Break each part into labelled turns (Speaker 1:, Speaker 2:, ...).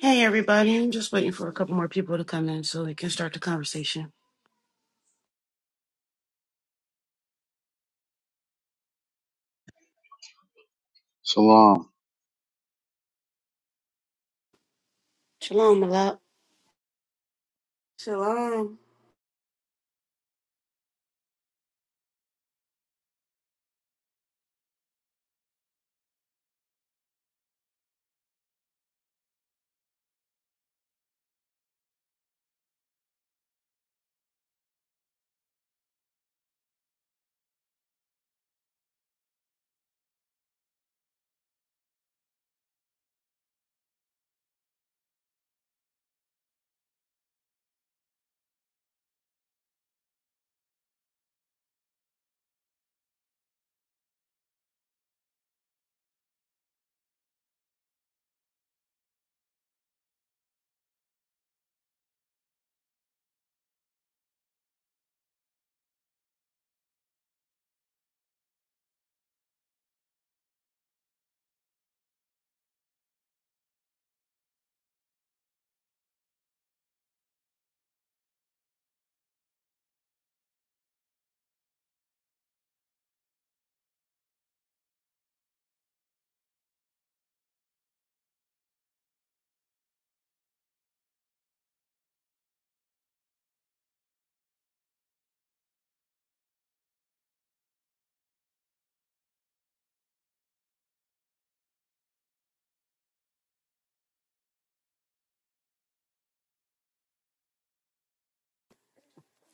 Speaker 1: Hey, everybody. I'm just waiting for a couple more people to come in so we can start the conversation.
Speaker 2: Shalom,
Speaker 1: Shalom, Malak.
Speaker 3: Shalom.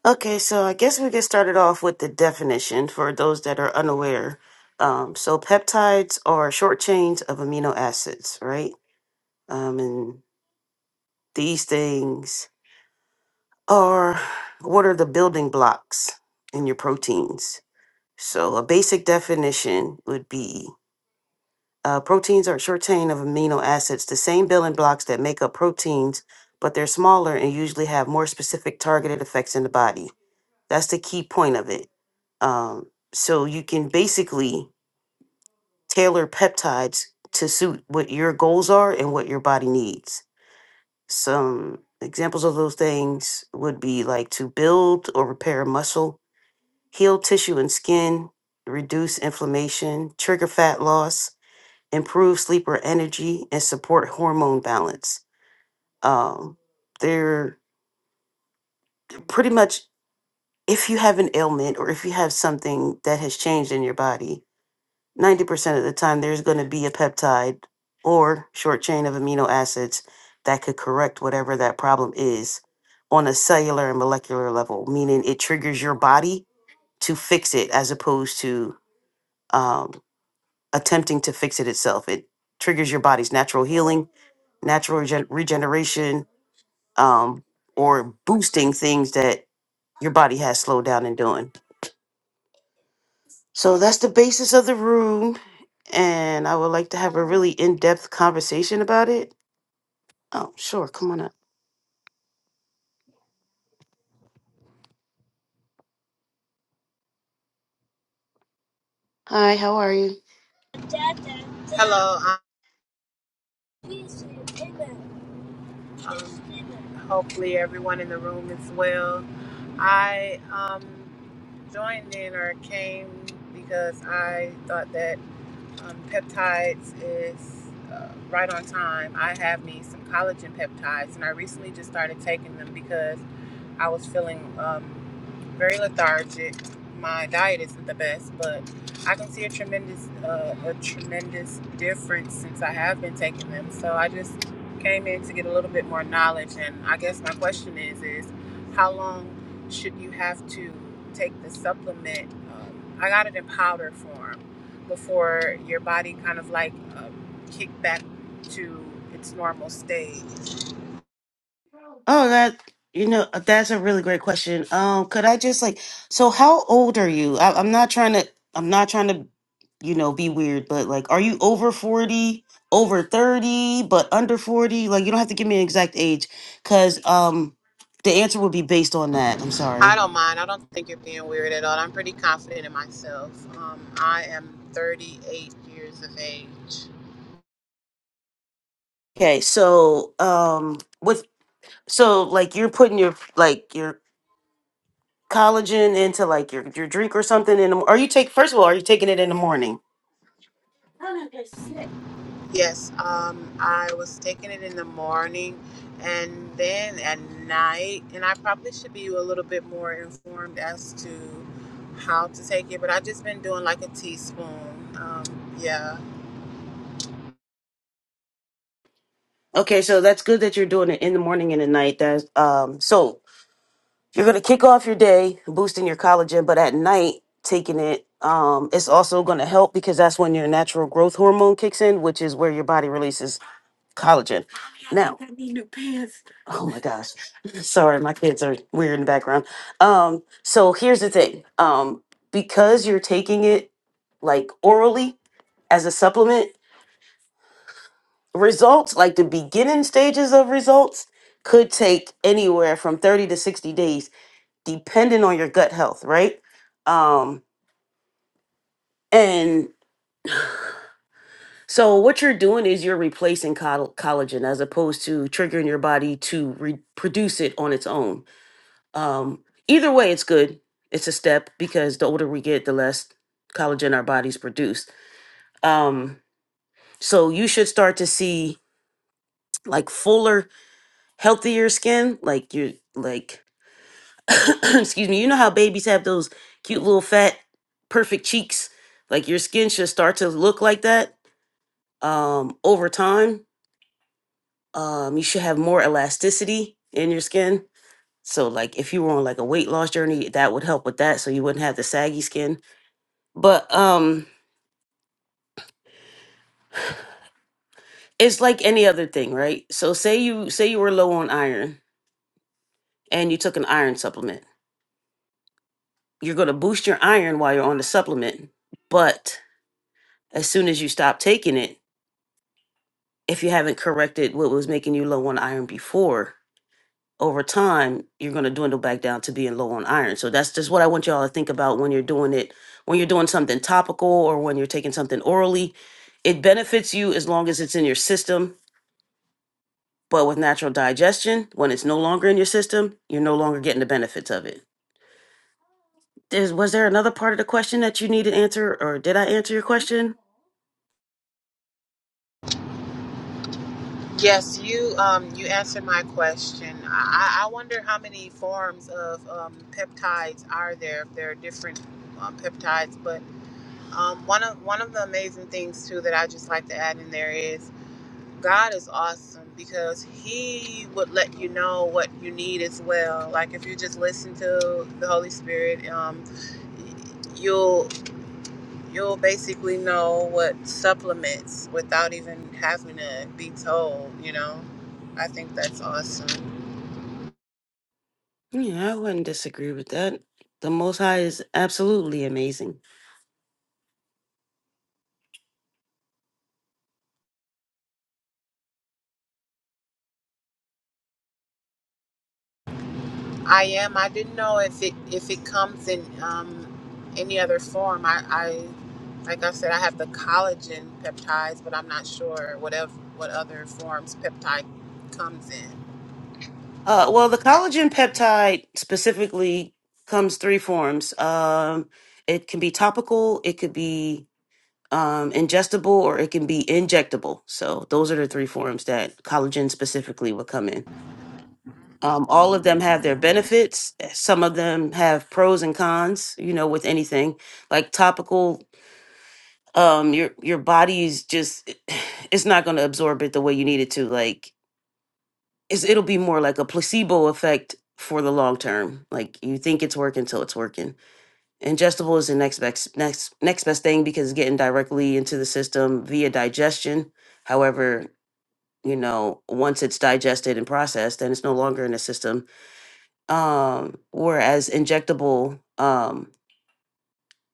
Speaker 1: Okay, so I guess we get started off with the definition for those that are unaware. Um, so, peptides are short chains of amino acids, right? Um, and these things are what are the building blocks in your proteins? So, a basic definition would be Uh, proteins are a short chain of amino acids, the same building blocks that make up proteins, but they're smaller and usually have more specific targeted effects in the body. That's the key point of it. Um, so you can basically tailor peptides to suit what your goals are and what your body needs. Some examples of those things would be like to build or repair muscle, heal tissue and skin, reduce inflammation, trigger fat loss, improve sleeper energy, and support hormone balance. Um, they're pretty much if you have an ailment or if you have something that has changed in your body, 90% of the time there's going to be a peptide or short chain of amino acids that could correct whatever that problem is on a cellular and molecular level, meaning it triggers your body to fix it as opposed to um, attempting to fix it itself. It triggers your body's natural healing natural regen- regeneration um, or boosting things that your body has slowed down in doing. So that's the basis of the room. And I would like to have a really in depth conversation about it. Oh, sure. Come on up. Hi, how are you?
Speaker 4: Hello. Um, um, hopefully, everyone in the room is well. I um, joined in or came because I thought that um, peptides is uh, right on time. I have me some collagen peptides, and I recently just started taking them because. I was feeling um, very lethargic. My diet isn't the best, but I can see a tremendous uh, a tremendous difference since I have been taking them. So I just came in to get a little bit more knowledge, and I guess my question is is how long should you have to take the supplement? Um, I got it in powder form before your body kind of like um, kick back to its normal stage.
Speaker 1: Oh, that you know, that's a really great question. Um, could I just like, so how old are you? I, I'm not trying to, I'm not trying to, you know, be weird, but like, are you over 40, over 30, but under 40? Like, you don't have to give me an exact age, because um, the answer would be based on that. I'm
Speaker 4: I
Speaker 1: sorry.
Speaker 4: don't mind. I don't think you're being weird at all. I'm pretty confident in myself. Um, I am 38 years of age.
Speaker 1: Okay, so um, with so like you're putting your like your collagen into like your your drink or something in the, are you take first of all, are you taking it in the morning?
Speaker 4: Yes, um, I was taking it in the morning and then at night, and I probably should be a little bit more informed as to how to take it, but I've just been doing like a teaspoon. Um, yeah.
Speaker 1: Okay, so that's good that you're doing it in the morning and at night. That's um so you're gonna kick off your day boosting your collagen, but at night taking it, um, it's also gonna help because that's when your natural growth hormone kicks in, which is where your body releases collagen. Now, oh my gosh. Sorry, my kids are weird in the background. Um, so here's the thing. Um, because you're taking it like orally as a supplement, results, like the beginning stages of results, could take anywhere from 30 to 60 days, depending on your gut health, right? Um, and so what you're doing is you're replacing coll- collagen as opposed to triggering your body to re- produce it on its own. Um, either way, it's good. It's a step because the older we get, the less collagen our bodies produce. Um, so you should start to see like fuller, healthier skin, like you like excuse me, you know how babies have those cute little fat, perfect cheeks? Like your skin should start to look like that um, over time. Um, you should have more elasticity in your skin. So, like, if you were on like a weight loss journey, that would help with that. So you wouldn't have the saggy skin. But um, it's like any other thing, right? So, say you say you were low on iron and you took an iron supplement. You're going to boost your iron while you're on the supplement, but as soon as you stop taking it if you haven't corrected what was making you low on iron before, over time you're going to dwindle back down to being low on iron. So that's just what I want y'all to think about when you're doing it, when you're doing something topical or when you're taking something orally. It benefits you as long as it's in your system, but with natural digestion, when it's no longer in your system, you're no longer getting the benefits of it. There's, was there another part of the question that you needed answer, or did I answer your question?
Speaker 4: Yes, you um you answered my question. I, I wonder how many forms of um, peptides are there. If there are different um, peptides, but um, one of one of the amazing things too that I just like to add in there is God is awesome because He would let you know what you need as well. Like if you just listen to the Holy Spirit, um, you'll you'll basically know what supplements without even having to be told you know i think that's awesome
Speaker 1: Yeah, I wouldn't disagree with that. The Most High is absolutely amazing.
Speaker 4: i am i didn't know if it if it comes in um, any other form i i like i said i have the collagen peptides but i'm not sure whatever what ev- what other forms peptide comes in
Speaker 1: Uh, well, the collagen peptide specifically comes three forms. Um, it can be topical, it could be um, ingestible, or it can be injectable. So those are the three forms that collagen specifically would come in. Um, all of them have their benefits. Some of them have pros and cons. You know, with anything like topical, um, your your body's just it's not going to absorb it the way you need it to. Like Is it'll be more like a placebo effect for the long term. Like you think it's working till it's working. Ingestible is the next best next next best thing because it's getting directly into the system via digestion. However, you know, once it's digested and processed, then it's no longer in the system. Um, whereas injectable, um,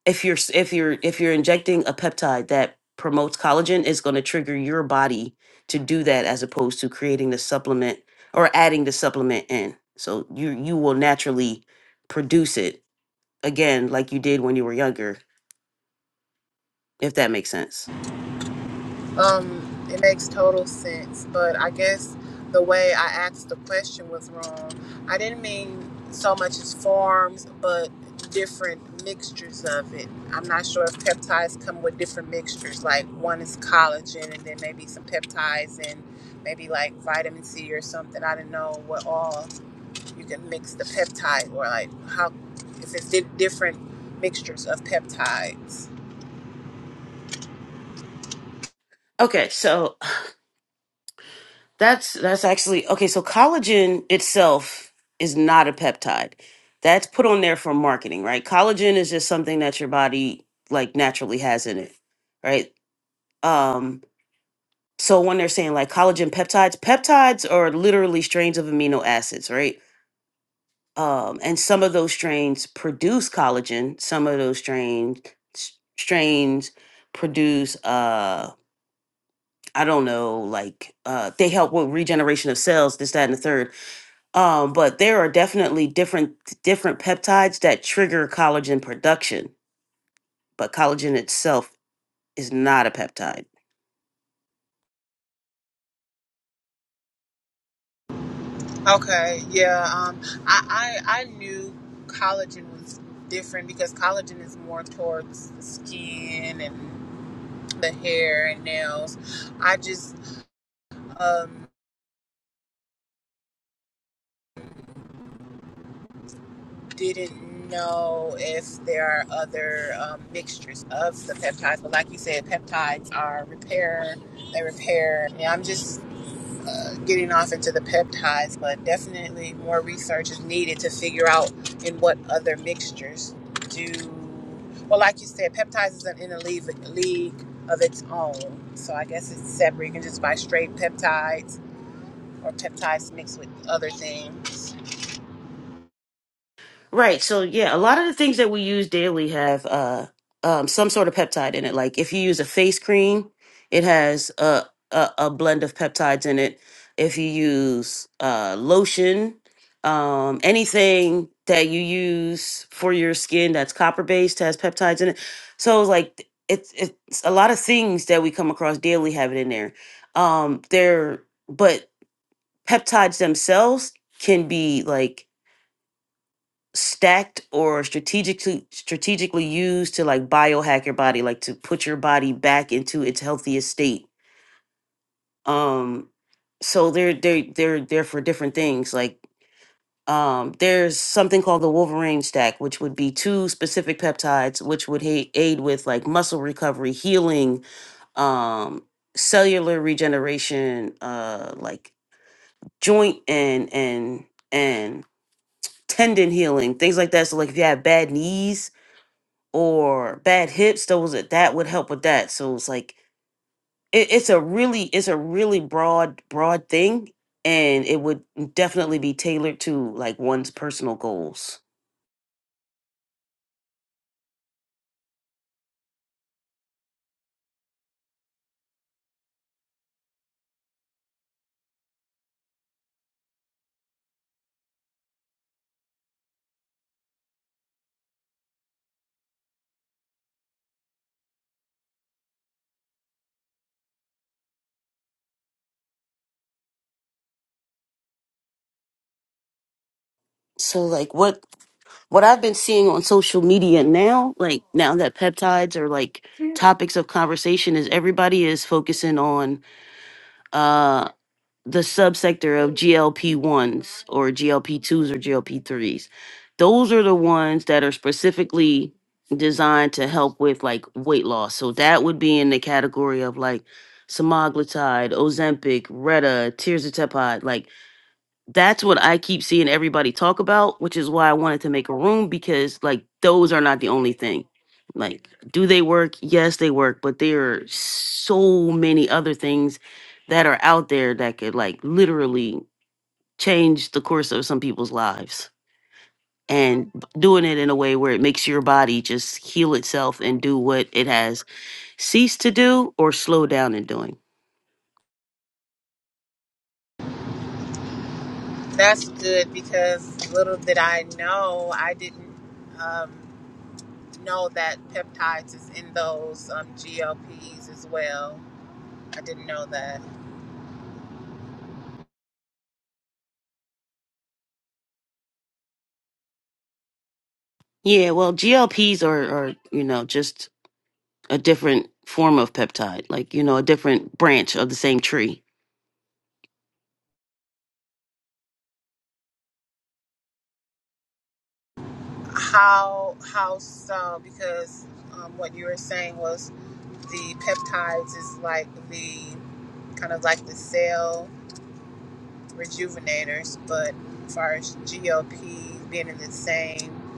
Speaker 1: if you're s- if you're if you're injecting a peptide that promotes collagen it's going to trigger your body to do that as opposed to creating the supplement or adding the supplement in so you you will naturally produce it again like you did when you were younger if that makes sense
Speaker 4: Um, it makes total sense, but I guess the way I asked the question was wrong. I didn't mean so much as forms, but different mixtures of it. I'm not sure if peptides come with different mixtures, like one is collagen and then maybe some peptides and maybe like vitamin C or something. I didn't know what all you can mix the peptide or like how if it's di- different mixtures of peptides.
Speaker 1: okay so That's that's actually okay. So collagen itself is not a peptide. That's put on there for marketing, right? Collagen is just something that your body like naturally has in it, right? Um, so when they're saying like collagen peptides, peptides are literally strains of amino acids, right? Um, and some of those strains produce collagen. Some of those strains s- strains produce uh I don't know, like uh they help with regeneration of cells, this, that, and the third Um, but there are definitely different different peptides that trigger collagen production, but collagen itself is not a peptide.
Speaker 4: Okay, yeah. Um, I, I I knew collagen was different because collagen is more towards the skin and the hair and nails. I just um, didn't know if there are other um, mixtures of the peptides. But like you said, peptides are repair. They repair. Yeah, I'm just getting off into the peptides, but definitely more research is needed to figure out in what other mixtures do. Well, like you said, peptides is in a league, league of its own. So I guess it's separate. You can just buy straight peptides or peptides mixed with other things.
Speaker 1: Right. So yeah, a lot of the things that we use daily have uh um some sort of peptide in it. Like if you use a face cream, it has a a, a blend of peptides in it. If you use uh lotion, um anything that you use for your skin that's copper based has peptides in it. So it's like it's it's a lot of things that we come across daily have it in there. Um there but peptides themselves can be like stacked or strategically strategically used to like biohack your body like to put your body back into its healthiest state um so they're they're they're they're for different things like um there's something called the wolverine stack which would be two specific peptides which would ha- aid with like muscle recovery healing um cellular regeneration uh like joint and and and tendon healing things like that so like if you have bad knees or bad hips those are- that would help with that so it's like it, it's a really it's a really broad broad thing and it would definitely be tailored to like one's personal goals so like what what i've been seeing on social media now like now that peptides are like topics of conversation is everybody is focusing on the subsector of GLP ones or GLP twos or GLP threes. Those are the ones that are specifically designed to help with like weight loss. So that would be in the category of like semaglutide, Ozempic, Retta, tirzepatide, like that's what I keep seeing everybody talk about, which is why I wanted to make a room because like those are not the only thing. Like, do they work? Yes, they work, but there are so many other things that are out there that could like literally change the course of some people's lives. And b- doing it in a way where it makes your body just heal itself and do what it has ceased to do or slow down in doing.
Speaker 4: That's good because little did I know, I didn't um, know that peptides is in those um, GLPs as well. I didn't know that.
Speaker 1: Yeah, well, GLPs are, are you know, just a different form of peptide, like, you know, a different branch of the same tree.
Speaker 4: How how so? Because um, what you were saying was the peptides is like the kind of like the cell rejuvenators, but as far as GLP being in the same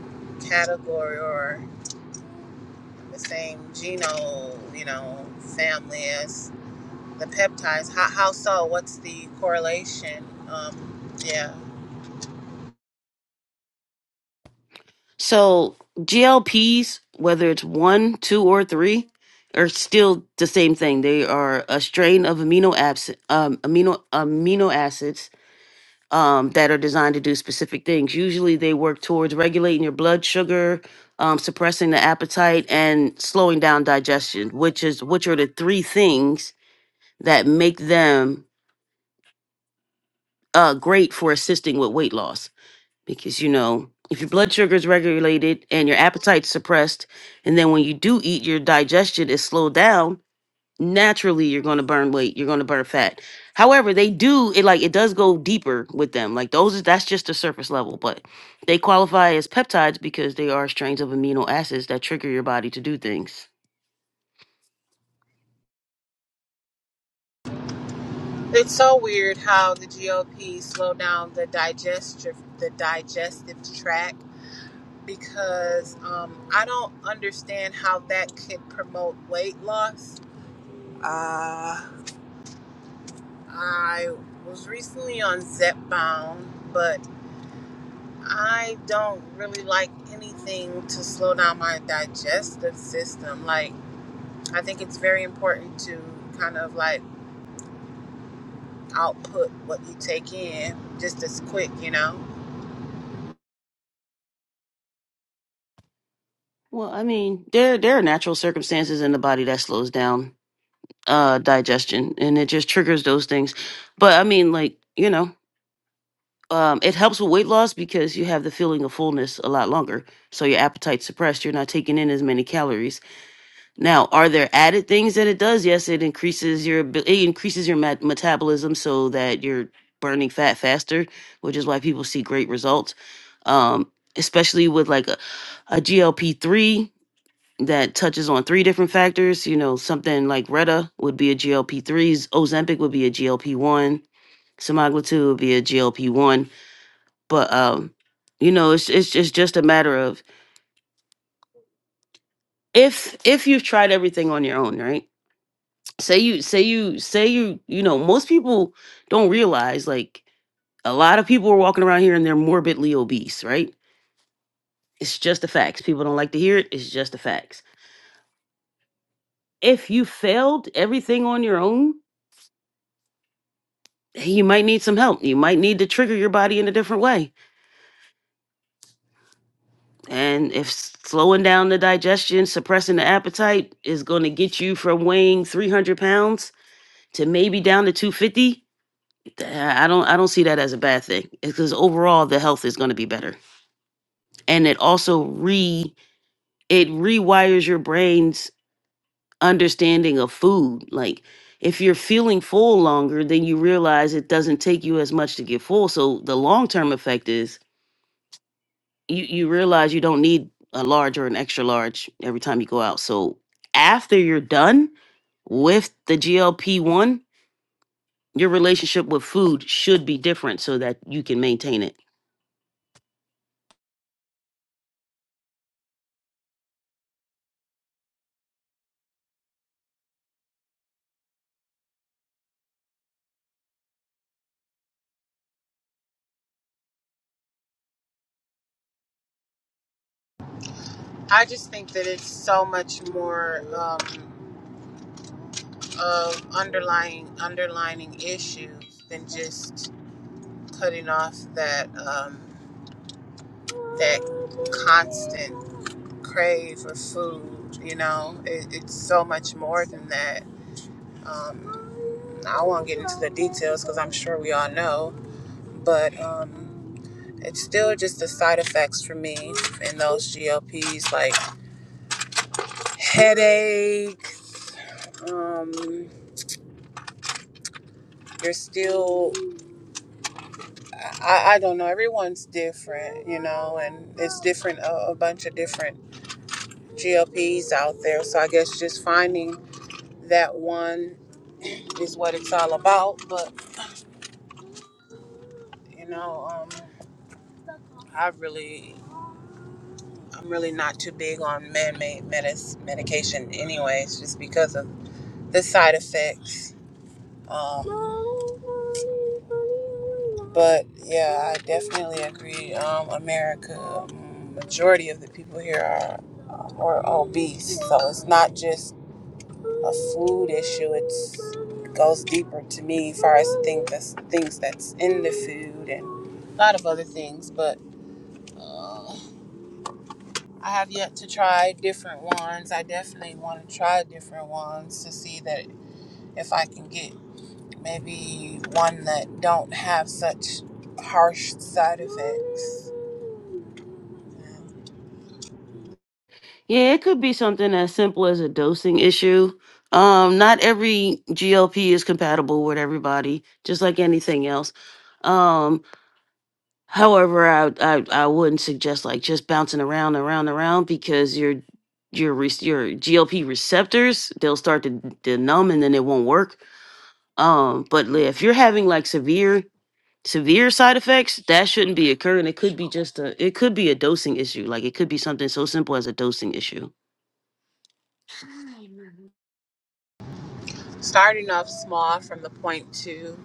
Speaker 4: category or the same genome, you know, family as the peptides. How how so? What's the correlation? Um, yeah,
Speaker 1: So GLPs, whether it's one, two, or three, are still the same thing. They are a strain of amino abs- um, amino amino acids um, that are designed to do specific things. Usually, they work towards regulating your blood sugar, um, suppressing the appetite, and slowing down digestion. Which is which are the three things that make them uh, great for assisting with weight loss. because you know if your blood sugar is regulated and your appetite's suppressed and then when you do eat your digestion is slowed down naturally you're going to burn weight you're going to burn fat however they do it like it does go deeper with them like those is that's just the surface level but they qualify as peptides because they are strains of amino acids that trigger your body to do things
Speaker 4: it's so weird how the GLP slow down the digestive the digestive tract because um, I don't understand how that could promote weight loss. Uh, I was recently on Zepbound, but I don't really like anything to slow down my digestive system. Like, I think it's very important to kind of like output what you take in just as quick, you know?
Speaker 1: well i mean there there are natural circumstances in the body that slows down uh digestion and it just triggers those things but i mean like you know um, it helps with weight loss because you have the feeling of fullness a lot longer. So your appetite's suppressed. You're not taking in as many calories. Now, are there added things that it does? Yes, it increases your abi- it increases your met- metabolism so that you're burning fat faster, which is why people see great results. Um, especially with like a, GLP three that touches on three different factors. You know, something like Retta would be a GLP three, Ozempic would be a GLP one, semaglutide would be a GLP one but um you know it's it's it's just a matter of if if you've tried everything on your own right say you say you say you you know most people don't realize like a lot of people are walking around here and they're morbidly obese right it's just the facts people don't like to hear it it's just the facts if you failed everything on your own hey, you might need some help you might need to trigger your body in a different way and if s- slowing down the digestion suppressing the appetite is going to get you from weighing 300 pounds to maybe down to 250 th- i don't i don't see that as a bad thing because overall the health is going to be better and it also re it rewires your brain's understanding of food like if you're feeling full longer then you realize it doesn't take you as much to get full so the long term effect is you you realize you don't need a large or an extra large every time you go out so after you're done with the glp-1 Your relationship with food should be different so that you can maintain it.
Speaker 4: I just think that it's so much more um, of underlying underlining issues than just cutting off that um, that constant crave for food. You know, it, it's so much more than that. Um, I won't get into the details because I'm sure we all know, but um, it's still just the side effects for me in those GLPs, like headache. Um, you're still, I, I don't know. Everyone's different, you know, and it's different. A, a bunch of different GLPs out there. So I guess just finding that one is what it's all about. But you know, um, I really, I'm really not too big on man-made medis- medication, anyways, just because of the side effects. Um, but yeah, I definitely agree. Um, America, um, majority of the people here are are obese, so it's not just a food issue. It's it goes deeper to me as far as the thing that's things that's in the food and a lot of other things. But uh, I have yet to try different ones. I definitely want to try different ones to see that if I can get maybe one that don't have such harsh side effects.
Speaker 1: Yeah, it could be something as simple as a dosing issue. Um, not every GLP is compatible with everybody, just like anything else. Um, However, I, I I wouldn't suggest like just bouncing around, around, around because your your re- your GLP receptors they'll start to, to numb and then it won't work. Um, but li- if you're having like severe severe side effects, that shouldn't be occurring. It could be just a it could be a dosing issue. Like it could be something so simple as a dosing issue.
Speaker 4: Starting off small from the point two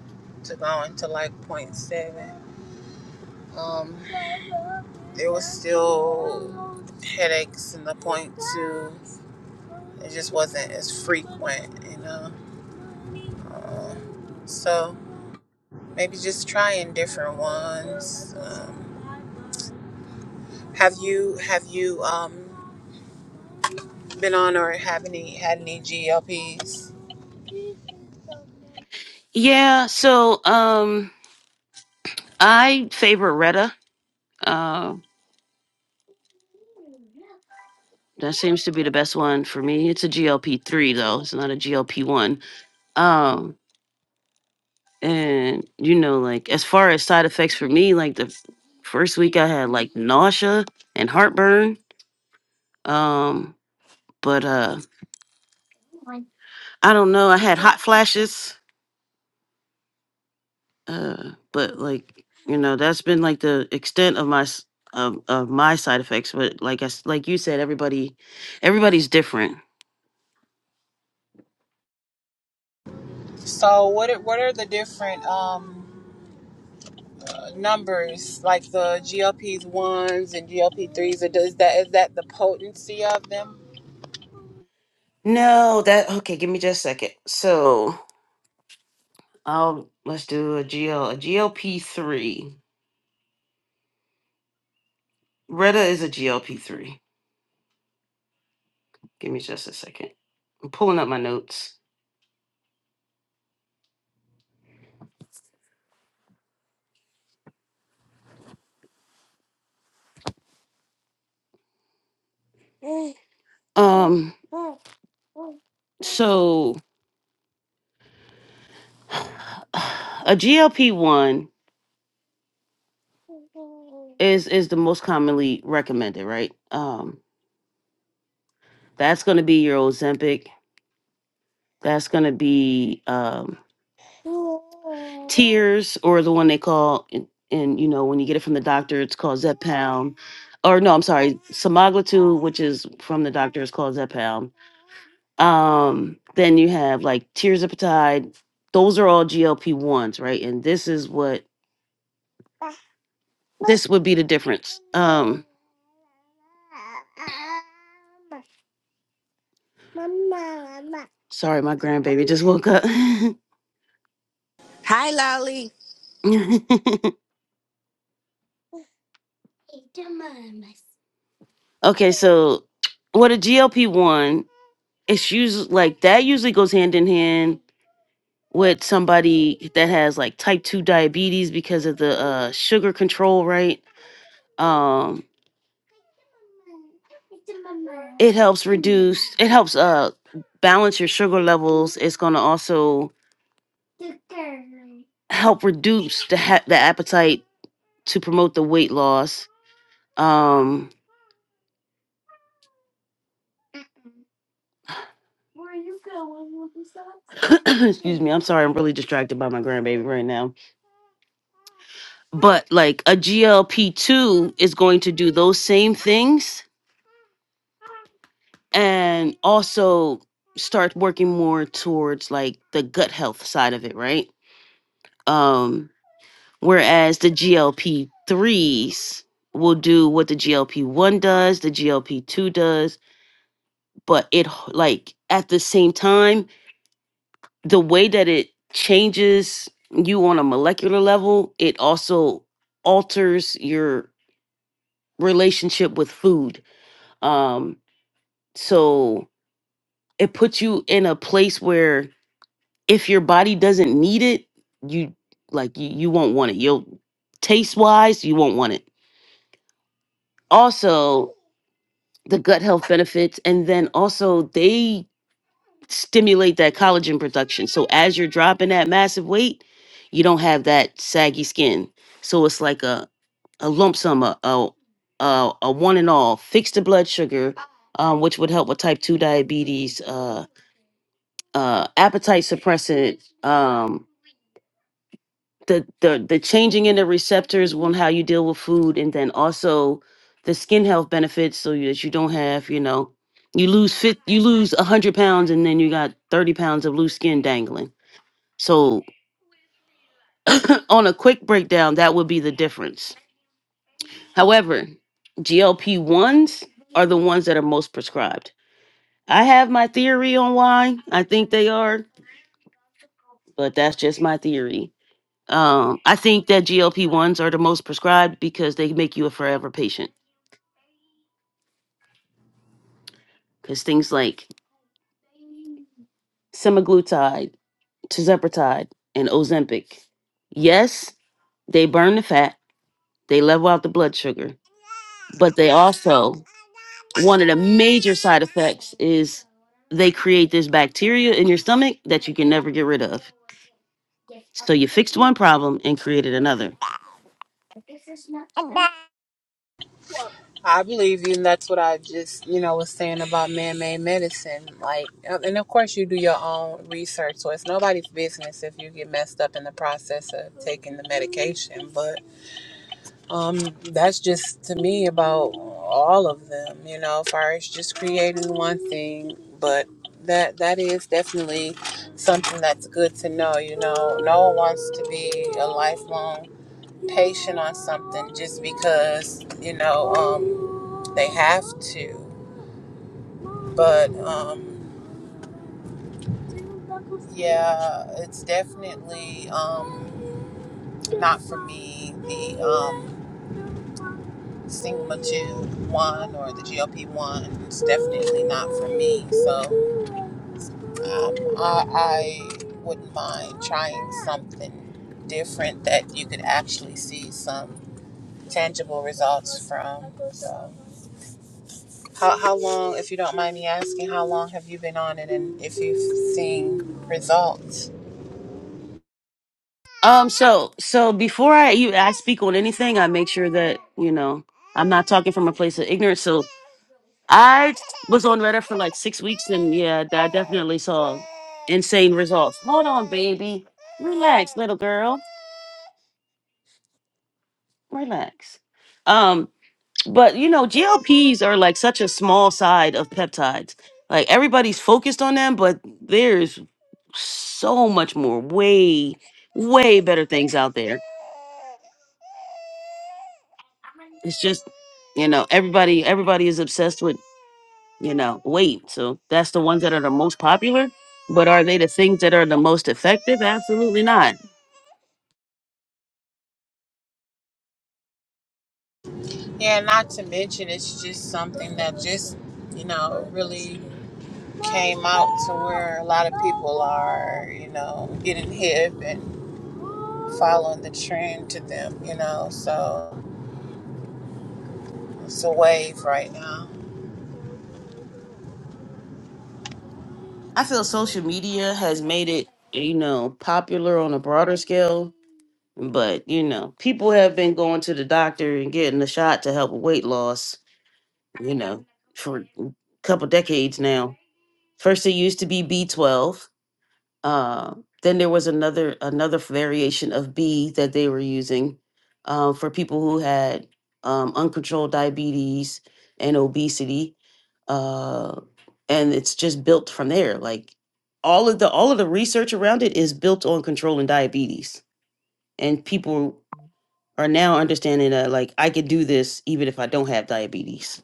Speaker 4: to going to like point seven Um, there was still headaches and the point to it just wasn't as frequent, you know. So maybe just trying different ones. Um, have you have you um, been on or have any had any GLPs?
Speaker 1: Yeah. So um, I favor Retta. Uh, that seems to be the best one for me. It's a GLP three though. It's not a GLP one. Um, And you know, like as far as side effects for me, like the f- first week I had like nausea and heartburn. Um, but uh I don't know, I had hot flashes. Uh, but like, you know, that's been like the extent of my s- of, of my side effects, but like I s like you said everybody everybody's different.
Speaker 4: So what are, what are the different um, numbers like the GLPs ones and GLP threes? Is that is that the potency of them?
Speaker 1: No, that okay, give me just a second. So, I'll let's do a GL a GLP-3. Retta is a GLP-3. Give me just a second. I'm pulling up my notes. Um, so a GLP one is is the most commonly recommended, right? Um, that's gonna be your Ozempic. That's gonna be um, tears, or the one they call, and, and you know when you get it from the doctor, it's called Zepbound. Or no, I'm sorry, semaglutide, which is from the doctor, is called Zepbound. Um, then you have like Tirzepatide. Those are all GLP ones, right? And this is what this would be the difference. Um, sorry, my grandbaby just woke up.
Speaker 3: Hi, Lolly.
Speaker 1: okay, so what a GLP one, it's usually like that usually goes hand in hand with somebody that has like type two diabetes because of the uh, sugar control, right? Um, it helps reduce. It helps uh balance your sugar levels. It's gonna also help reduce the ha- the appetite to promote the weight loss. Um, excuse me, I'm sorry, I'm really distracted by my grandbaby right now. But like a GLP two is going to do those same things and also start working more towards like the gut health side of it, right? Um, whereas the GLP threes will do what the GLP one does, the GLP two does, but it h- like at the same time the way that it changes you on a molecular level, it also alters your relationship with food. Um, so it puts you in a place where if your body doesn't need it, you like you, you won't want it. You'll taste wise, you won't want it. Also, the gut health benefits, and then also they stimulate that collagen production. So as you're dropping that massive weight, you don't have that saggy skin. So it's like a a lump sum, a a, a, a one and all. Fix the blood sugar, um, which would help with type two diabetes, uh, uh, appetite suppressant, um, the the the changing in the receptors on how you deal with food and then also the skin health benefits so that you don't have you know you lose fit you lose 100 pounds and then you got 30 pounds of loose skin dangling so on a quick breakdown that would be the difference however glp-1s are the ones that are most prescribed i have my theory on why i think they are but that's just my theory Um, I think that GLP ones are the most prescribed because they make you a forever patient. Because things like semaglutide, tirzepatide, and Ozempic, yes, they burn the fat, they level out the blood sugar, but they also one of the major side effects is they create this bacteria in your stomach that you can never get rid of. So you fixed one problem and created another.
Speaker 4: I believe you, and that's what I just, you know, was saying about man-made medicine. Like, uh, and of course, you do your own research, so it's nobody's business if you get messed up in the process of taking the medication. But um, that's just to me about all of them, you know, as far as just creating one thing. But that that is definitely something that's good to know. You know, no one wants to be a lifelong patient on something just because you know um, they have to. But um, yeah, it's definitely um, not for me. The um, Sigma two one or the GLP one It's definitely not for me. So um, I, I wouldn't mind trying something different that you could actually see some tangible results from. So. How, how long, if you don't mind me asking, how long have you been on it and if you've seen results?
Speaker 1: Um, so so before I you I speak on anything, I make sure that you know I'm not talking from a place of ignorance. So I was on Reddit for like six weeks, and yeah, I definitely saw insane results. Hold on, baby, relax, little girl, relax. Um, but you know, GLPs are like such a small side of peptides. Like everybody's focused on them, but there's so much more, way way better things out there. It's just, you know, everybody everybody is obsessed with, you know, weight. So that's the ones that are the most popular. But are they the things that are the most effective? Absolutely not.
Speaker 4: Yeah, not to mention, it's just something that just, you know, really came out to where a lot of people are, you know, getting hip and following the trend to them, you know, so it's a wave right now.
Speaker 1: I feel social media has made it, you know, popular on a broader scale. But, you know, people have been going to the doctor and getting a shot to help with weight loss you know, for a couple decades now. First, it used to be B12. Uh, then there was another another variation of B that they were using uh, for people who had um, uncontrolled diabetes and obesity, uh, and it's just built from there. Like all of the all of the research around it is built on controlling diabetes, and people are now understanding that like I could do this even if I don't have diabetes.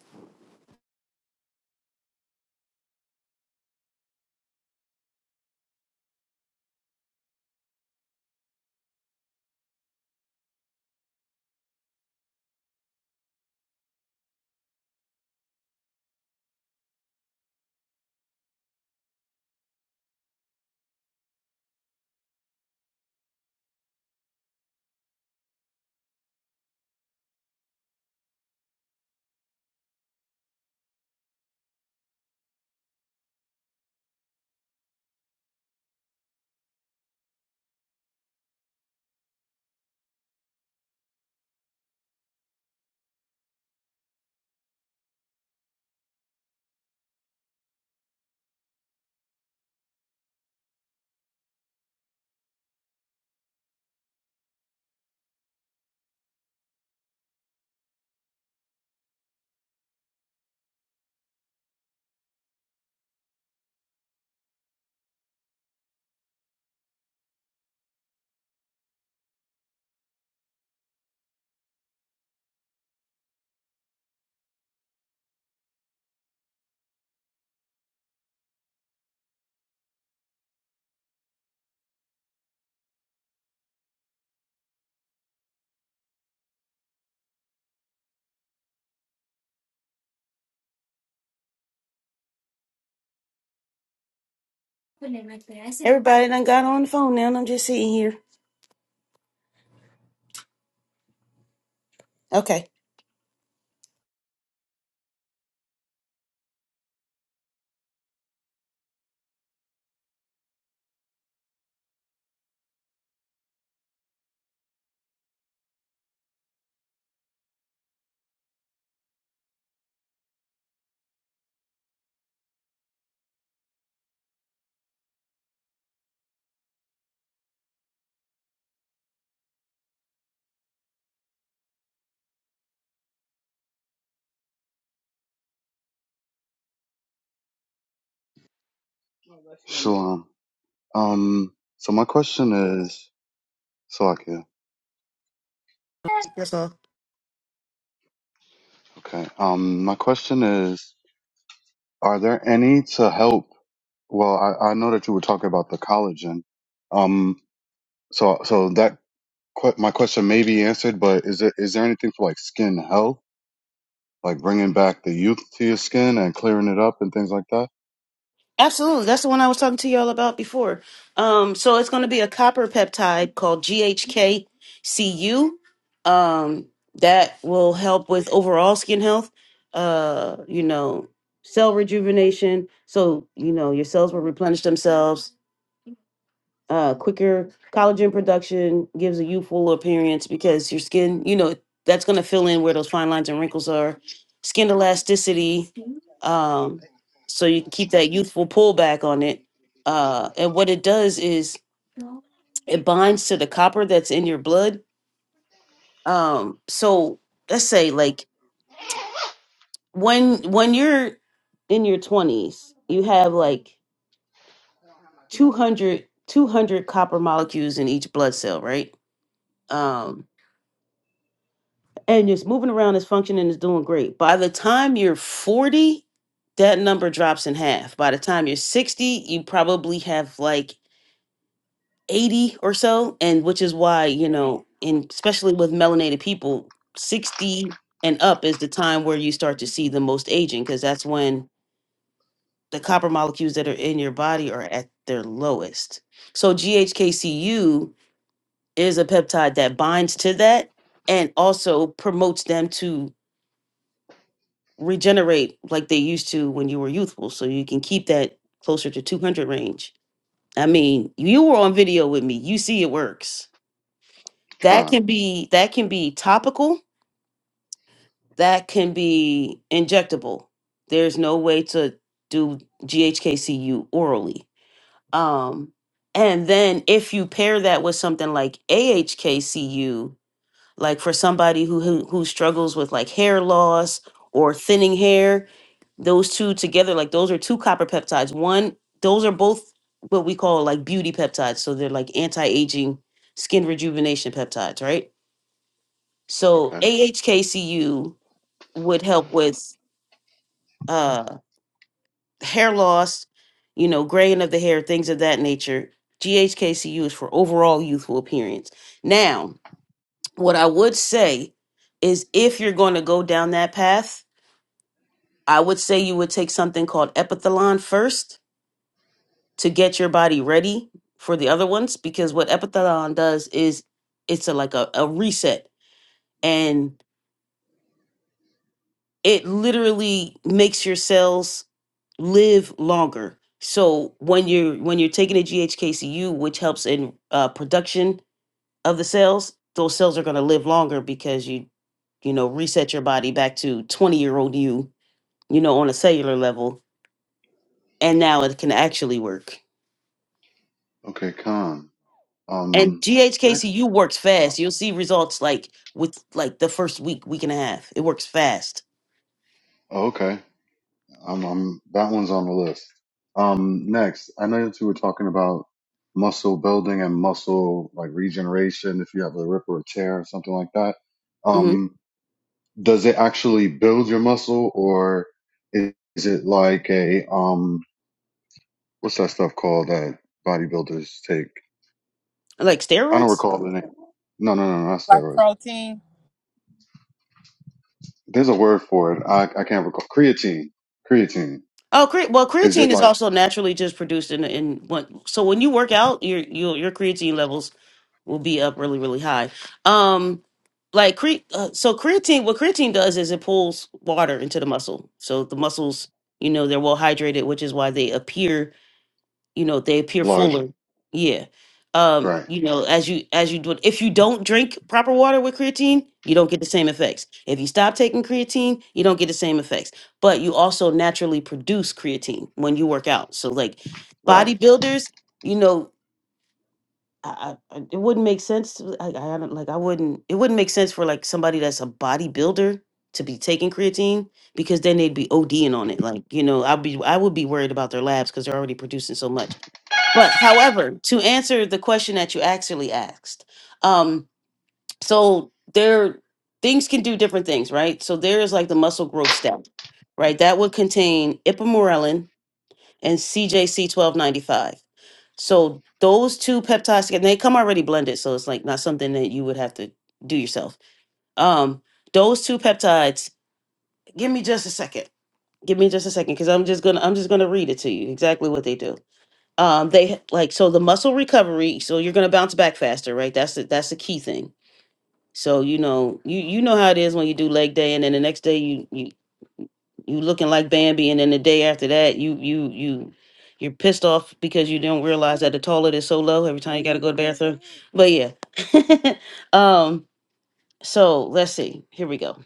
Speaker 1: Put it like that. I said, Everybody done got on the phone now, and I'm just sitting here. Okay,
Speaker 2: shalom. Um, so my question is, Salakia.
Speaker 1: that's all.
Speaker 2: Okay. Um, my question is, are there any to help? Well, I, I know that you were talking about the collagen. Um, so so that que- my question may be answered, but is there is there anything for like skin health? like bringing back the youth to your skin and clearing it up and things like that?
Speaker 1: Absolutely, that's the one I was talking to y'all about before. Um, so it's going to be a copper peptide called GHKCU. Um, that will help with overall skin health. Uh, you know, cell rejuvenation. So you know your cells will replenish themselves. uh, quicker collagen production, gives a youthful appearance because your skin, you know, that's going to fill in where those fine lines and wrinkles are. Skin elasticity, um, so you can keep that youthful pullback on it. Uh, and what it does is it binds to the copper that's in your blood. Um, so let's say like when when you're in your 20s, you have like 200 200 copper molecules in each blood cell, right? Um and it's moving around, it's functioning, it's doing great. By the time you're 40, that number drops in half. By the time you're 60, you probably have like 80 or so. And which is why, you know, and especially with melanated people, 60 and up is the time where you start to see the most aging because that's when the copper molecules that are in your body are at their lowest. So GHKCU is a peptide that binds to that and also promotes them to regenerate like they used to when you were youthful. So you can keep that closer to 200 range. I mean, you were on video with me. You see it works. That
Speaker 2: Con.
Speaker 1: can be that can be topical, that can be injectable. There's no way to do GHKCU orally. Um and then if you pair that with something like AHKCU, like for somebody who who, who struggles with like hair loss or thinning hair, those two together like those are two copper peptides one those are both what we call like beauty peptides so they're like anti-aging skin rejuvenation peptides right so
Speaker 2: Okay.
Speaker 1: ahkcu would help with uh hair loss you know graying of the hair things of that nature ghkcu is for overall youthful appearance now what i would say is if you're going to go down that path i would say you would take something called epithelon first to get your body ready for the other ones because what epithalon does is it's a like a, a reset and it literally makes your cells live longer so when you're when you're taking a ghkcu which helps in uh, production of the cells those cells are going to live longer because you you know reset your body back to 20 year old you you know on a cellular level and now it can actually work
Speaker 2: Okay, con.
Speaker 1: And
Speaker 2: Um, next.
Speaker 1: GHKCU works fast.
Speaker 2: So,
Speaker 1: You'll see results like with like the first week, week and a half. It works fast.
Speaker 2: oh, okay. I'm, I'm, that one's on the list. Um, next, I know that you were talking about muscle building and muscle like regeneration if you have a rip or a tear or something like that.
Speaker 1: hmm
Speaker 2: Um, does it actually build your muscle or is, is it like a um what's that stuff called that bodybuilders take
Speaker 1: Like
Speaker 2: i don't
Speaker 1: steroids.
Speaker 2: recall the name no no no no, not
Speaker 4: Like
Speaker 2: steroids
Speaker 4: protein.
Speaker 2: there's a word for it i, I can't recall creatine creatine
Speaker 1: Oh, cre- well,
Speaker 2: is
Speaker 1: creatine
Speaker 2: it
Speaker 1: is
Speaker 2: like
Speaker 1: also naturally just produced in in one. So when you work out, your your your creatine levels will be up really really high. Um, like cre- uh, so creatine. What creatine does is it pulls water into the muscle. So the muscles, you know, they're well hydrated, which is why they appear you know they appear
Speaker 2: larger
Speaker 1: fuller yeah um
Speaker 2: right
Speaker 1: you know as you as you do it if you don't drink proper water with creatine you don't get the same effects if you stop taking creatine you don't get the same effects but you also naturally produce creatine when you work out so like
Speaker 2: right
Speaker 1: bodybuilders you know I, I, I- it wouldn't make sense to, I, I don't like i wouldn't it wouldn't make sense for like somebody that's a bodybuilder to be taking creatine because then they'd be ODing on it like you know I'd be I would be worried about their labs because they're already producing so much but however, to answer the question that you actually asked, um, so there things can do different things, right? So there is like the muscle growth step, right? That would contain ipamorelin and CJC twelve ninety five. So those two peptides together, and they come already blended, so it's like not something that you would have to do yourself. Um, those two peptides. Give me just a second. Give me just a second, because I'm just gonna I'm just gonna read it to you exactly what they do um they like so the muscle recovery so you're going to bounce back faster right that's the, that's the key thing so you know you you know how it is when you do leg day and then the next day you you you looking like bambi and then the day after that you you you you're pissed off because you don't realize that the toilet is so low every time you got to go to the bathroom but yeah um so let's see here we go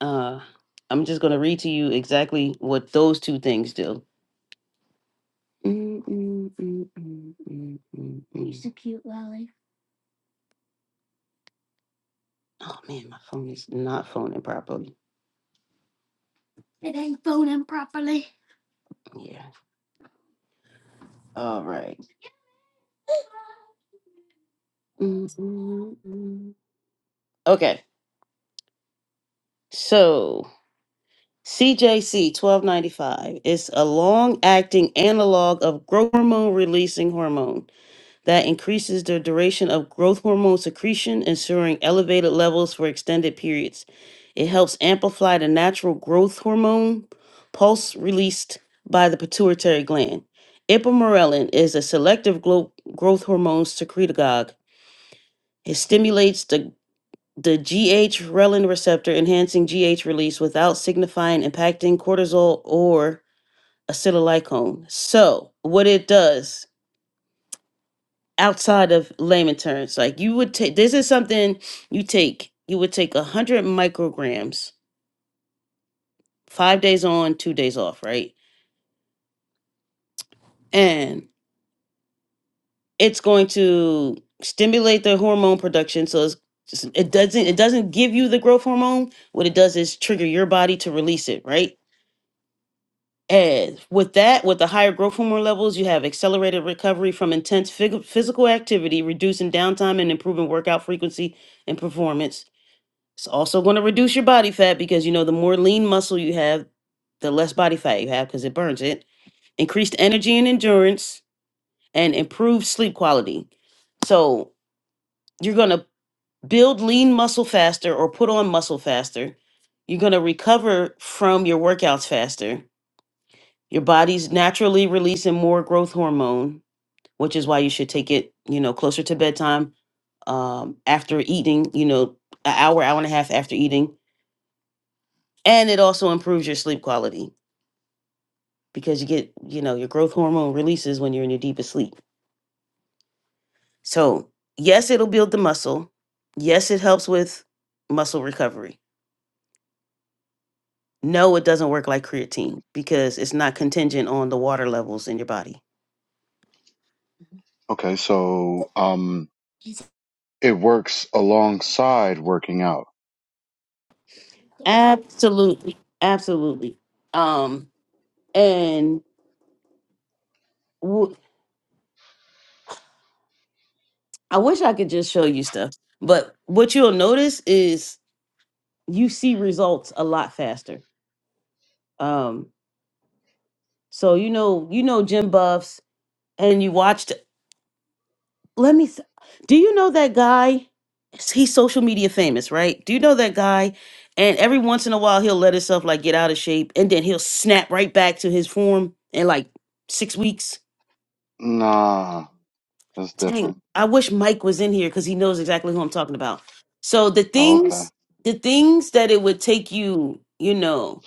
Speaker 1: uh i'm just going to read to you exactly what those two things do Mm, mm, mm, mm, mm, mm, mm. Oh man, my phone is not phoning properly. Yeah. All right. Mm, mm, mm. Okay. So CJC twelve ninety five is a long acting analog of growth hormone releasing hormone. that increases the duration of growth hormone secretion, ensuring elevated levels for extended periods. It helps amplify the natural growth hormone pulse released by the pituitary gland. Ipamorelin is a selective glo- growth hormone secretagogue. It stimulates the the GH relin receptor, enhancing GH release without signifying impacting cortisol or acetylcholine. So, what it does outside of layman terms like you would take this is something you take you would take a 100 micrograms five days on two days off right and it's going to stimulate the hormone production so it's, it's- it doesn't it doesn't give you the growth hormone what it does is trigger your body to release it right and with that with the higher growth hormone levels you have accelerated recovery from intense phy- physical activity reducing downtime and improving workout frequency and performance It's also going to reduce your body fat because you know the more lean muscle you have, the less body fat you have because it burns it. Increased energy and endurance and improved sleep quality. So you're going to build lean muscle faster or put on muscle faster. You're going to recover from your workouts faster. Your body's naturally releasing more growth hormone, which is why you should take it, you know, closer to bedtime um, after eating, you know, an hour, hour and a half after eating and it also improves your sleep quality because you get you know your growth hormone releases when you're in your deepest sleep so yes it'll build the muscle yes it helps with muscle recovery no it doesn't work like creatine because it's not contingent on the water levels in your body
Speaker 2: okay so um it works alongside working out
Speaker 1: absolutely absolutely um and w- i wish i could just show you stuff but what you'll notice is you see results a lot faster um so you know, you know, gym buffs. and you watched let me s- do you know that guy he's social media famous right do you know that guy and every once in a while he'll let himself like get out of shape and then he'll snap right back to his form in like six weeks
Speaker 2: nah that's
Speaker 1: dang
Speaker 2: different
Speaker 1: i wish mike was in here because he knows exactly who i'm talking about so the
Speaker 2: oh, okay
Speaker 1: things the things that it would take you you know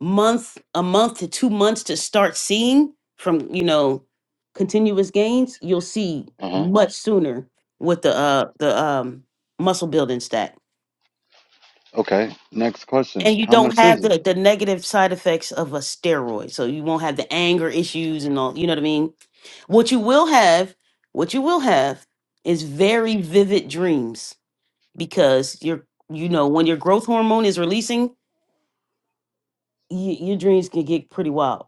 Speaker 1: month a month to two months to start seeing from you know continuous gains you'll see
Speaker 2: uh-huh
Speaker 1: much sooner with the uh the um muscle building stack
Speaker 2: okay next question
Speaker 1: and you
Speaker 2: how
Speaker 1: don't
Speaker 2: much is
Speaker 1: have
Speaker 2: it
Speaker 1: the the negative side effects of a steroid so you won't have the anger issues and all you know what i mean what you will have what you will have is very vivid dreams because you're you know when your growth hormone is releasing y- your dreams can get pretty wild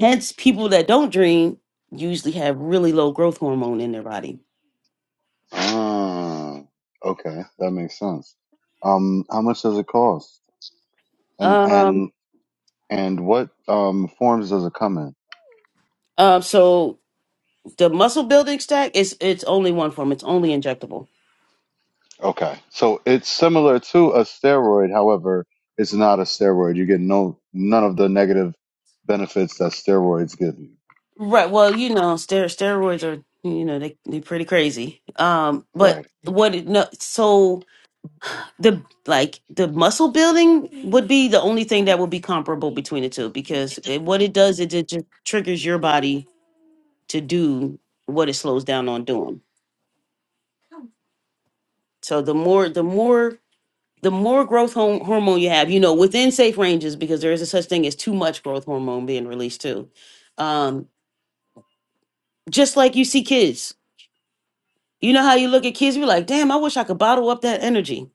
Speaker 1: Hence, people that don't dream usually have really low growth hormone in their body.
Speaker 2: Ah, okay, that makes sense. Um, how much does it cost? And
Speaker 1: Um,
Speaker 2: and and what um forms does it come in?
Speaker 1: um, so the muscle building stack is it's only one form. It's only injectable.
Speaker 2: Okay, so it's similar to a steroid, however, it's not a steroid. You get no none of the negative benefits that steroids give you.
Speaker 1: Right. Well, you know, ster- steroids are you know they they pretty crazy. Um, but
Speaker 2: Right.
Speaker 1: what it, no, so the like the muscle building would be the only thing that would be comparable between the two because it, what it does is it just triggers your body to do what it slows down on doing. So the more the more the more growth hom- hormone you have, you know, within safe ranges, because there is a such thing as too much growth hormone being released too. Um, just like you see kids, you know how you look at kids, you're like, damn, I wish I could bottle up that energy.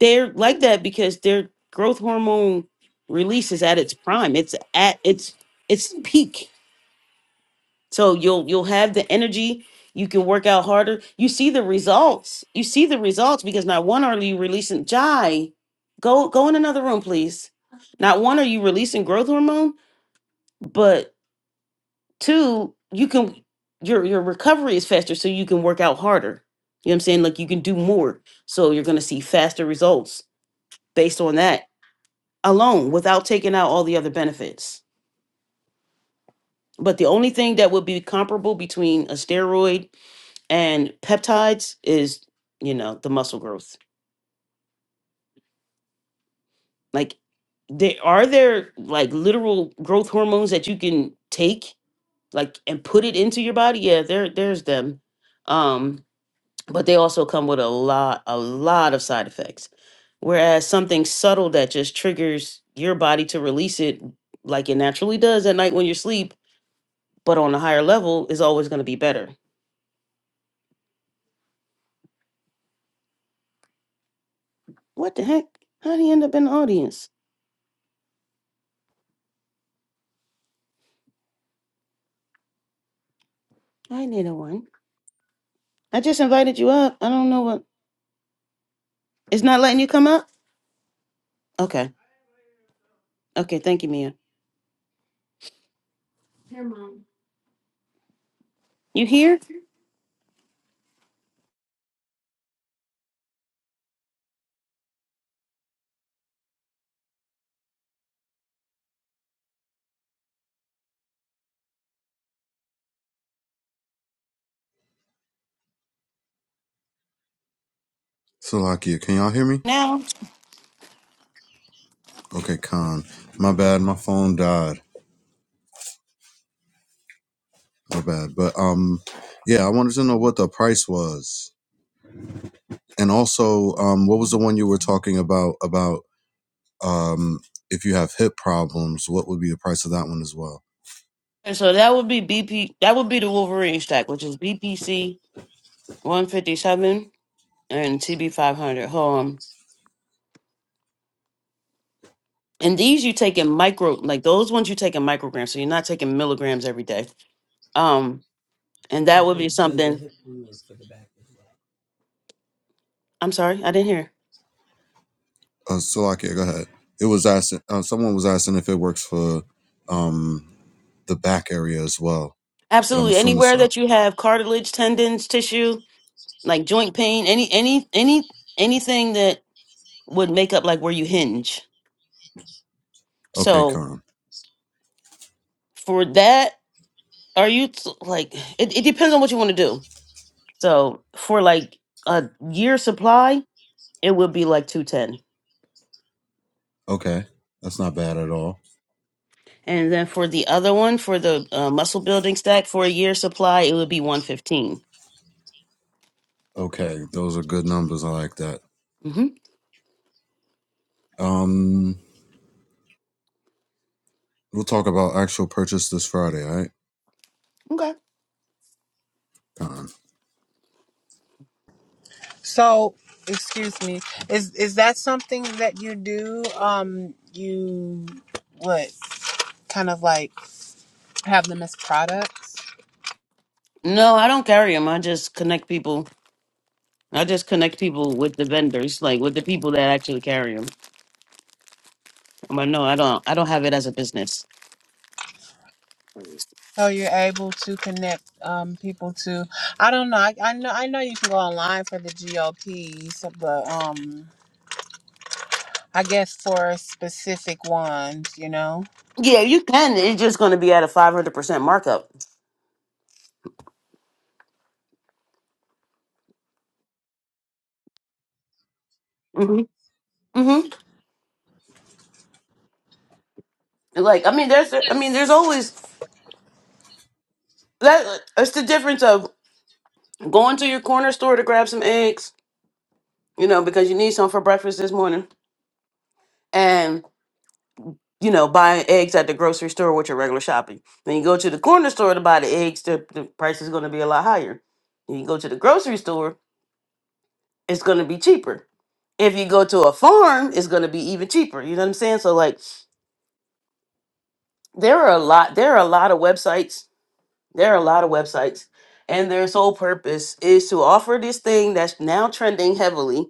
Speaker 1: They're like that because their growth hormone release is at its prime. It's at its its peak So you'll you'll have the energy, you can work out harder. You see the results. You see the results because not one are you releasing Jai, go go in another room, please. Not one are you releasing growth hormone, but two, you can your your recovery is faster, so you can work out harder. You know what I'm saying? Like you can do more. So you're gonna see faster results based on that alone without taking out all the other benefits. But the only thing that would be comparable between a steroid and peptides is you know the muscle growth like there are there like literal growth hormones that you can take like and put it into your body yeah there there's them um but they also come with a lot a lot of side effects whereas something subtle that just triggers your body to release it like it naturally does at night when you're asleep but on a higher level is always going to be better what the heck how do you end up in the audience i didn't want I just invited you up. I don't know what. It's not letting you come up? Okay. Okay, thank you, Mia. You here
Speaker 2: Salakia, can y'all hear me?
Speaker 1: now?
Speaker 2: Okay, Khan. My bad, my phone died. My bad. But um yeah, I wanted to know what the price was. And also, um, what was the one you were talking about about Um, if you have hip problems, what would be the price of that one as well?
Speaker 1: And so that would be BP that would be the Wolverine stack, which is BPC one fifty seven and TB five hundred. Hold on. And these you take in micro like those ones you take in micrograms, so you're not taking milligrams every day. Um and that would be something I'm sorry, I didn't hear.
Speaker 2: Uh, so, like, yeah, go ahead. It was asking, uh, someone was asking if it works for um, the back area as well, but I'm
Speaker 1: Absolutely.
Speaker 2: assuming
Speaker 1: Anywhere
Speaker 2: so.
Speaker 1: that you have cartilage, tendons, tissue, like joint pain, any any any anything that would make up like where you hinge.
Speaker 2: Okay,
Speaker 1: So
Speaker 2: Khan.
Speaker 1: for that are you t- like it, it depends on what you want to do so for like a year supply it would be like 210
Speaker 2: Okay, that's not bad at all.
Speaker 1: and then for the other one for the uh, muscle building stack for a year supply it would be 115
Speaker 2: Okay, those are good numbers. I like that.
Speaker 1: hmm
Speaker 2: Um, we'll talk about actual purchase this Friday, all right?
Speaker 1: okay
Speaker 2: Khan.
Speaker 4: So, excuse me, is is that something that you do? Um, you what? kind of like have them as products
Speaker 1: no i don't carry them i just connect people i just connect people with the vendors like with the people that actually carry them But no i don't i don't have it as a business
Speaker 4: so you're able to connect um, people to i don't know I, I know i know you can go online for the glps but um i guess for specific ones you know
Speaker 1: yeah you can it's just going to be at a 500% markup hmm hmm like i mean there's i mean there's always that it's the difference of going to your corner store to grab some eggs, you know, because you need some for breakfast this morning, and you know, buying eggs at the grocery store with your regular shopping. When you go to the corner store to buy the eggs, the, the price is going to be a lot higher. When you go to the grocery store, it's going to be cheaper. If you go to a farm, it's going to be even cheaper. You know what I'm saying? So like, there are a lot. There are a lot of websites. There are a lot of websites, and their sole purpose is to offer this thing that's now trending heavily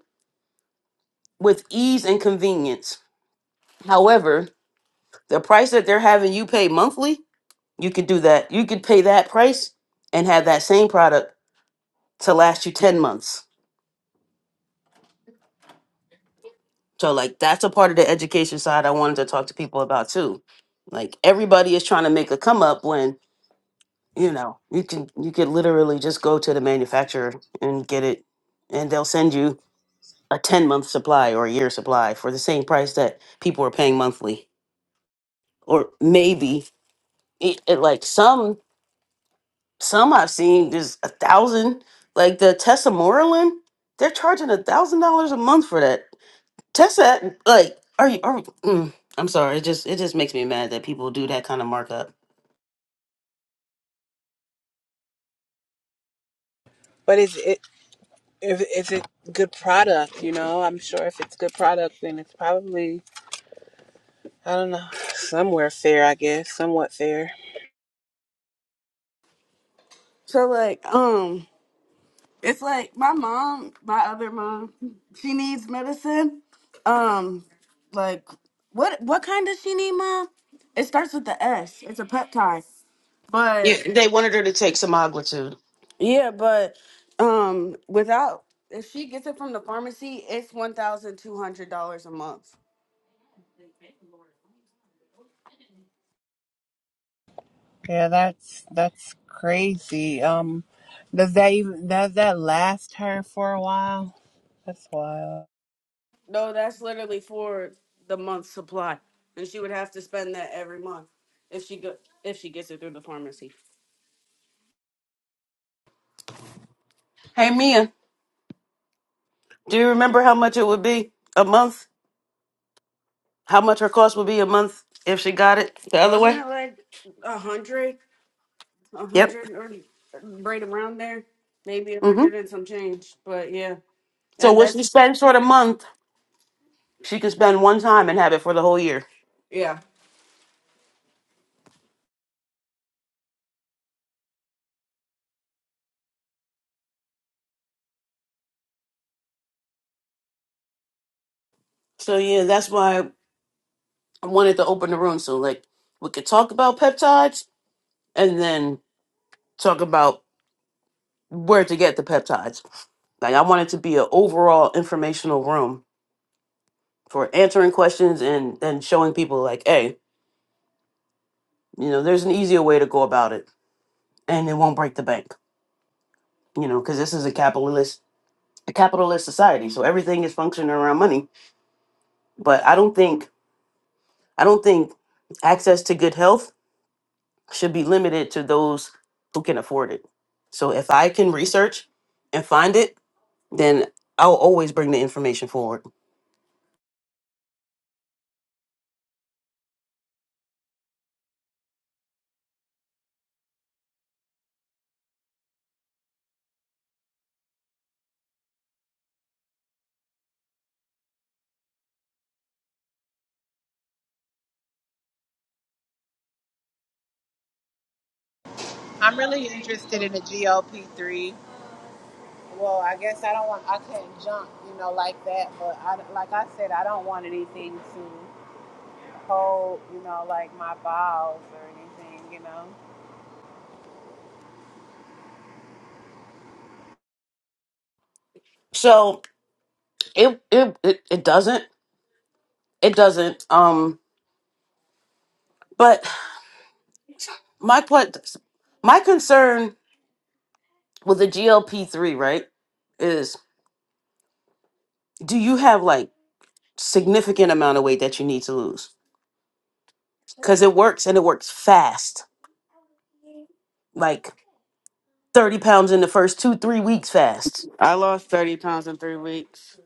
Speaker 1: with ease and convenience. However, the price that they're having you pay monthly, you could do that. You could pay that price and have that same product to last you 10 months. So, like, that's a part of the education side I wanted to talk to people about too. Like, everybody is trying to make a come up when, you know, you can, you could literally just go to the manufacturer and get it, and they'll send you a 10 month supply or a year supply for the same price that people are paying monthly. Or maybe it, it like some Some I've seen there's a thousand, like the Tessa Moreland, they're charging a thousand dollars a month for that. Tessa, like, are you? Are, mm, I'm sorry, it just it just makes me mad that people do that kind of markup.
Speaker 4: but is it if is it good product you know i'm sure if it's good product then it's probably i don't know somewhere fair i guess somewhat fair
Speaker 3: So like, um, it's like my mom, my other mom, she needs medicine. Um, like what what kind does she need, mom? It starts with the S. It's a peptide.
Speaker 1: Yeah,
Speaker 3: But
Speaker 1: they wanted her to take some magnitude.
Speaker 3: yeah, but um without if she gets it from the pharmacy, it's one thousand two hundred dollars a month.
Speaker 4: yeah that's that's crazy um does that even does that last her for a while that's wild
Speaker 3: No, that's literally for the month's supply. And she would have to spend that every month if she go if she gets it through the pharmacy.
Speaker 1: Hey Mia, do you remember how much it would be a month? How much her cost would be a month if she got it the other
Speaker 3: Wasn't
Speaker 1: way?
Speaker 3: it like a hundred, a
Speaker 1: Yep.
Speaker 3: hundred or right around there? Maybe a
Speaker 1: Mm-hmm.
Speaker 3: hundred and some change. But yeah.
Speaker 1: So
Speaker 3: And
Speaker 1: what she
Speaker 3: that's
Speaker 1: spends for the month, she can spend one time and have it for the whole year.
Speaker 3: yeah.
Speaker 1: So yeah, that's why. I wanted to open the room so like we could talk about peptides and then talk about where to get the peptides. Like I wanted to be an overall informational room for answering questions and and showing people like, hey, you know, there's an easier way to go about it, and it won't break the bank. You know, because this is a capitalist a capitalist society, so everything is functioning around money. But I don't think I don't think access to good health should be limited to those who can afford it. So if I can research and find it, then I'll always bring the information forward.
Speaker 4: I'm really interested in the GOP3. Well, I guess I don't want, I can't jump, you know, like that. But I, like I said, I don't want anything to hold, you know, like my bowels or anything, you know.
Speaker 1: So it it it, it doesn't it doesn't um but my what my concern with the GLP-3, right, is do you have like significant amount of weight that you need to lose? Cuz it works and it works fast. Like 30 pounds in the first 2-3 weeks fast
Speaker 3: I lost thirty pounds in three weeks.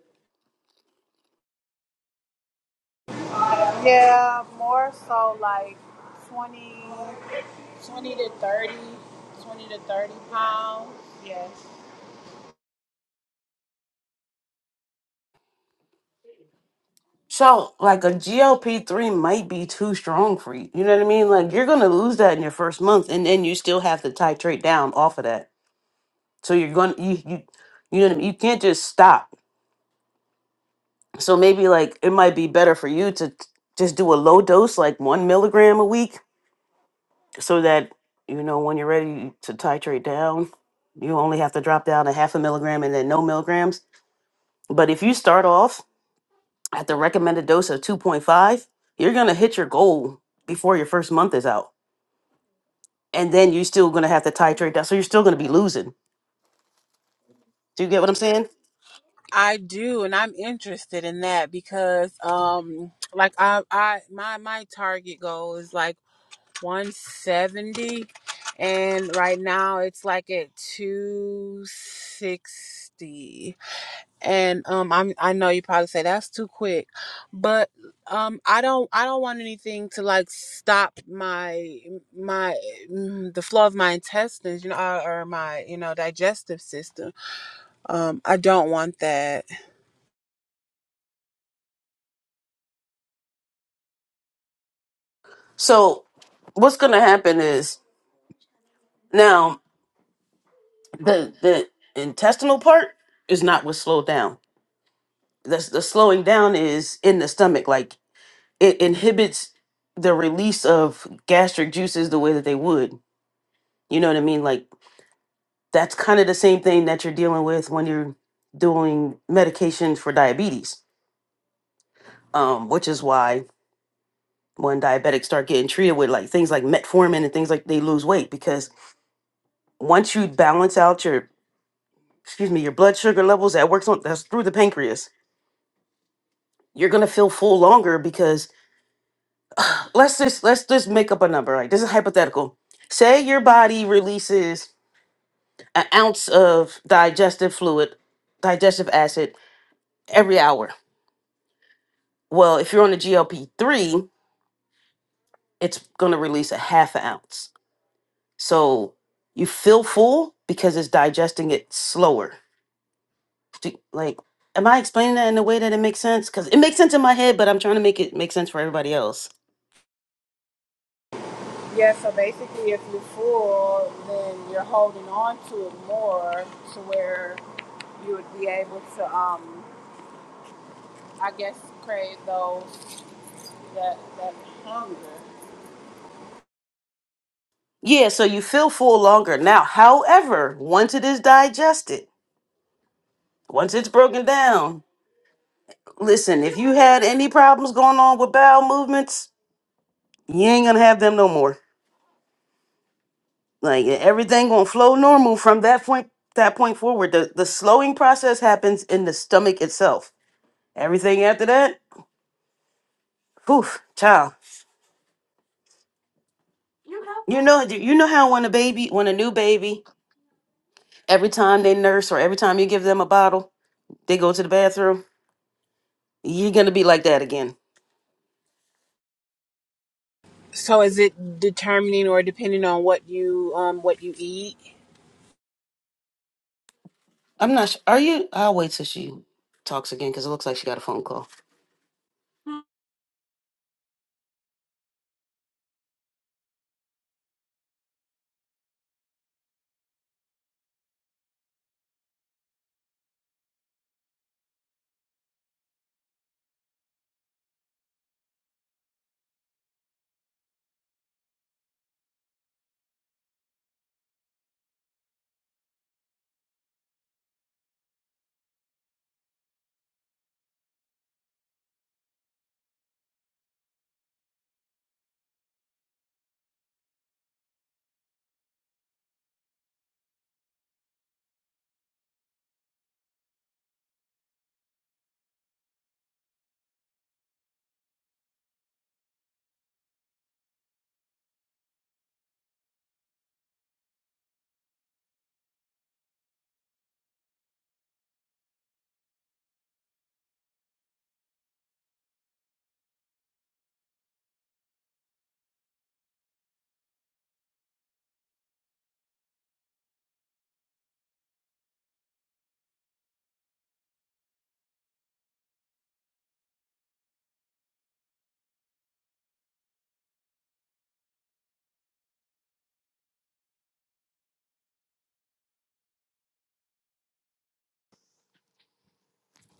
Speaker 4: Yeah, more so like 20, 20 to 30, 20 to 30 pounds. Yes.
Speaker 1: So, like a GLP three might be too strong for you. You know what I mean? Like you're gonna lose that in your first month, and then you still have to titrate down off of that. So you're gonna you you you know what I mean? You can't just stop. So maybe like it might be better for you to t- just do a low dose, like one milligram a week, so that you know when you're ready to titrate down, you only have to drop down a half a milligram and then no milligrams. But if you start off at the recommended dose of 2.5, you're going to hit your goal before your first month is out. And then you're still going to have to titrate down. So you're still going to be losing. Do you get what I'm saying?
Speaker 4: I do, and I'm interested in that because, um, like I, I, my my target goal is like 170 and right now it's like at 260 and um i'm i know you probably say that's too quick but um i don't i don't want anything to like stop my my mm, the flow of my intestines you know or, or my you know digestive system um i don't want that
Speaker 1: So what's going to happen is now the, the intestinal part is not what's slowed down. The, the slowing down is in the stomach. Like it inhibits the release of gastric juices the way that they would. You know what I mean? Like that's kind of the same thing that you're dealing with when you're doing medications for diabetes um, which is why when diabetics start getting treated with like things like metformin and things like they lose weight because once you balance out your excuse me your blood sugar levels that works on that's through the pancreas you're gonna feel full longer because let's just let's just make up a number like this is hypothetical say your body releases an ounce of digestive fluid digestive acid every hour well if you're on a glp-3 it's gonna release a half an ounce So you feel full because it's digesting it slower. Do- Like, am I explaining that in a way that it makes sense? Because it makes sense in my head, but I'm trying to make it make sense for everybody else.
Speaker 4: yeah so basically if you're full then you're holding on to it more to where you would be able to, um, I guess, crave those that that hunger.
Speaker 1: Yeah, so you feel full longer. Now, however, once it is digested, once it's broken down, listen, if you had any problems going on with bowel movements, you ain't gonna have them no more. Like e, everything gonna flow normal from that point that point forward. The the slowing process happens in the stomach itself. Everything after that Poof, child. You know, you know how when a baby, when a new baby, every time they nurse or every time you give them a bottle, they go to the bathroom. You're gonna be like that again.
Speaker 4: So is it determining or depending on what you um what you eat?
Speaker 1: I'm not. Sure. Are you? I'll wait till she talks again because it looks like she got a phone call.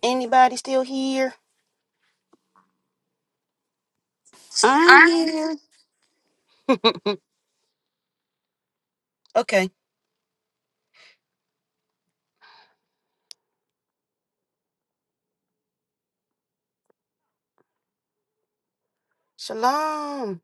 Speaker 1: Anybody still here?
Speaker 3: I'm here.
Speaker 1: Okay. Shalom.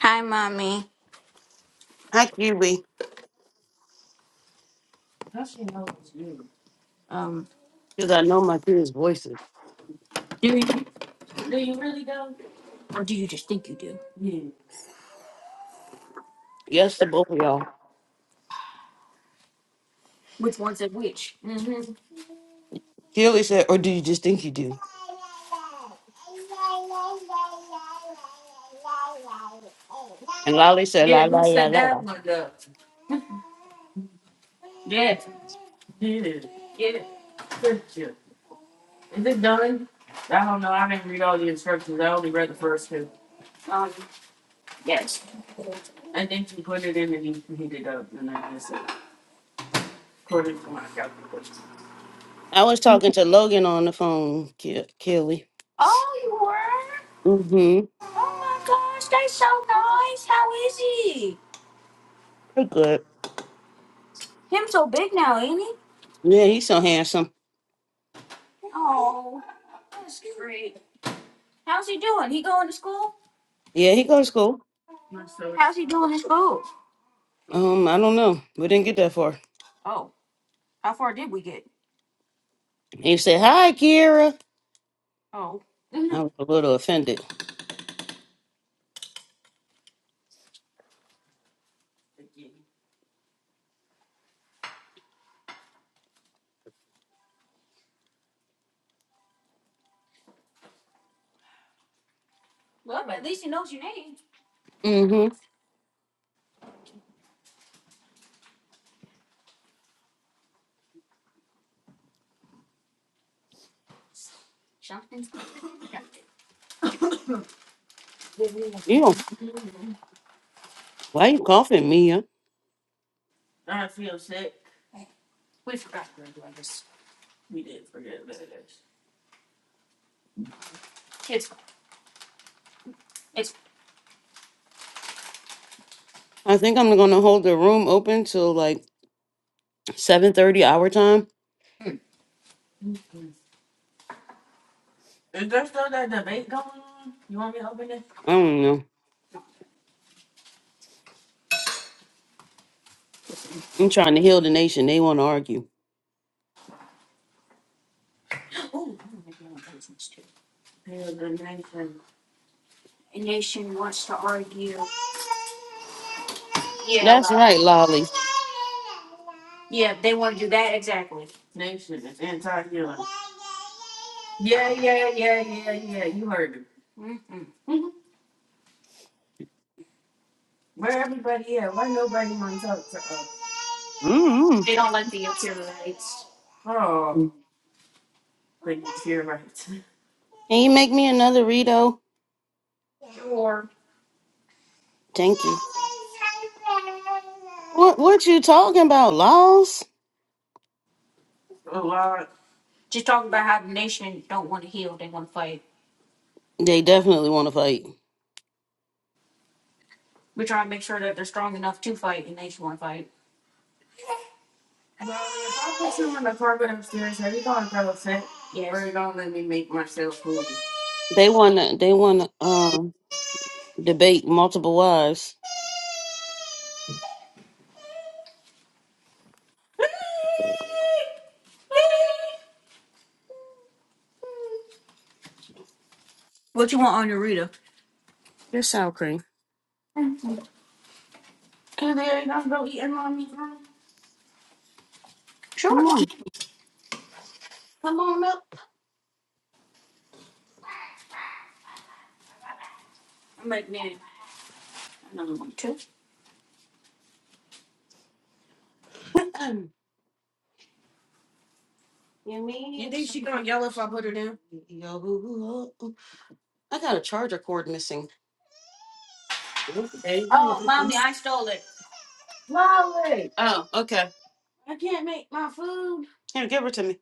Speaker 3: Hi, mommy.
Speaker 1: Hi, Kiwi. Because I know my kids' voices. Yes to both of y'all. Keely said, or do you just think you do? And Lolly said, la, la, la, la, la.
Speaker 3: Um,
Speaker 1: I was talking to Logan on the phone, Ke- Keely. Mm-hmm. We're good. Yeah, he's so handsome. Yeah, he go to school. Um, I don't know. We didn't get that far. He said, "Hi, Kira." I was a little offended. Mm-hmm. You know, why you coughing, Mia? I think I'm gonna hold the room open till like 7:30 our time. I don't know. I'm trying to heal the nation. They want to argue.
Speaker 3: so the nation,
Speaker 1: That's right, Lolly.
Speaker 3: nation is anti-healing. Yeah, yeah, yeah, yeah, yeah. You heard it. Where everybody at? Why nobody wanna-
Speaker 1: Mm-hmm. Can you make me another Rito? Thank you. What What you talking about, Laws? They definitely want to fight.
Speaker 3: don't let me make myself food?
Speaker 1: They want to. They want to. Um. debate multiple wives. Here's sour cream. Come on. Come on up. You mean you think she yo, I got a charger cord missing. There you go. Oh, okay. Here, give her to me.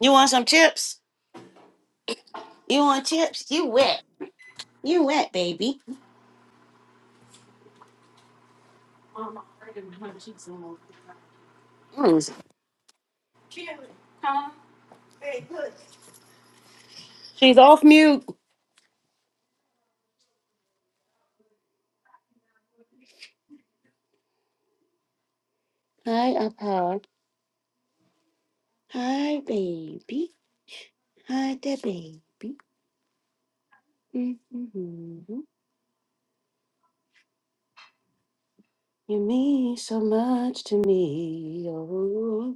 Speaker 1: You want some chips? You want chips? You wet. You wet, baby. Mm. She's off mute. You to me. oh.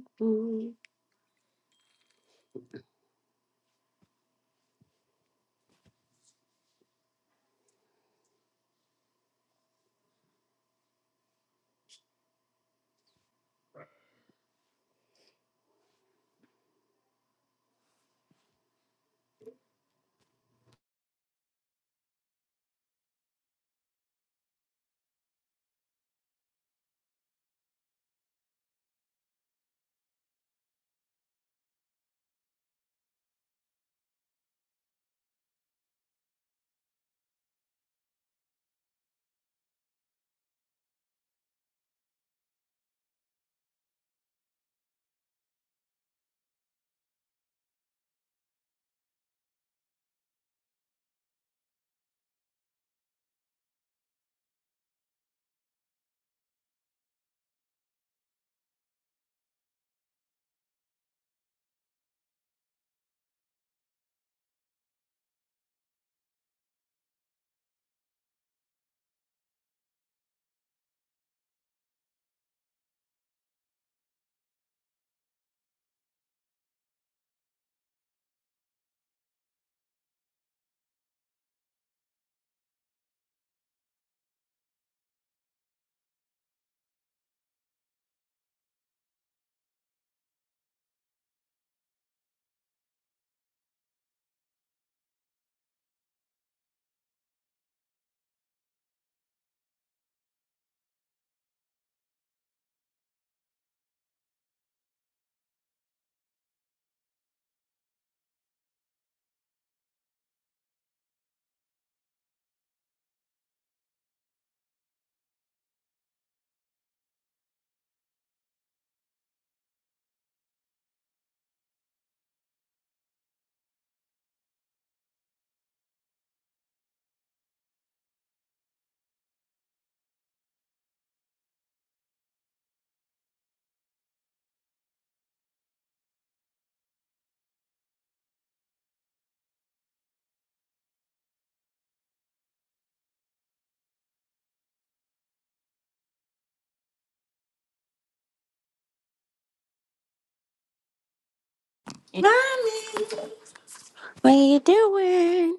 Speaker 3: What you doing?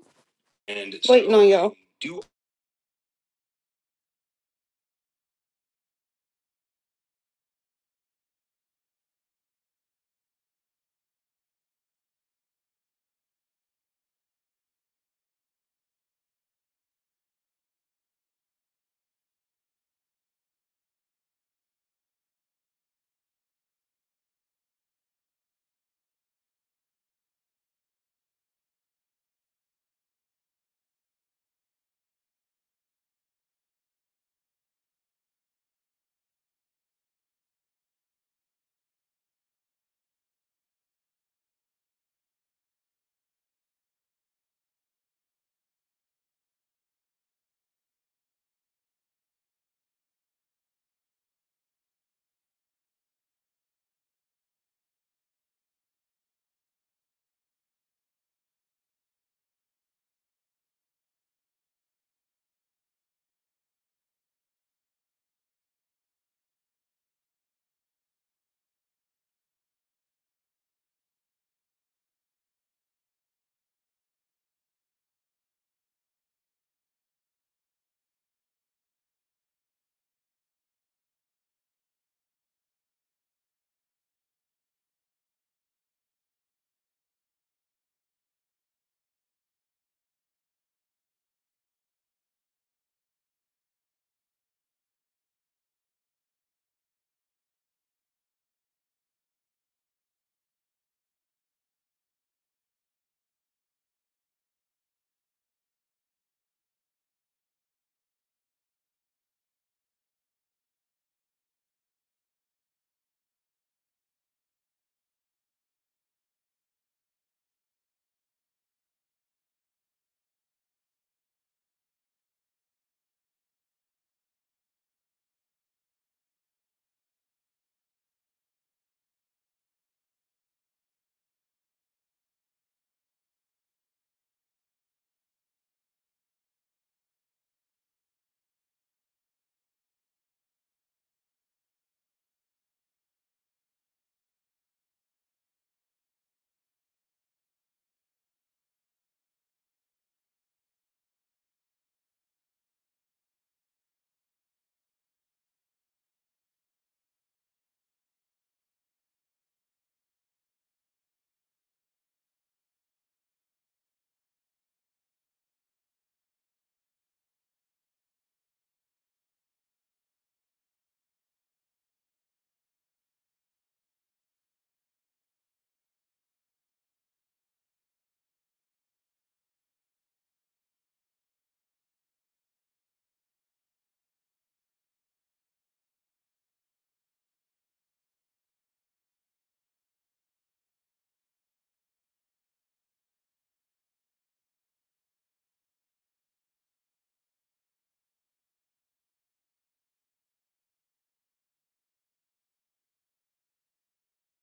Speaker 1: Waiting on y'all.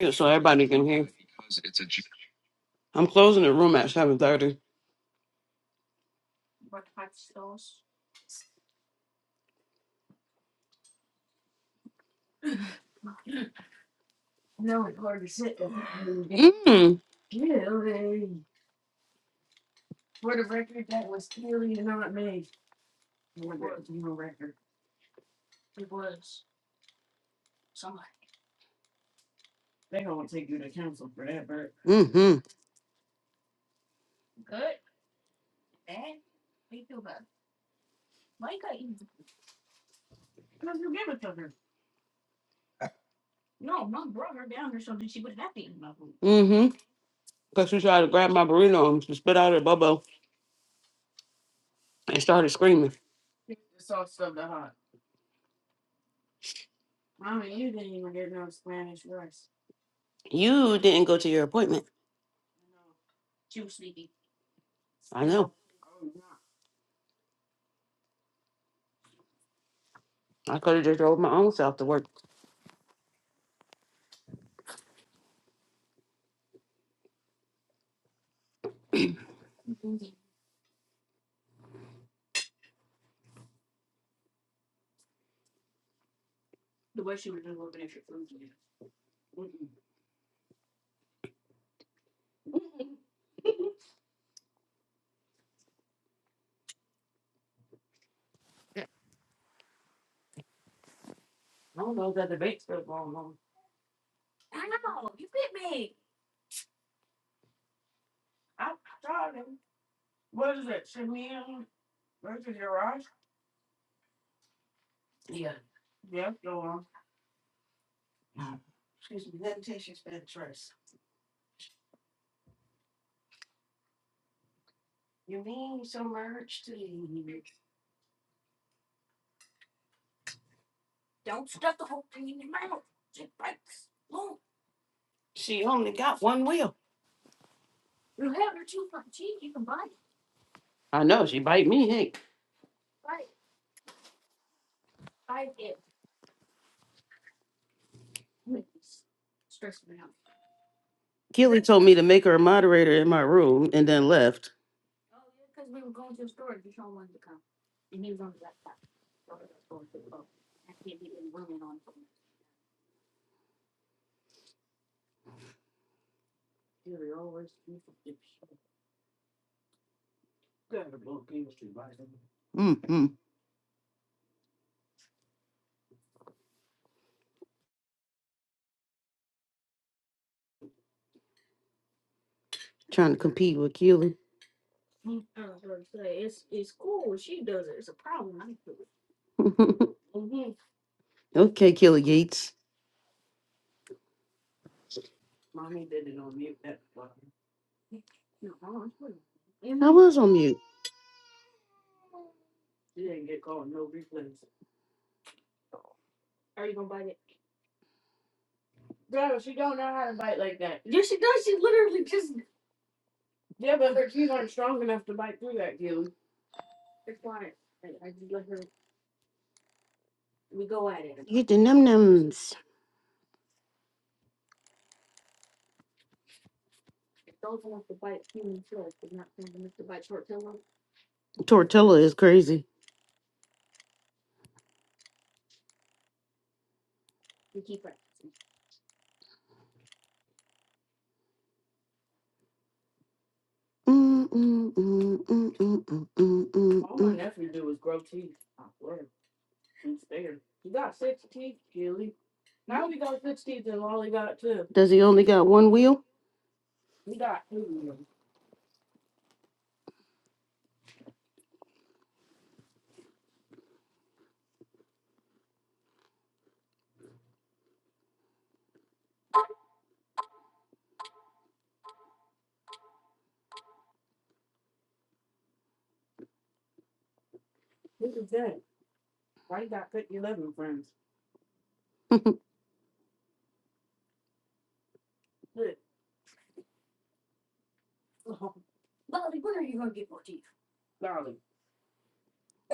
Speaker 1: Yeah, so everybody can hear. I'm closing the room at seven thirty. Mm. Mm-hmm. Mm-hmm. Because she tried to grab my burrito and she spit out her bubble. and started screaming, You didn't go to your appointment. I know. I could have just drove my own self to work. Not one wheel. I know. She bite me. Hey. Keely told me to make her a moderator in my room and then left. mm mm. Trying to compete with Keely. okay, Keely Gates. I was on mute. Get the num nums. Tortilla is crazy. Mm, mm, mm, mm, mm, mm, mm, mm, mm. Does he only got one wheel?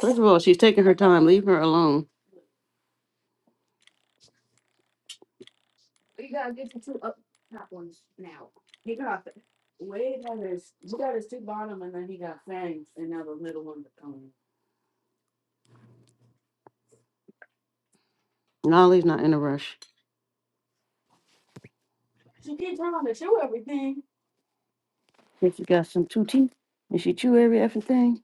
Speaker 1: First of all, she's taking her time. Leave her alone. Nolly's not in a rush. And she chew every effing thing.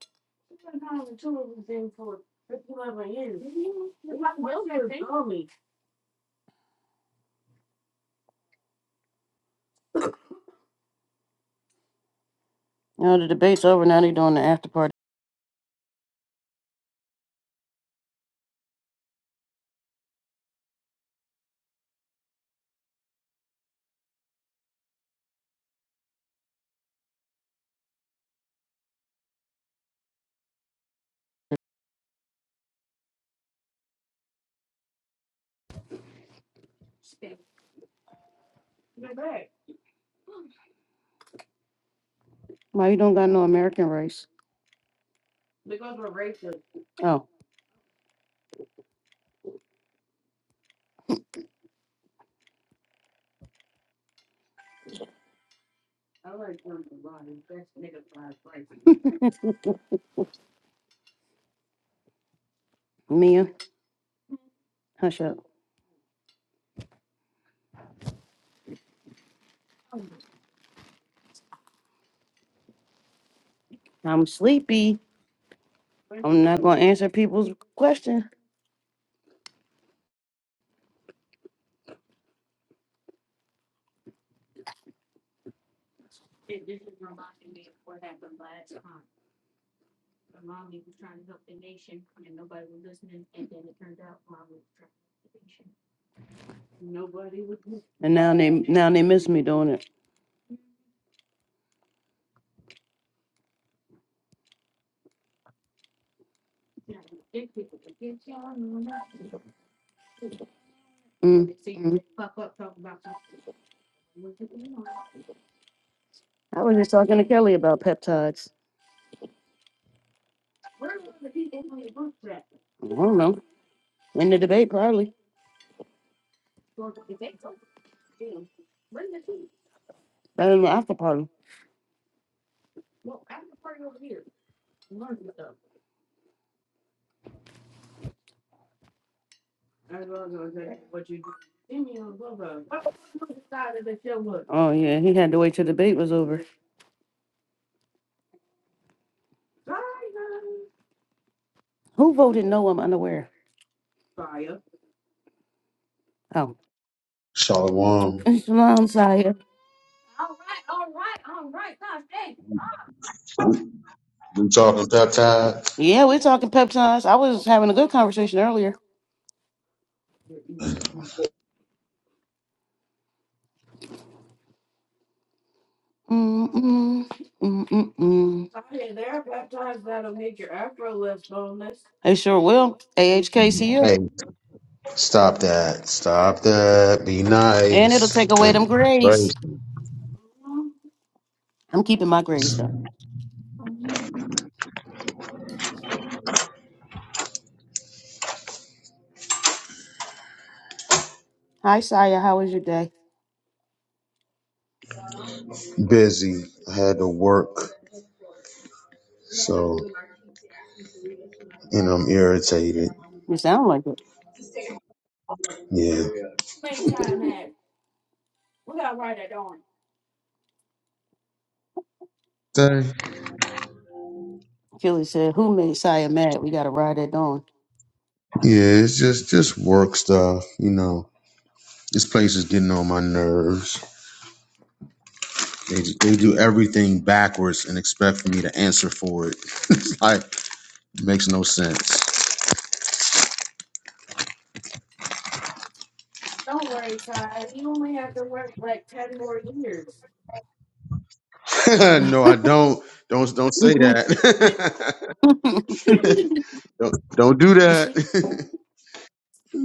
Speaker 1: Now the debate's over. Now they doing the after party. Why you don't got no American rice? Oh, Mia, hush up. I'm sleepy. I'm not gonna answer people's question. And now they now they miss me doing it. Mm, mm. I was just talking to Kelly about peptides. I don't know. In the debate, probably. Better than the after party. Oh yeah, he had to wait till the debate was over. Who voted no? I'm unaware. Oh,
Speaker 5: Shalom.
Speaker 1: Shalom Saya.
Speaker 5: We talking peptides?
Speaker 1: Yeah, we're talking peptides. I was having a good conversation earlier. Mm-mm, mm-mm. They sure will. AHKCU.
Speaker 5: Hey, stop that. Stop that. Be
Speaker 1: And it'll
Speaker 5: nice.
Speaker 1: take away them
Speaker 5: And
Speaker 1: grays.
Speaker 5: gracious.
Speaker 1: I'm keeping my grays, though. Hi, Saya. How was your day?
Speaker 5: busy. I had to work. So and I'm irritated.
Speaker 1: You sound like it.
Speaker 5: Yeah. Say,
Speaker 1: Kelly said, Who made Saya mad? We got to ride that dawn.
Speaker 5: Yeah, it's just just work stuff, you know. This place is getting on my nerves. They, they do everything backwards and expect me to answer for it. Like makes no sense. no, I don't. Don't don't say that. don't, don't do that.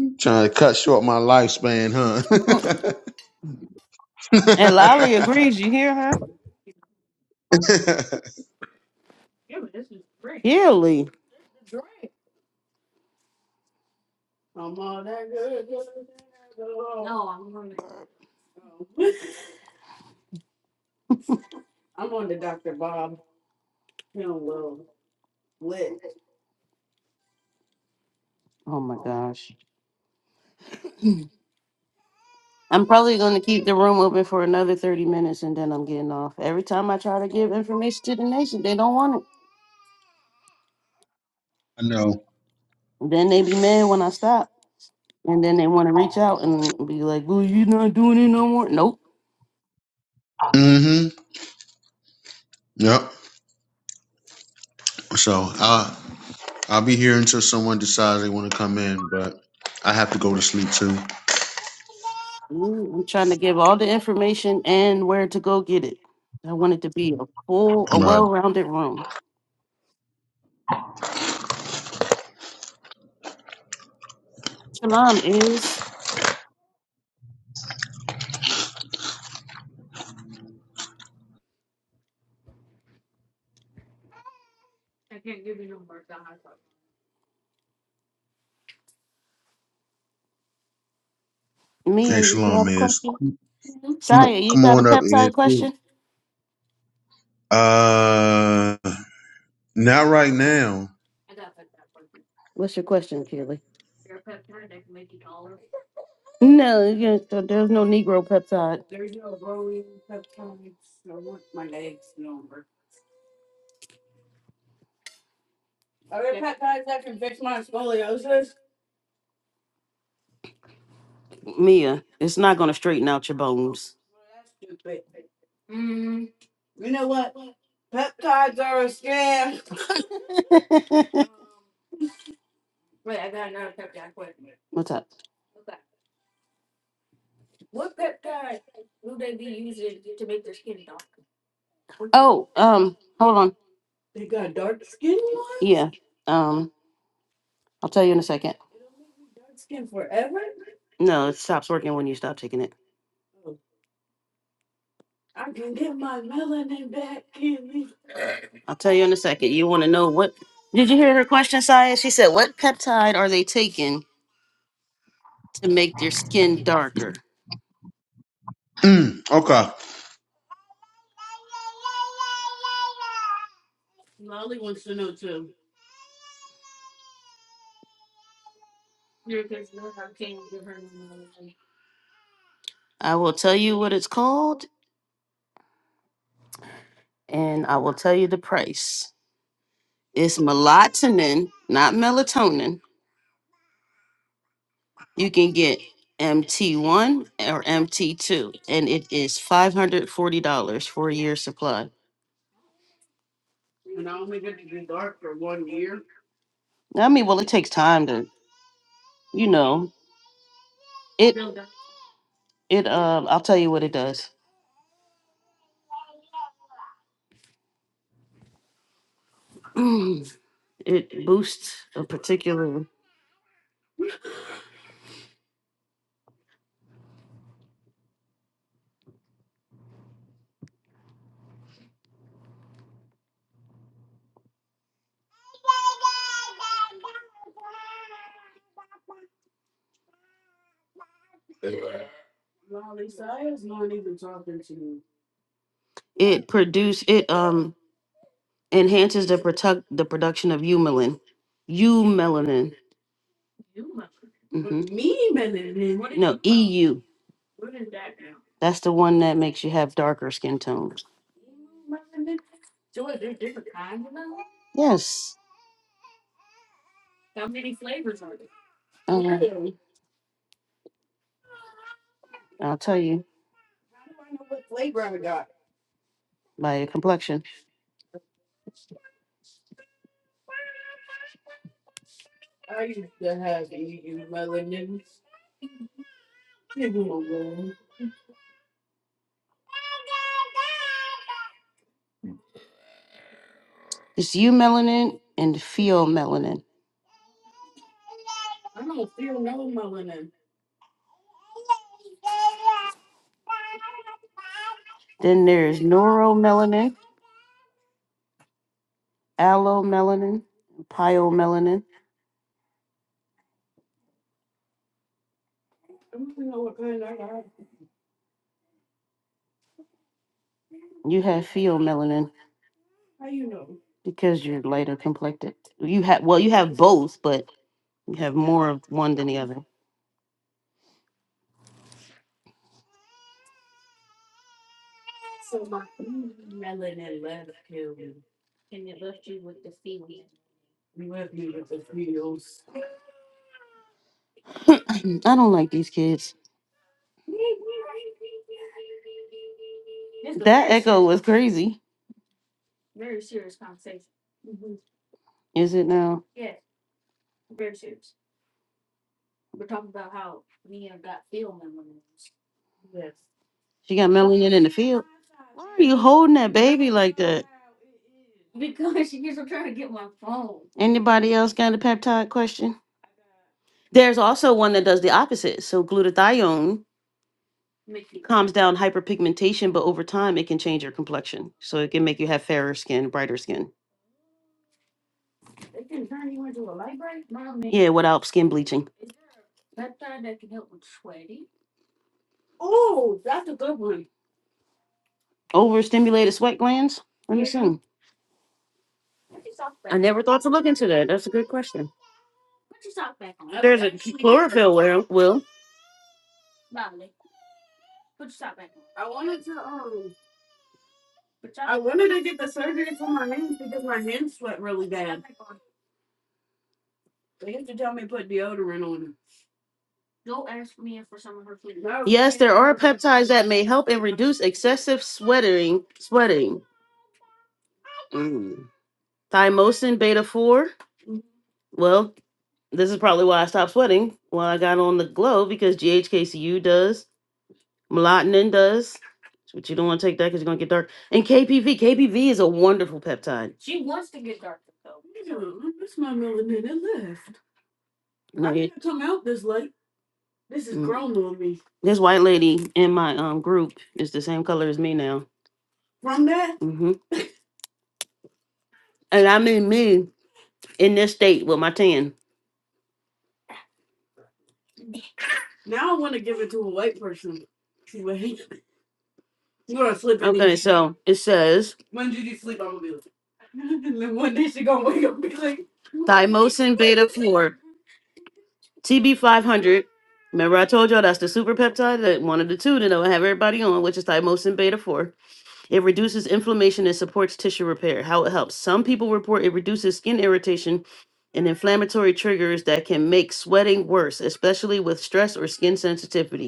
Speaker 5: Trying to cut short my lifespan, huh?
Speaker 1: And Lolly agrees. You hear her? Really? Oh, my gosh. I'm probably going to keep the room open for another 30 minutes and then I'm getting off. Every time I try to give information to the nation, they don't want
Speaker 5: I know.
Speaker 1: it. Then they be mad when I stop. And then they want to reach out and be like, well, you're not doing it no more. Nope.
Speaker 5: hmm Yep. So I'll I'll be here until someone decides they want to come in, but I have to go to sleep too.
Speaker 1: Mm, I'm trying to give all the information and where to go get it. I want it to be a full, a
Speaker 5: Right.
Speaker 1: well rounded room. Shalom is
Speaker 5: Hey,
Speaker 1: Mia, you
Speaker 5: Shalom
Speaker 1: have a
Speaker 5: is.
Speaker 1: question?
Speaker 5: Come
Speaker 1: Shia,
Speaker 5: on,
Speaker 1: you
Speaker 5: come
Speaker 1: got a
Speaker 5: on up, is.
Speaker 1: peptide question?
Speaker 5: Uh, not right
Speaker 1: Okay.
Speaker 5: now.
Speaker 1: What's your question, Keely? No, you know, there's no Negro peptide. Mia, it's not going to straighten out your bones. What's up? Oh, um, hold on. Yeah. Um, I'll tell you in a second. No, it stops working when you stop taking it. I'll tell you in a second. You want to know what? Did you hear her question, Saya? She said, "What peptide are they taking to make their skin darker?"
Speaker 5: Mm, okay.
Speaker 1: I will tell you what it's called, and I will tell you the price. It's melatonin, not melatonin. You can get MT1 or MT2, and it is five hundred forty dollars for a year's supply. I mean, well, it takes time to, you know, it. It. Um, I'll tell you what it does. it boosts a particular it produce it um enhances the protect the production of eumelin eumelanin mm-hmm. no eu that's the one that makes you have darker skin tones yes um, Really? i'll tell you by your complexion it's u melanin and pheomelanin then there's neuromelanin allomelanin pyomelanin you have pheomelanin because you're lighter complected you have well you have both but You have more of one than the other. I don't like these kids. That echo was crazy. Is it now? She got melanin in the field. Why are you holding that baby like that? Anybody else got a peptide question? There's also one that does the opposite. So glutathione calms down hyperpigmentation, but over time it can change your complexion. So it can make you have fairer skin, brighter skin. Yeah, without skin bleaching. Overstimulated sweat glands? Let me see. I never thought to look into that. That's a good question. There's a chlorophyll will. will. Yes, there are peptides that may help and reduce excessive sweating. Sweating. Mm. Thymosin beta four. Well, this is probably why I stopped sweating while I got on the glow because GHKCU does, melatonin does. But you don't want to take that because you're gonna get dark. And KPV, KPV is a wonderful peptide. I need to come out this No, it- Mm. grown on me. This white lady in my um group is the same color as me now. hmm And i mean me in this state with my tan. Okay, so it says thymosin beta 4, TB500. Remember, I told y'all that's the super peptide that one of the two that I have everybody on, which is thymosin beta 4. It reduces inflammation and supports tissue repair. How it helps. Some people report it reduces skin irritation and inflammatory triggers that can make sweating worse, especially with stress or skin sensitivity.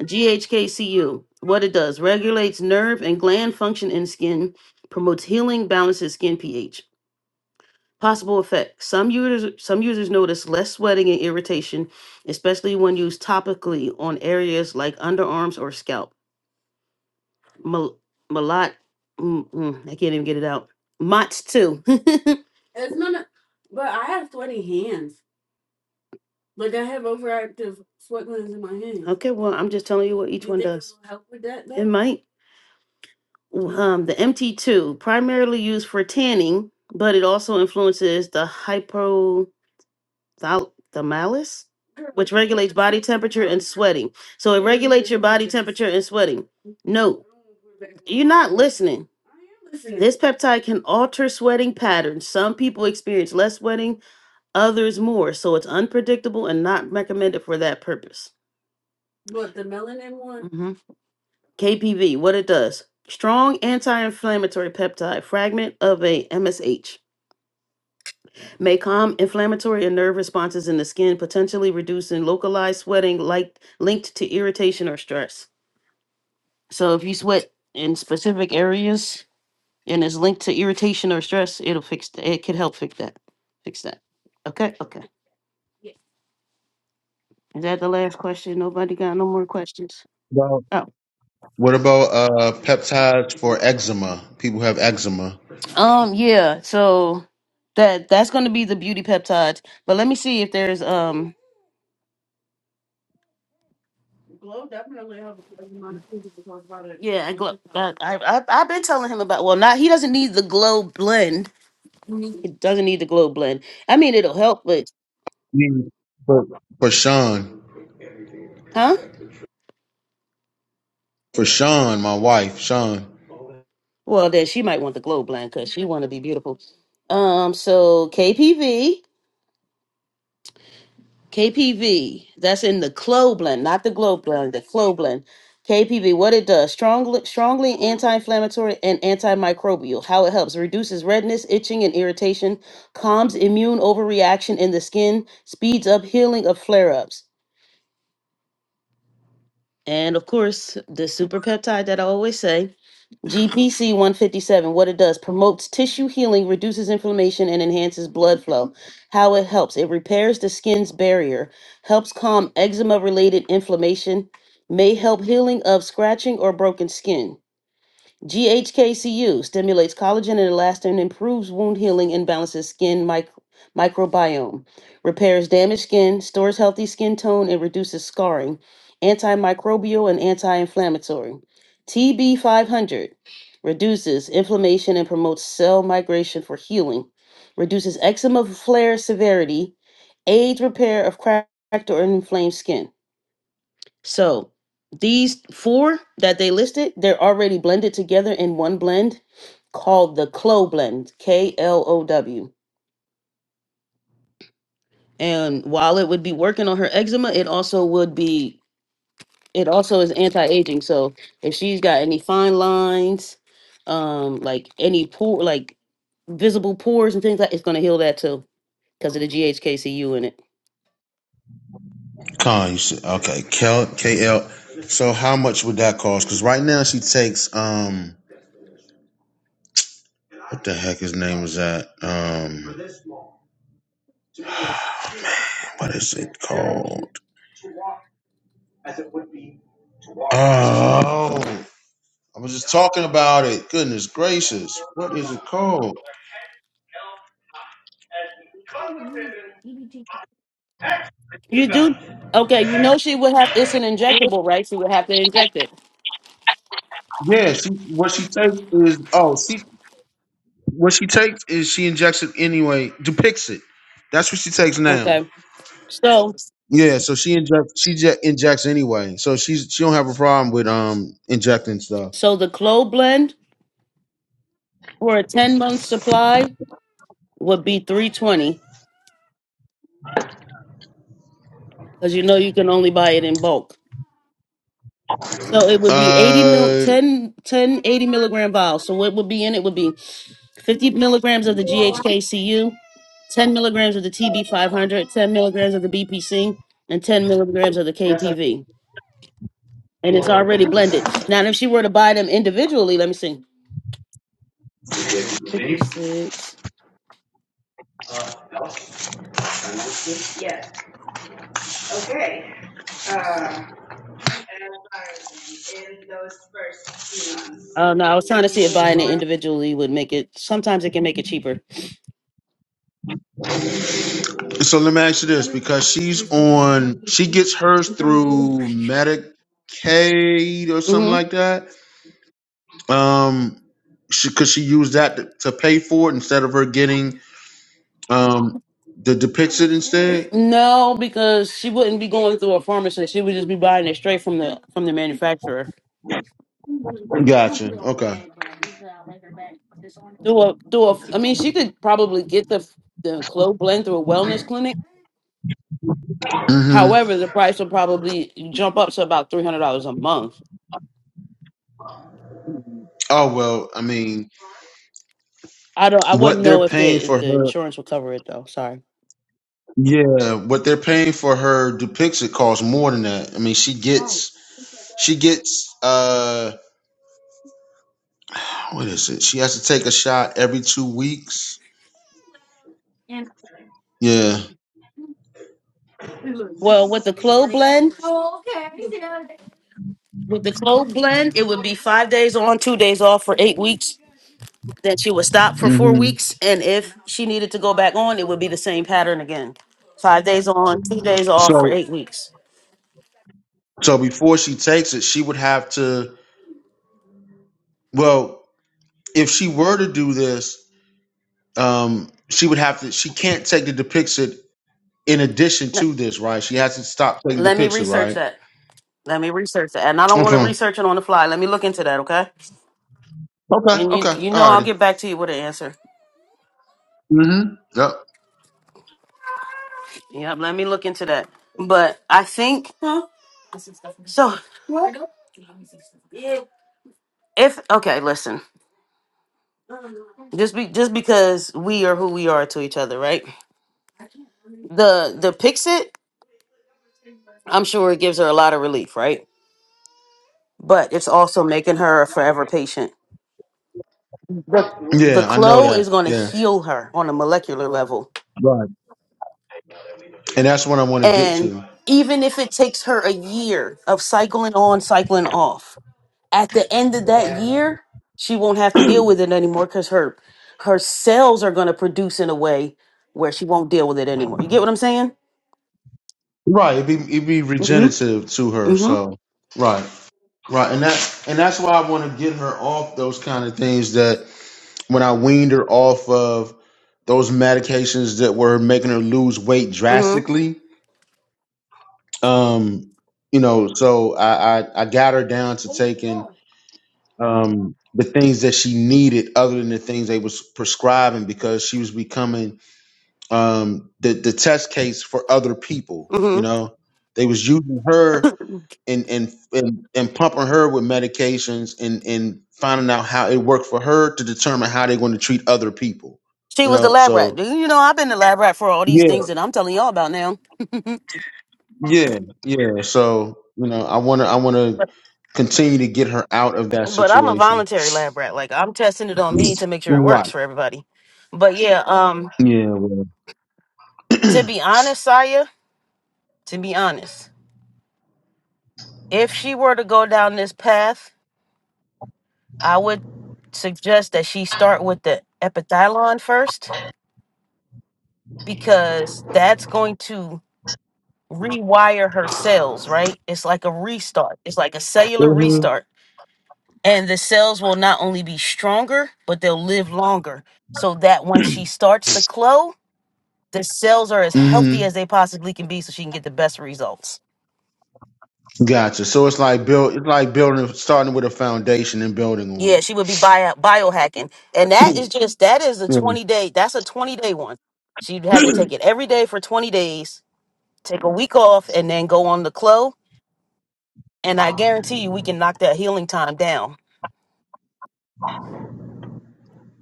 Speaker 1: GHKCU, what it does, regulates nerve and gland function in skin, promotes healing, balances skin pH. Possible effects. Some users some users notice less sweating and irritation, especially when used topically on areas like underarms or scalp. Mal- Malat, mm, mm, I can't even get it out. Mott's too. okay, well, I'm just telling you what each one it does. will It might. Um, the MT2, primarily used for tanning, but it also influences the hypothalamus, which regulates body temperature and sweating. So it regulates your body temperature and sweating. Note, you're not listening. This peptide can alter sweating patterns. Some people experience less sweating, others more. So it's unpredictable and not recommended for that purpose. What the melanin one? KPV, what it does. Strong anti-inflammatory peptide fragment of a MSH may calm inflammatory and nerve responses in the skin, potentially reducing localized sweating like linked to irritation or stress. So if you sweat in specific areas and it's linked to irritation or stress, it'll fix th- it could help fix that. Fix that. Okay, okay. Is that the last question? Nobody got no more questions?
Speaker 5: Well,
Speaker 1: Oh.
Speaker 5: what about uh peptides for eczema? People have eczema.
Speaker 1: Um yeah, so that that's gonna be the beauty peptides. But let me see if there's um Yeah, and glow. I, I I- I've been telling him about. Well, not he doesn't need the glow blend. He doesn't need the glow blend. I mean, it'll help, but
Speaker 5: Mm. For, for Sean,
Speaker 1: huh?
Speaker 5: for Sean, my wife, Sean
Speaker 1: Well, then she might want the glow blend because she want to be beautiful. Um. So KPV. KPV, that's in the Cloblin, not the Globlin, the Cloblin. KPV, what it does, strongly, strongly anti-inflammatory and antimicrobial. How it helps, reduces redness, itching, and irritation, calms immune overreaction in the skin, speeds up healing of flare-ups. And of course, the super peptide that I always say, GPC 157, what it does promotes tissue healing, reduces inflammation, and enhances blood flow. How it helps it repairs the skin's barrier, helps calm eczema related inflammation, may help healing of scratching or broken skin. GHKCU stimulates collagen and elastin, improves wound healing, and balances skin mic- microbiome, repairs damaged skin, stores healthy skin tone, and reduces scarring, antimicrobial and anti inflammatory. TB500 reduces inflammation and promotes cell migration for healing, reduces eczema flare severity, aids repair of cracked or inflamed skin. So these four that they listed, they're already blended together in one blend called the Clo blend, K L O W. And while it would be working on her eczema, it also would be it also is anti-aging. So if she's got any fine lines, um, like any pore, like visible pores and things like, it's gonna heal that too. because of the GHKCU in it.
Speaker 5: Khan. You said, okay, Kel, KL. So how much would that cost? Because right now she takes um, what the heck his name is that? Um, what is it called? Oh, I was just talking about it. Goodness gracious, what is it called?
Speaker 1: You do okay. You know she would have. It's an injectable, right? She would have to inject it.
Speaker 5: Yeah, she, what she takes is oh, she what she takes is she injects it anyway, depicts it. That's what she takes now.
Speaker 1: Okay. So
Speaker 5: Yeah, so she injects she je- injects anyway. So she's she don't have a problem with um injecting stuff.
Speaker 1: so the Clo blend for a ten month supply would be three twenty because you know you can only buy it in bulk. So it would be 80 mil,
Speaker 5: Uh
Speaker 1: 10 10 eighty milligram vials. So what would be in it would be 50 milligrams of the GHKCU, 10 milligrams of the TB500, 10 milligrams of the BPC, and 10 milligrams of the KPV. And it's already blended. Now, if she were to buy them individually, let me see. 56. Oh, no, I was trying to see if buying it individually would make it. Sometimes it can make it cheaper.
Speaker 5: so let me ask you this because she's on she gets hers through Medicaid or something
Speaker 1: hmm
Speaker 5: like that. Um she cuz she used that to, to pay for it instead of her getting um the Depixit instead.
Speaker 1: No, because she wouldn't be going through a pharmacy. She would just be buying it straight from the from the manufacturer.
Speaker 5: Gotcha. Okay.
Speaker 1: Through a through a. I mean, she could probably get the the clove blend through a wellness clinic
Speaker 5: Mhm.
Speaker 1: However, the price will probably jump up to about three hundred dollars a month.
Speaker 5: Oh well, I mean,
Speaker 1: I don't. I
Speaker 5: what
Speaker 1: wouldn't
Speaker 5: they're
Speaker 1: know if the
Speaker 5: paying for
Speaker 1: if the
Speaker 5: her
Speaker 1: insurance will cover it though. Sorry.
Speaker 5: Yeah, what they're paying for her Dupixent costs more than that. I mean, she gets she gets uh what is it? She has to take a shot every two weeks. Yeah.
Speaker 1: Well, with the clove blend, with the clove blend, it would be five days on, two days off for eight weeks. Then she would stop for four
Speaker 5: hmm
Speaker 1: weeks, and if she needed to go back on, it would be the same pattern again: five days on, two days off for
Speaker 5: So
Speaker 1: eight weeks.
Speaker 5: so before she takes it, she would have to. Well, if she were to do this, um, she would have to. She can't take the Dupixent in addition
Speaker 1: Let
Speaker 5: to this, right? She has to stop taking
Speaker 1: let me
Speaker 5: Dupixent,
Speaker 1: research
Speaker 5: right?
Speaker 1: that. Let me research that, and I don't want to
Speaker 5: Okay.
Speaker 1: research it on the fly. Let me look into that, okay?
Speaker 5: Okay.
Speaker 1: And you,
Speaker 5: Okay.
Speaker 1: you know, I'll
Speaker 5: Alrighty.
Speaker 1: get back to you with an answer.
Speaker 5: Mm-hmm. Yep.
Speaker 1: Yeah, let me look into that. But I think so. If okay, listen. Just be just because we are who we are to each other, right? The the Pixit, I'm sure it gives her a lot of relief, right? But it's also making her a forever patient. The the
Speaker 5: Yeah, I know
Speaker 1: Clo
Speaker 5: that.
Speaker 1: is going to
Speaker 5: Yeah.
Speaker 1: heal her on a molecular level,
Speaker 5: Right. and that's what I want to get
Speaker 1: and
Speaker 5: to.
Speaker 1: even if it takes her a year of cycling on, cycling off, At the end of that year, she won't have to deal with it anymore because her her cells are going to produce in a way where she won't deal with it anymore. You get what I'm saying?
Speaker 5: Right, it would be it would be
Speaker 1: Mm-hmm.
Speaker 5: regenerative to her.
Speaker 1: Mm-hmm.
Speaker 5: So right, right, and that and that's why I want to get her off those kind of things. That when I weaned her off of those medications that were making her lose weight
Speaker 1: Mm-hmm.
Speaker 5: drastically, um, you know, so I I, I got her down to taking um the things that she needed other than the things they was prescribing because she was becoming um the the test case for other people you
Speaker 1: Mm-hmm.
Speaker 5: know they was using her and and and, and pumping her with medications and and finding out how it worked for her to determine how they're going to treat other people
Speaker 1: She
Speaker 5: you
Speaker 1: was the
Speaker 5: know
Speaker 1: lab rat.
Speaker 5: so
Speaker 1: You know, I've been the lab rat for all these
Speaker 5: yeah
Speaker 1: things that I'm telling y'all about now.
Speaker 5: yeah yeah so you know i want to i want to
Speaker 1: But
Speaker 5: continue to get her out of that
Speaker 1: but I'm a
Speaker 5: situation
Speaker 1: voluntary lab rat. Like I'm testing it on me to make sure it
Speaker 5: right
Speaker 1: works for everybody. But yeah, um,
Speaker 5: yeah well.
Speaker 1: to be honest, Saya, to be honest, if she were to go down this path I would suggest that she start with the epithalon first because that's going to rewire her cells, right? It's like a restart. It's like a cellular
Speaker 5: hmm
Speaker 1: restart. And the cells will not only be stronger, but they'll live longer. So that when she starts the clo, the cells are as
Speaker 5: hmm
Speaker 1: healthy as they possibly can be so she can get the best results.
Speaker 5: gotcha so it's like build it's like building starting with a foundation and building on
Speaker 1: Yeah,
Speaker 5: it
Speaker 1: she would be bio biohacking. And that is just that is a
Speaker 5: Yeah.
Speaker 1: 20 day, that's a 20 day one. She'd have to take it every day for 20 days take a week off and then go on the clo and i guarantee you we can knock that healing time down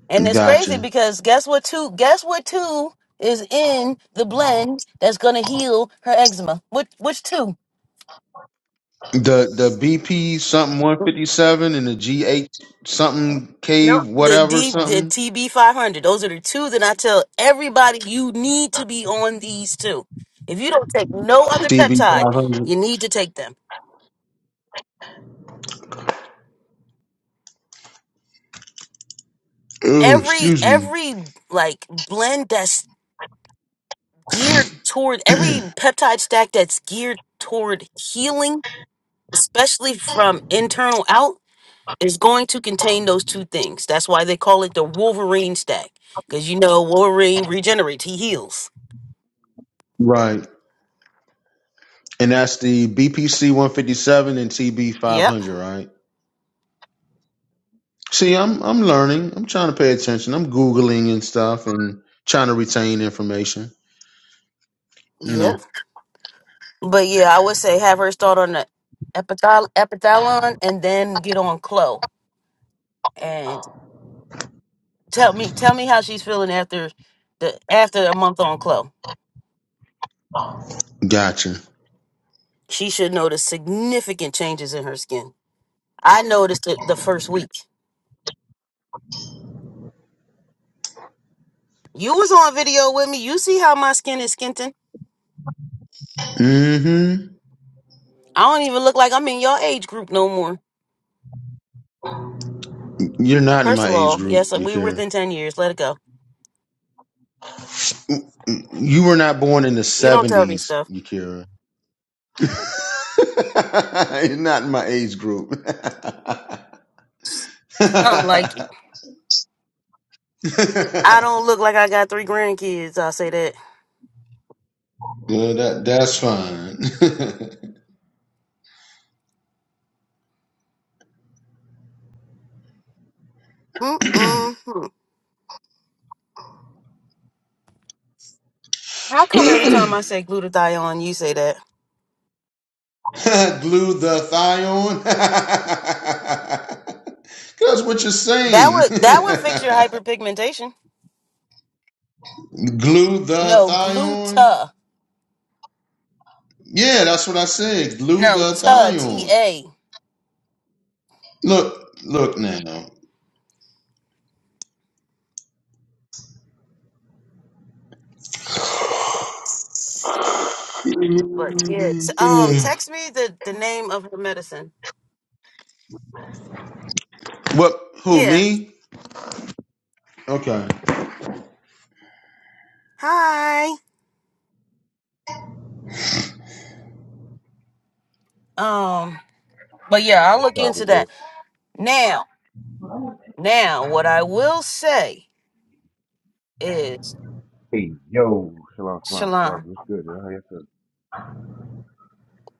Speaker 1: and it's crazy
Speaker 5: Gotcha.
Speaker 1: because guess what two guess what two is in the blend that's gonna heal her eczema which which two
Speaker 5: The the BP something one fifty seven and the GH something K
Speaker 1: no the
Speaker 5: whatever
Speaker 1: d the
Speaker 5: something
Speaker 1: tb 500 those are the two that i tell everybody you need to be on these two if you don't take no other
Speaker 5: DB
Speaker 1: peptide
Speaker 5: five hundred.
Speaker 1: you need to take them
Speaker 5: Oh,
Speaker 1: every
Speaker 5: excuse me.
Speaker 1: every like blend that's. geared toward every peptide stack that's geared toward healing, especially from internal out, is going to contain those two things. That's why they call it the Wolverine stack, because you know Wolverine regenerates, he heals.
Speaker 5: Right, and that's the BPC one fifty seven and TB five
Speaker 1: Yep,
Speaker 5: hundred. Right. See, I'm I'm learning. I'm trying to pay attention. I'm googling and stuff and trying to retain information. You
Speaker 1: yep.
Speaker 5: know.
Speaker 1: But yeah, I would say have her start on the epithal- epithalon and then get on Clo. And tell me, tell me how she's feeling after the after a month on Clo.
Speaker 5: Gotcha.
Speaker 1: She should notice significant changes in her skin. I noticed it the first week. You was on video with me. You see how my skin is skinting.
Speaker 5: Mm-hmm.
Speaker 1: I don't even look like I'm in your age group no more.
Speaker 5: You're not in
Speaker 1: First of
Speaker 5: my age
Speaker 1: all, yes,
Speaker 5: group,
Speaker 1: uh, we were
Speaker 5: Yakira.
Speaker 1: within 10 years. Let it go.
Speaker 5: You were not born in the
Speaker 1: You don't tell me
Speaker 5: '70s,
Speaker 1: stuff.
Speaker 5: Yakira. You're not in my age group. no,
Speaker 1: I'm like, it. I don't look like I got three grandkids. I'll say that.
Speaker 5: that that's fine.
Speaker 1: Mm-mm. How come every time I say glutathione, you say that?
Speaker 5: Glue the thigh on. that's what you're
Speaker 1: That
Speaker 5: saying.
Speaker 1: would that would fix your hyperpigmentation.
Speaker 5: Glue the
Speaker 1: No,
Speaker 5: thigh on.
Speaker 1: gluta.
Speaker 5: Yeah, that's what I said. Glue
Speaker 1: No,
Speaker 5: the
Speaker 1: ta,
Speaker 5: thigh on.
Speaker 1: T-A.
Speaker 5: Look, look now.
Speaker 1: But yeah. Um, text me the, the name of her medicine.
Speaker 5: What? Who?
Speaker 1: Yeah,
Speaker 5: Me? Okay.
Speaker 1: Hi. Um, but yeah, I'll
Speaker 6: That's
Speaker 1: look
Speaker 6: probably
Speaker 1: into
Speaker 6: this.
Speaker 1: that. Now, now what I will say is
Speaker 6: Hey, yo, shalom, shalom, shalom.
Speaker 1: Shalom.
Speaker 6: What's good? Yo? How you feeling?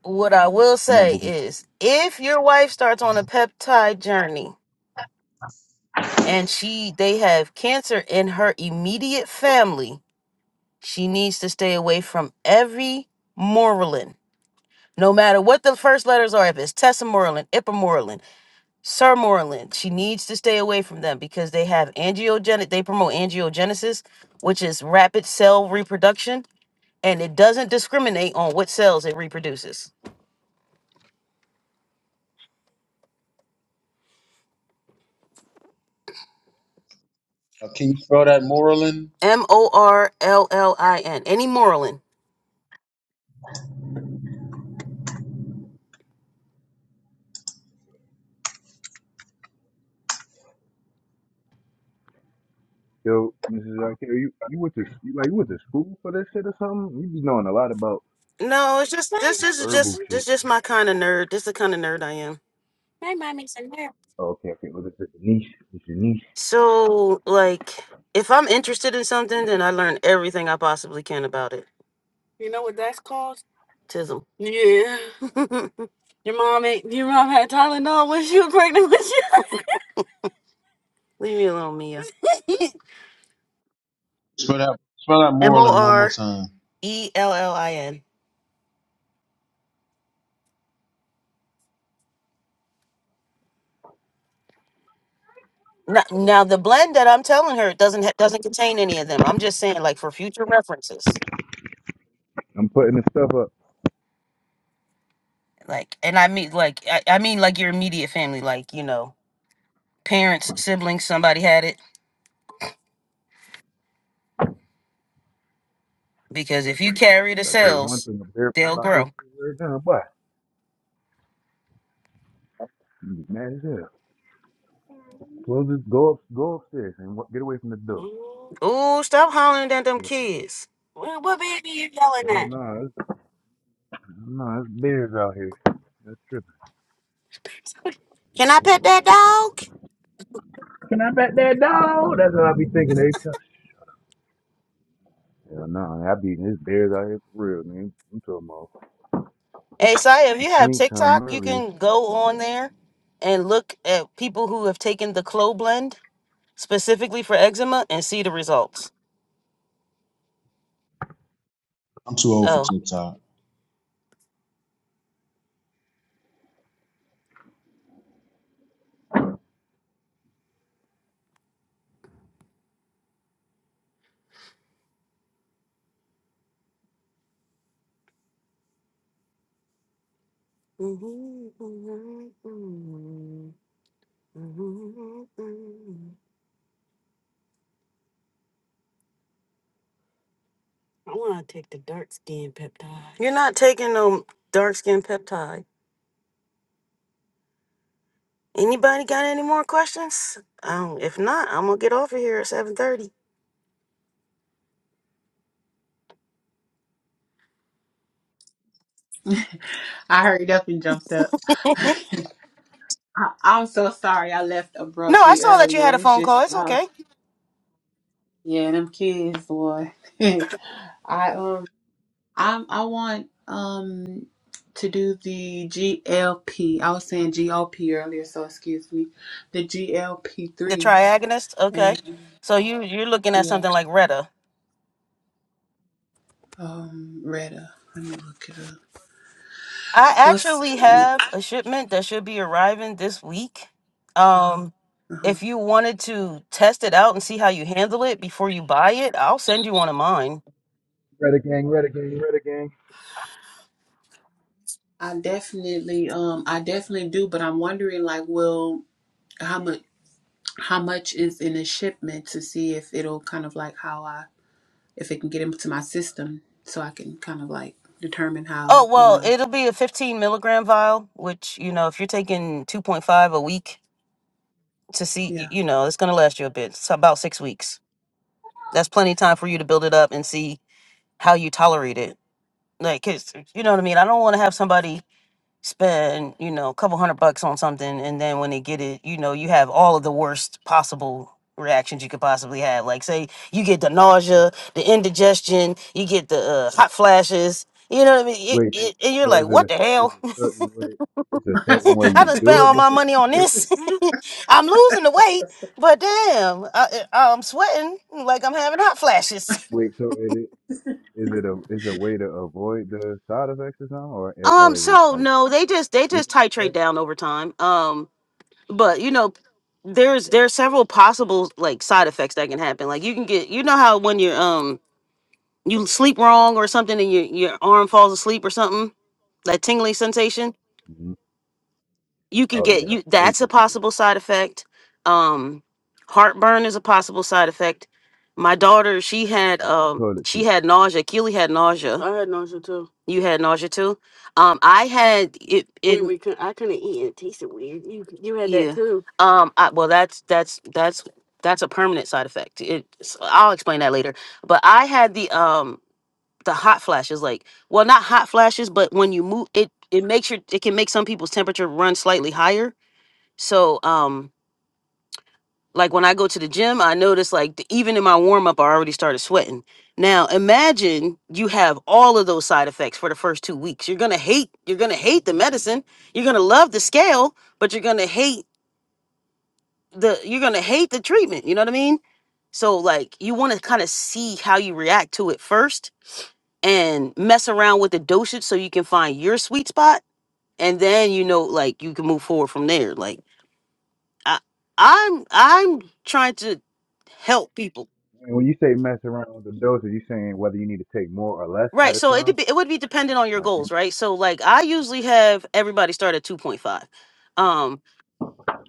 Speaker 1: What I will
Speaker 6: Come on,
Speaker 1: say
Speaker 6: Boogie.
Speaker 1: is if your wife starts on a peptide journey and she they have cancer in her immediate family, she needs to stay away from every Morlin. No matter what the first letters are, if it's Tessamorelin, Ipamorelin, Sirmoreland. She needs to stay away from them because they have angiogenesis. They promote angiogenesis, which is rapid cell reproduction, and it doesn't discriminate on what cells it reproduces.
Speaker 5: Uh, can you spell that Moreland?
Speaker 1: M O R L L I N. Any Moreland?
Speaker 6: Yo, Mrs. Zakir, you you went to you, like you went to school for this shit or something? You be knowing a lot about
Speaker 1: No, it's just this. This
Speaker 6: this
Speaker 1: is
Speaker 6: herbal
Speaker 1: just this
Speaker 6: shit.
Speaker 1: is just my kind of nerd. This is the kind of nerd I am.
Speaker 6: Oh, okay, okay. Well, this is your niche. This your niche.
Speaker 1: So like, if I'm interested in something, then I learn everything I possibly can about it. Tism. Yeah. your mom ain't your mom had Tylenol when she was pregnant with you. Leave me alone, Mia.
Speaker 5: Spell that spell that
Speaker 1: M O
Speaker 5: Moreland one more
Speaker 1: R
Speaker 5: time.
Speaker 1: E L L I N. Now, now the blend that I'm telling her doesn't ha- doesn't contain any of them. I'm just saying, like for future references.
Speaker 6: I'm putting this stuff up.
Speaker 1: Like, and I mean, like, I, I mean, like your immediate family, like you know, parents, siblings, somebody had it. Because if you carry the
Speaker 6: I tell you one
Speaker 1: cells,
Speaker 6: thing, I'm verified
Speaker 1: they'll
Speaker 6: about this
Speaker 1: grow.
Speaker 6: right now, boy. You be mad as hell. Well, just go up, go upstairs and wa- get away from the door.
Speaker 1: Ooh, stop hollering at them
Speaker 6: Yeah.
Speaker 1: kids. What, what baby you yelling at?
Speaker 6: Hell no, it's, no, it's bears out here. That's tripping.
Speaker 1: Can I pet that dog?
Speaker 6: Can I bet that dog? That's what I be thinking every time. Hell no, I beating this bears out here for real, man. I'm talking about
Speaker 1: Hey, Saya, if
Speaker 6: you
Speaker 1: you have
Speaker 6: seen some
Speaker 1: TikTok, you
Speaker 6: earlier.
Speaker 1: can go on there and look at people who have taken the Clo Blend specifically for eczema and see the results.
Speaker 5: I'm too old for
Speaker 1: Oh.
Speaker 5: TikTok.
Speaker 1: You're not taking no dark skin peptide. Anybody got any more questions? Um, if not, I'm gonna get off of here at 7:30.
Speaker 4: I hurried up and jumped up. I, I'm so sorry I left
Speaker 1: No, I
Speaker 4: abruptly
Speaker 1: saw that you
Speaker 4: earlier.
Speaker 1: had a
Speaker 4: It's
Speaker 1: phone call.
Speaker 4: just
Speaker 1: It's
Speaker 4: uh,
Speaker 1: okay.
Speaker 4: yeah, them kids, boy. I um I I want um to do the GLP. I was saying GOP earlier, so excuse me. The GLP
Speaker 1: The
Speaker 4: three
Speaker 1: triagonist. Okay.
Speaker 4: and
Speaker 1: So you you're looking at
Speaker 4: yeah.
Speaker 1: something like Retta.
Speaker 4: Um, Retta. Let me look it up.
Speaker 1: I
Speaker 4: What's
Speaker 1: actually have a shipment that should be arriving this week. Um,
Speaker 4: uh
Speaker 1: if you wanted to test it out and see how you handle it before you buy it, I'll send you one of mine.
Speaker 6: Reddit gang, Reddit gang, Reddit gang.
Speaker 4: I definitely um I definitely do, but I'm wondering like, well, how much how much is in a shipment to see if it'll kind of like how I if it can get into my system so I can kind of like determine
Speaker 1: Oh,
Speaker 4: how you
Speaker 1: well,
Speaker 4: know
Speaker 1: it'll be a 15 milligram vial, which, you know, if you're taking 2.5 a week to see, y-
Speaker 4: yeah.
Speaker 1: you know, it's going to last you a bit. It's about six weeks. That's plenty of time for you to build it up and see how you tolerate it. Like, 'cause, you know what I mean? I don't want to have somebody spend you know a couple hundred bucks on something and then when they get it you know you have all of the worst possible reactions you could possibly have like say you get the nausea the indigestion you get the uh, hot flashes you know what i mean it,
Speaker 6: Wait, so
Speaker 1: it, and you're
Speaker 6: so
Speaker 1: like
Speaker 6: is it
Speaker 1: what
Speaker 6: a
Speaker 1: the
Speaker 6: is
Speaker 1: hell
Speaker 6: a certain way it's a certain way
Speaker 1: i
Speaker 6: you
Speaker 1: just spent
Speaker 6: do it
Speaker 1: all my
Speaker 6: before
Speaker 1: money on
Speaker 6: do-
Speaker 1: this i'm losing the weight but damn I, I- i'm sweating like i'm having hot flashes
Speaker 6: wait, so it is is it a is a way to avoid the side effects or something or eh,
Speaker 1: um
Speaker 6: or is it
Speaker 1: so
Speaker 6: like
Speaker 1: no they just they
Speaker 6: what
Speaker 1: just
Speaker 6: you
Speaker 1: titrate
Speaker 6: said?
Speaker 1: down over time Um. but you know there's there's several possible like side effects that can happen like you can get you know how when you're um you sleep wrong or something and your your arm falls asleep or something that tingling sensation
Speaker 6: hmm
Speaker 1: you can
Speaker 6: Oh
Speaker 1: get
Speaker 6: yeah,
Speaker 1: you
Speaker 6: I hate
Speaker 1: that's a
Speaker 6: that shit.
Speaker 1: possible side effect um heartburn is a possible side effect my daughter she had
Speaker 6: Out in the
Speaker 1: um
Speaker 6: toilet
Speaker 1: she
Speaker 6: too.
Speaker 1: had nausea keely had nausea you had nausea too um i had it it yeah um I, well that's that's that's that's a permanent side effect it i'll explain that later but i had the um the hot flashes like well not hot flashes but when you move it it makes your it can make some people's temperature run slightly higher so um like when i go to the gym i notice like the, even in my warm up i already started sweating now imagine you have all of those side effects for the first two weeks you're gonna hate you're gonna hate the medicine you're gonna love the scale but you're gonna hate the you're gonna hate the treatment. You know what I mean? So like you want to kind of see how you react to it first, and mess around with the dosage so you can find your sweet spot, and then you know like you can move forward from there. Like I, I'm I'm trying to help people.
Speaker 6: And when you say mess around with the dosage, you saying whether you need to take more or less
Speaker 1: Right,
Speaker 6: at a
Speaker 1: so it
Speaker 6: time?
Speaker 1: dep- it would be dependent on your
Speaker 6: Like
Speaker 1: goals, right? So like I usually have everybody start at 2.5. Um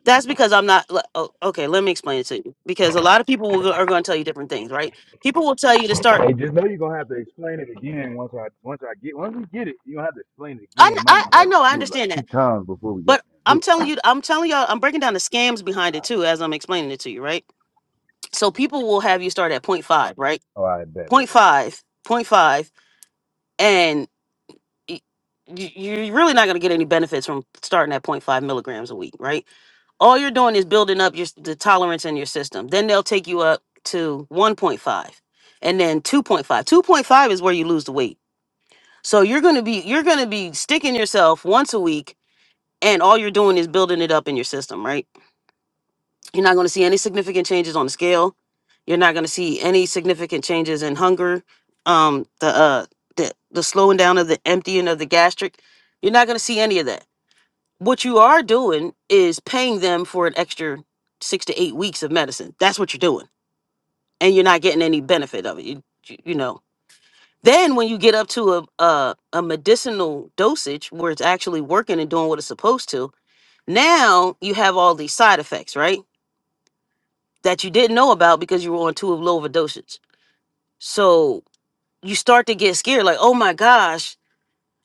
Speaker 1: that's because I'm not li- oh, okay, let me explain it to you because a lot of people will, go- are going to tell you different things, right? People will tell you to start
Speaker 6: Hey, just know you're gonna have to explain it again once I once I get once we get it. You're gonna have to explain it
Speaker 1: I,
Speaker 6: again.
Speaker 1: kn-
Speaker 6: Might
Speaker 1: I I
Speaker 6: have
Speaker 1: know
Speaker 6: to
Speaker 1: I
Speaker 6: do it like
Speaker 1: understand
Speaker 6: two
Speaker 1: that,
Speaker 6: times before we got
Speaker 1: but
Speaker 6: there. Do
Speaker 1: I'm
Speaker 6: it.
Speaker 1: telling you, I'm telling y'all, I'm breaking down the scams behind it too as I'm explaining it to you, right? So people will have you start at point five, right?
Speaker 6: All right, bet. bet,
Speaker 1: Point
Speaker 6: bet.
Speaker 1: five, point five, and y- y- you're really not going to get any benefits from starting at point five milligrams a week, right? all you're doing is building up your s- the tolerance in your system. Then they'll take you up to 1.5 and then 2.5. 2.5 is where you lose the weight. So you're going to be you're going to be sticking yourself once a week And all you're doing is building it up in your system, right? You're not going to see any significant changes on the scale. You're not going to see any significant changes in hunger, um, the uh, the the slowing down of the emptying of the gastric. You're not going to see any of that. What you are doing is paying them for an extra six to eight weeks of medicine. That's what you're doing, and you're not getting any benefit of it. You you, you know. Then when you get up to a, a a medicinal dosage where it's actually working and doing what it's supposed to, Now you have all these side effects, right? That you didn't know about because you were on two of low dosages. So you start to get scared, like, oh my gosh,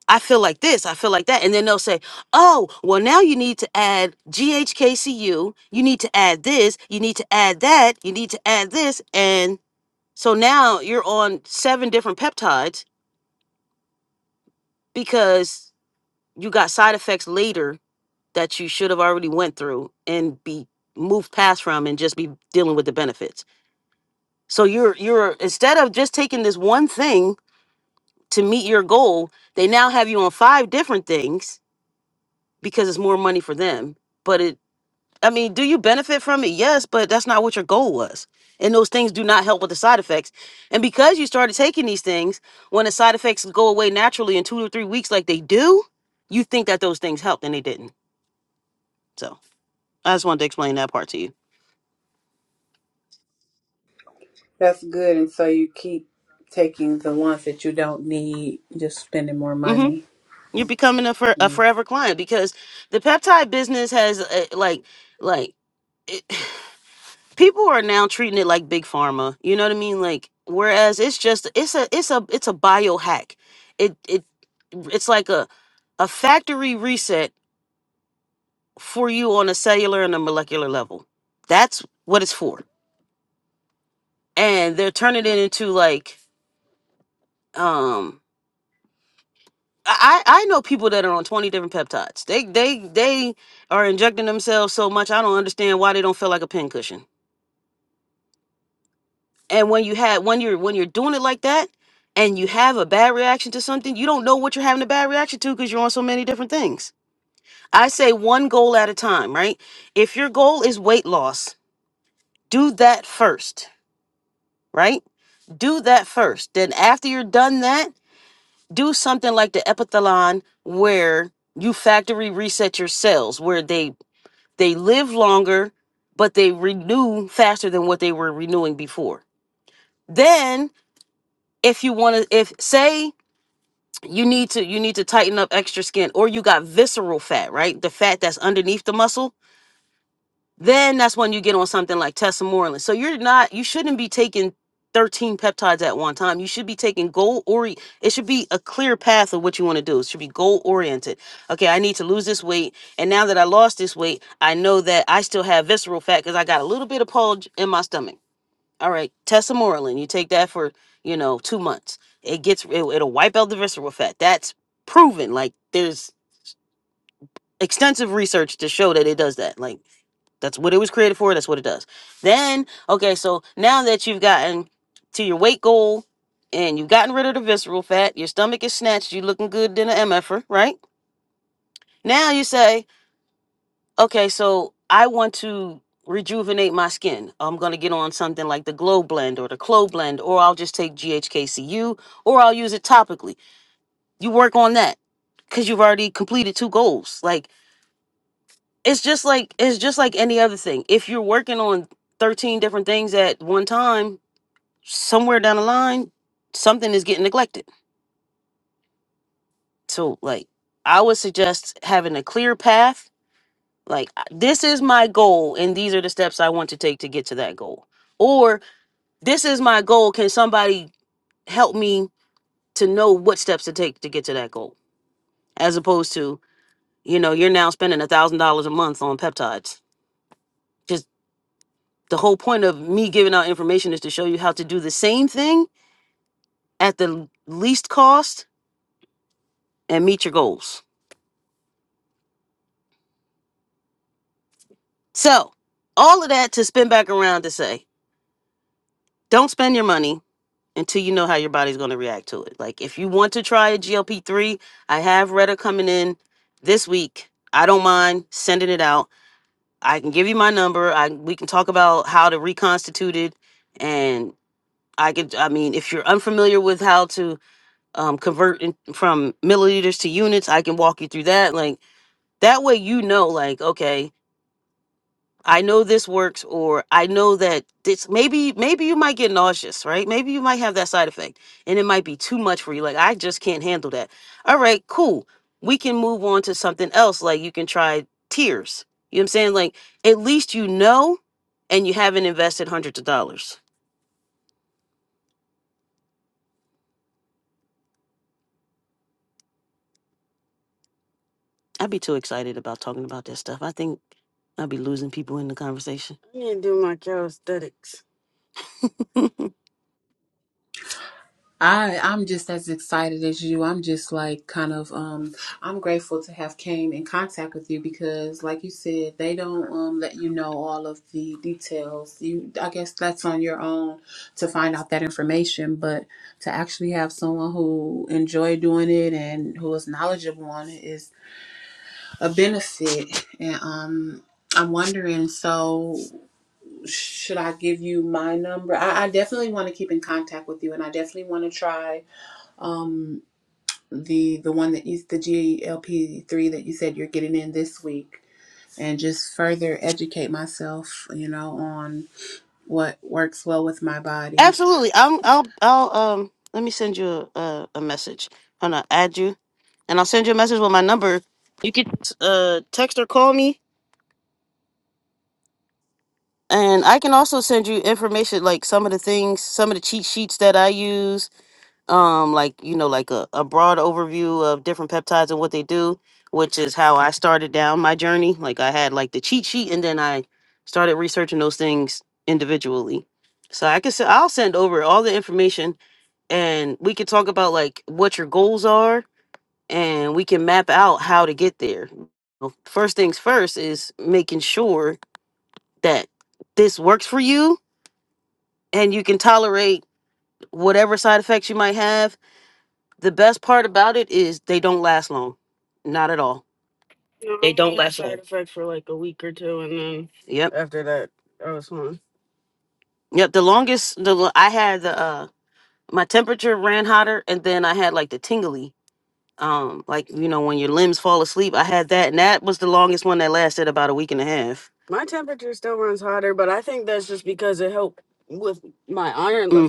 Speaker 1: I feel like this, I feel like that. And then they'll say, oh, well, now you need to add GHKCU, you need to add this, you need to add that, you need to add this. And so now you're on seven different peptides because you got side effects later that you should have already went through and be moved past from and just be dealing with the benefits. So you're you're instead of just taking this one thing to meet your goal, they now have you on five different things because it's more money for them. But it I mean, do you benefit from it? Yes, but that's not what your goal was. And those things do not help with the side effects. And because you started taking these things, when the side effects go away naturally in two to three weeks like they do, you think that those things helped and they didn't. So I just wanted to explain that part to you.
Speaker 4: That's good, and so you keep taking the ones that you don't need, just spending more
Speaker 1: Mm-hmm.
Speaker 4: money.
Speaker 1: You're becoming a, for, a forever client because the peptide business has uh, like like it, people are now treating it like big pharma. You know what I mean? Like whereas it's just it's a it's a it's a biohack. It it it's like a a factory reset for you on a cellular and a molecular level. That's what it's for. And they're turning it into like um, I I know people that are on twenty different peptides. They they they are injecting themselves so much. I don't understand why they don't feel like a pincushion. And when you have when you're when you're doing it like that, and you have a bad reaction to something, you don't know what you're having a bad reaction to because you're on so many different things. I say one goal at a time, right? If your goal is weight loss, do that first, right? Do that first. Then after you're done that, do something like the epithalon where you factory reset your cells where they They live longer, but they renew faster than what they were renewing before. Then, if you want to, if say you need to, you need to tighten up extra skin, or you got visceral fat, right? The fat that's underneath the muscle Then that's when you get on something like tesamorelin. So you're not, you shouldn't be taking 13 peptides at one time. You should be taking goal or it should be a clear path of what you want to do. It should be goal oriented. Okay, I need to lose this weight. And now that I lost this weight, I know that I still have visceral fat because I got a little bit of pulge in my stomach. All right, tesamorelin. You take that for, you know, two months. It gets, it, it'll wipe out the visceral fat. That's proven. Like there's extensive research to show that it does that. Like, that's what it was created for. That's what it does. Then, okay, so now that you've gotten to your weight goal and you've gotten rid of the visceral fat, your stomach is snatched, you are looking good than an MFer, right? Now you say, okay, so I want to rejuvenate my skin. I'm going to get on something like the Glow Blend or the Clo Blend, or I'll just take GHKCU, or I'll use it topically. You work on that because you've already completed two goals. Like, it's just like it's just like any other thing. If you're working on 13 different things at one time, somewhere down the line, something is getting neglected. So like I would suggest having a clear path. Like I- this is my goal and these are the steps I want to take to get to that goal. Or this is my goal, can somebody help me to know what steps to take to get to that goal? As opposed to, you know, you're now spending a thousand dollars a month on peptides the whole point of me giving out information is to show you how to do the same thing at the least cost and meet your goals. So, all of that to spin back around to say, don't spend your money until you know how your body's going to react to it. Like, if you want to try a GLP 3, I have Retta coming in this week. I don't mind sending it out. I can give you my number. I we can talk about how to reconstitute it and I could I mean if you're unfamiliar with how to um, converting from milliliters to units. I can walk you through that. Like that way, you know, like okay, I know this works, or I know that this. Maybe, maybe you might get nauseous, right? Maybe you might have that side effect, and it might be too much for you. Like I just can't handle that. All right, cool. We can move on to something else. Like you can try tears. You know what I'm saying? Like at least you know, and you haven't invested hundreds of dollars. I'd be too excited about talking about this stuff. I think I'd be losing people in the conversation.
Speaker 4: I I'm just as excited as you. I'm just like kind of um I'm grateful to have came in contact with you because like you said, they don't um let you know all of the details. You I guess that's on your own to find out that information, but to actually have someone who enjoy doing it and who is knowledgeable on it is a benefit. And um I'm wondering so should I give you my number? I, I definitely want to keep in contact with you and I definitely want to try um the the one that you the GLP three that you said you're getting in this week and just further educate myself, you know, on what works well with my body.
Speaker 1: Absolutely. I'm, I'll, I'll, um, let me send you a, a, a message. I'm gonna add you and I'll send you a message with my number. You can, uh, text or call me. And I can also send you information like some of the things, some of the cheat sheets that I use. Um, like, you know, like a, a broad overview of different peptides and what they do, which is how I started down my journey. Like I had like the cheat sheet and then I started researching those things individually. So I can, s- I'll send over all the information and we could talk about like what your goals are and we can map out how to get there Well, first things first is making sure that this works for you and you can tolerate whatever side effects you might have the best part about it is they don't last long not at all they don't only last long yep Yep, the longest the lo- I had the uh my temperature ran hotter and then I had like the tingly. Um, like you know, when your limbs fall asleep, I had that, and that was the longest one that lasted about a week and a half.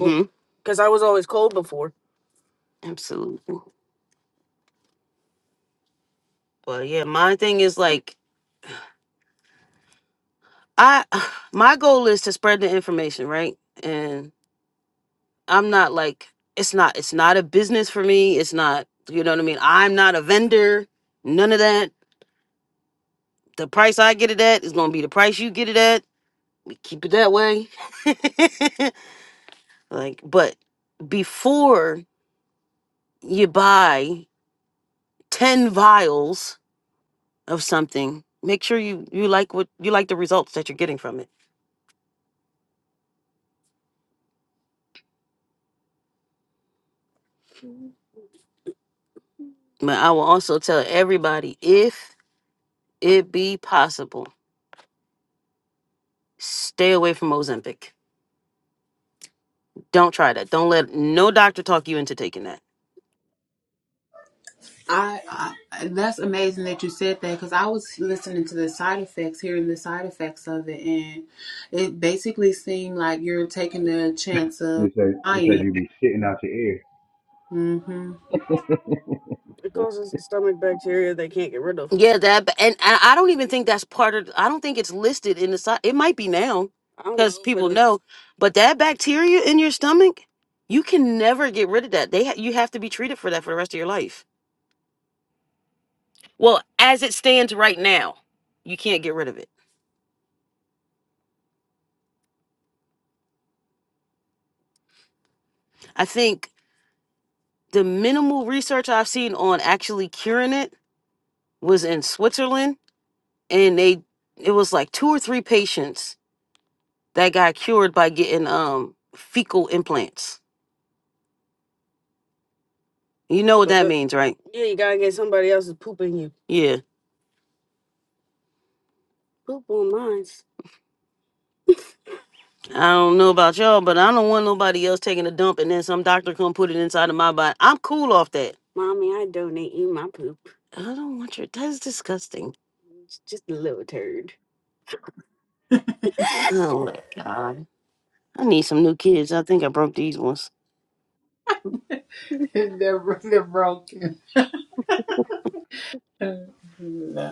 Speaker 1: Mm-hmm. Absolutely. But yeah, my thing is like I my goal is to spread the information, right? And I'm not like it's not it's not a business for me. It's not you know what I mean? I'm not a vendor, none of that. The price I get it at is gonna be the price you get it at. We keep it that way. like, but before you buy 10 vials of something make sure you you like what you like the results that you're getting from it but i will also tell everybody if it be possible stay away from ozempic don't try that don't let no doctor talk you into taking that
Speaker 4: I, I that's amazing that you said that because I was listening to the side effects, hearing the side effects of it, and it basically seemed like you're taking the chance
Speaker 6: They
Speaker 4: of
Speaker 6: say they say
Speaker 4: dying.
Speaker 6: you be shitting out your ear.
Speaker 4: Mm-hmm.
Speaker 1: Yeah, that ba- and I I don't even think that's part of. I don't think it's listed in the side. It might be now because people know. But that bacteria in your stomach, you can never get rid of that. They ha- you have to be treated for that for the rest of your life. Well, as it stands right now, you can't get rid of it. I think the minimal research I've seen on actually curing it was in Switzerland, and they it was like two or three patients that got cured by getting um fecal implants. You know what that means, right? Yeah. I don't know about y'all, but I don't want nobody else taking a dump and then some doctor come put it inside of my body. I'm cool off that. I don't want your that's disgusting. Oh, I need some new kids. I think I broke these ones.
Speaker 4: they're, they're broken. Yeah.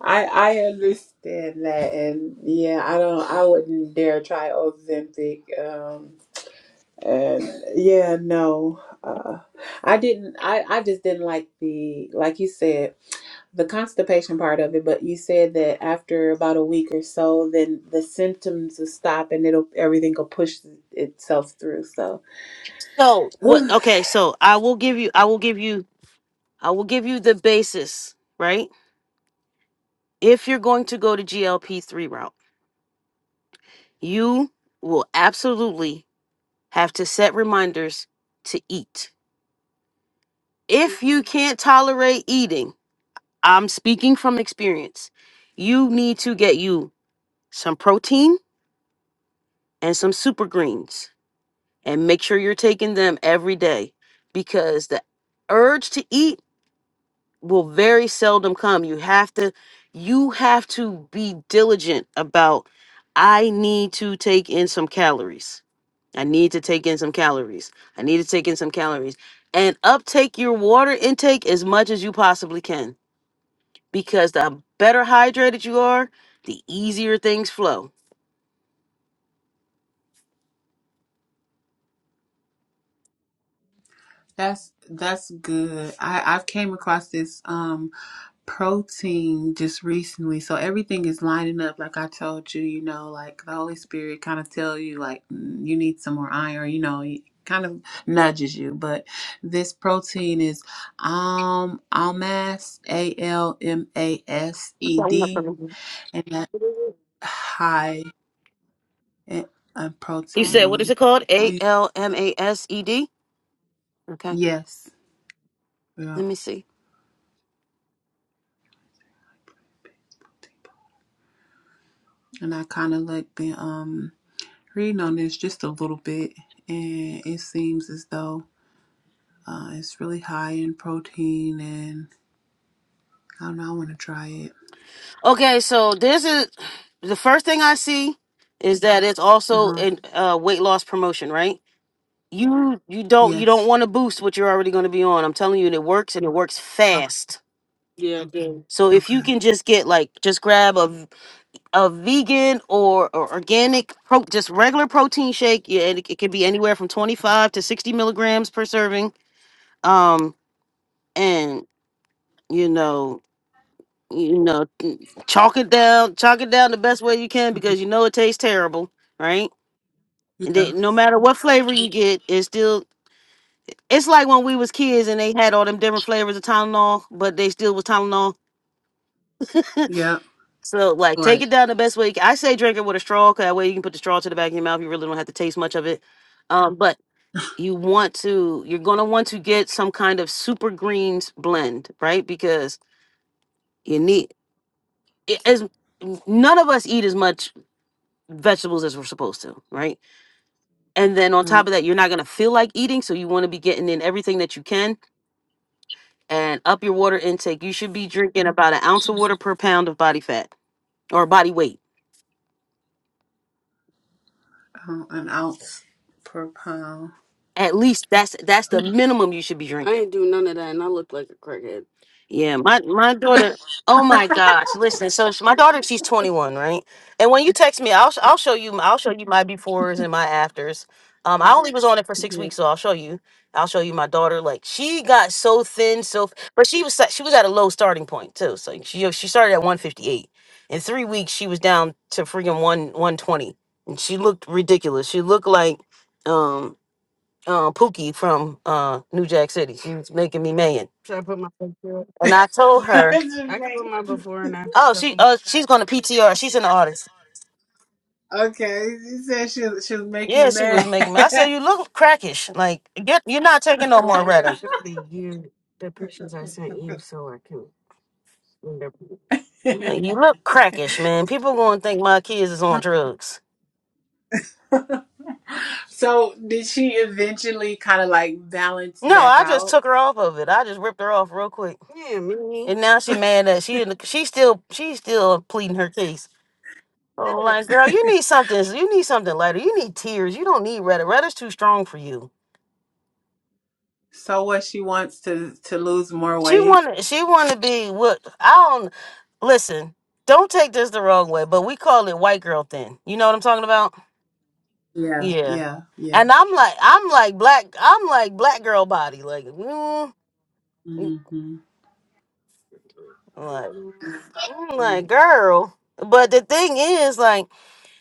Speaker 4: I I understand that, and yeah, I don't. I wouldn't dare try Ozempic. Um, and yeah, no, uh, I didn't. I I just didn't like the like you said the constipation part of it. But you said that after about a week or so, then the symptoms will stop, and it'll everything will push itself through. So
Speaker 1: So what okay, so I will give you I will give you I will give you the basis, right? If you're going to go to GLP three route, you will absolutely have to set reminders to eat If you can't tolerate eating, I'm speaking from experience. You need to get you some protein and some super greens and make sure you're taking them every day because the urge to eat will very seldom come. You have to you have to be diligent about I need to take in some calories. I need to take in some calories. I need to take in some calories and uptake your water intake as much as you possibly can because the better hydrated you are, the easier things flow.
Speaker 4: that's that's good. I I've came across this. Um, protein just recently. So everything is lining up. Like I told you, you know, like the Holy Spirit kind of tell you, like, mm, you need some more iron, you know, he kind of nudges you. But this protein is um, Almas, A L M A S E D, and that's high in uh,
Speaker 1: You said, what is
Speaker 4: protein.
Speaker 1: it called? A
Speaker 4: Well,
Speaker 1: L M A S E D? Okay,
Speaker 4: yes. Yeah.
Speaker 1: let me see.
Speaker 4: And I kind of like been um, reading on this just a little bit, and it seems as though. Uh, it's really high in protein, and I don't know. I want to try it.
Speaker 1: Okay, so this is the first thing I see is that it's
Speaker 4: Uh
Speaker 1: also
Speaker 4: huh.
Speaker 1: in uh, weight loss promotion, right? You you don't you don't
Speaker 4: Yes.
Speaker 1: want to boost what you're already going to be on. I'm telling you, and it works, and it works
Speaker 4: Okay.
Speaker 1: fast. Yeah, it do. So if you
Speaker 4: Okay.
Speaker 1: can just get like just grab a a vegan or, or organic, pro, just regular protein shake. Yeah, it, it can be anywhere from 25 to 60 milligrams per serving. Um, and you know, you know, mm, chalk it down, chalk it down the best way you can
Speaker 4: hmm
Speaker 1: because you know it tastes terrible, right? And
Speaker 4: Yeah.
Speaker 1: then no matter what flavor you get, it's still it's like when we was kids and they had all them different flavors of Tylenol, but they still was Tylenol.
Speaker 4: Yep.
Speaker 1: So like take
Speaker 4: Right.
Speaker 1: it down the best way. you can. I say drink it with a straw, cause that way you can put the straw to the back of your mouth. You really don't have to taste much of it. Um, but you want to, you're gonna want to get some kind of super greens blend, right? Because you need it, as none of us eat as much vegetables as we're supposed to, right? And then on
Speaker 4: Right.
Speaker 1: top of that, you're not gonna feel like eating, so you want to be getting in everything that you can and up your water intake. You should be drinking about an ounce of water per pound of body fat or body weight
Speaker 4: Uh, an ounce per pound.
Speaker 1: At least that's that's the minimum you should be I drinking. Yeah, my my daughter. Oh my gosh! Listen, so sh- my daughter, she's twenty one, right? And when you text me, I'll sh- I'll show you I'll show you my befores and my afters. Um, I only was on it for six
Speaker 4: Yeah.
Speaker 1: weeks, so I'll show you. I'll show you my daughter. Like she got so thin, so f- but she was sa- she was at a low starting point too. So she she started at one fifty eight. In three weeks, she was down to freaking one one twenty, and she looked ridiculous. She looked like um um, Pookie from uh, New Jack City. She was making me man, and I told her,
Speaker 4: Just make-
Speaker 1: "Oh, she uh, she's going to PTR. She's an artist."
Speaker 4: okay. She said she she was making you
Speaker 1: Yeah, she
Speaker 4: mad.
Speaker 1: was making me. I said, "You look crackish. Like get, you're not taking no more Retta. Like, You look crackish, man. People going to think my kids is on drugs."
Speaker 4: so did she eventually kind of like balance
Speaker 1: No,
Speaker 4: back
Speaker 1: I just
Speaker 4: out?
Speaker 1: took her off of it. I just ripped her off real quick, and now she mad that she in the- she still she's still pleading her case. Oh, like, girl, you need something. You need something lighter. You need tears. You don't need Retta. Retta's too strong for you.
Speaker 4: So what she wants to to lose more
Speaker 1: She
Speaker 4: weight.
Speaker 1: wanna. She wanna be what? I don't listen. Don't take this the wrong way, but we call it white girl thin. You know what I'm talking about?
Speaker 4: Yeah.
Speaker 1: Yeah.
Speaker 4: Yeah. Yeah.
Speaker 1: And I'm like, I'm like black. I'm like black girl body. Like, mm, mm,
Speaker 4: hmm
Speaker 1: like, mm, like girl. But the thing is, like,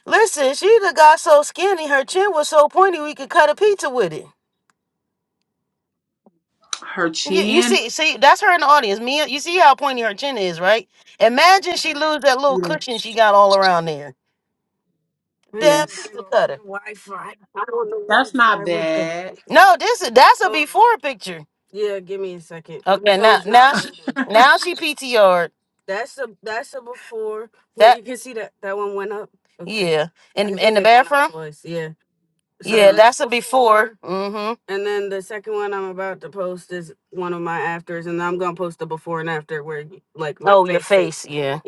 Speaker 1: listen, she done got so skinny, her chin was so pointy, we could cut a pizza with it.
Speaker 4: Her
Speaker 1: You, you
Speaker 4: chin.
Speaker 1: see, see, that's her in the audience. Me, you see how pointy her chin is, right? Imagine she lose that little cushion she got all around there. Damn Man,
Speaker 4: Yes.
Speaker 1: pizza cutter.
Speaker 4: That's not bad.
Speaker 1: No, this is that's a before picture. Okay, now now she Outlook. Then. now she PTR Yeah, that yeah in in the think bathroom. Yeah,
Speaker 4: Uh-huh.
Speaker 1: that's a before. Mm-hmm. Oh, your face. Yeah.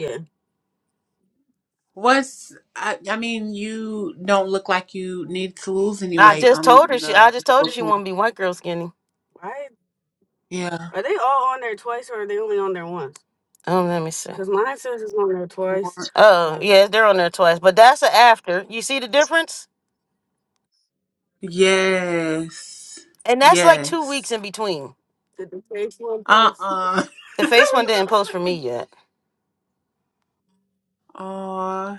Speaker 4: What's I, I mean, you don't look like you need to lose any
Speaker 1: I
Speaker 4: weight
Speaker 1: just
Speaker 4: on
Speaker 1: told her she. I
Speaker 4: the
Speaker 1: just told her she want to be white girl skinny.
Speaker 4: yeah.
Speaker 1: Oh, let me see. Oh, yeah, they're on there twice, but that's a after. You see the difference?
Speaker 4: Yes.
Speaker 1: And that's like two weeks
Speaker 4: Yes.
Speaker 1: in between.
Speaker 4: Uh-uh.
Speaker 1: The face one didn't post for me yet.
Speaker 4: Oh,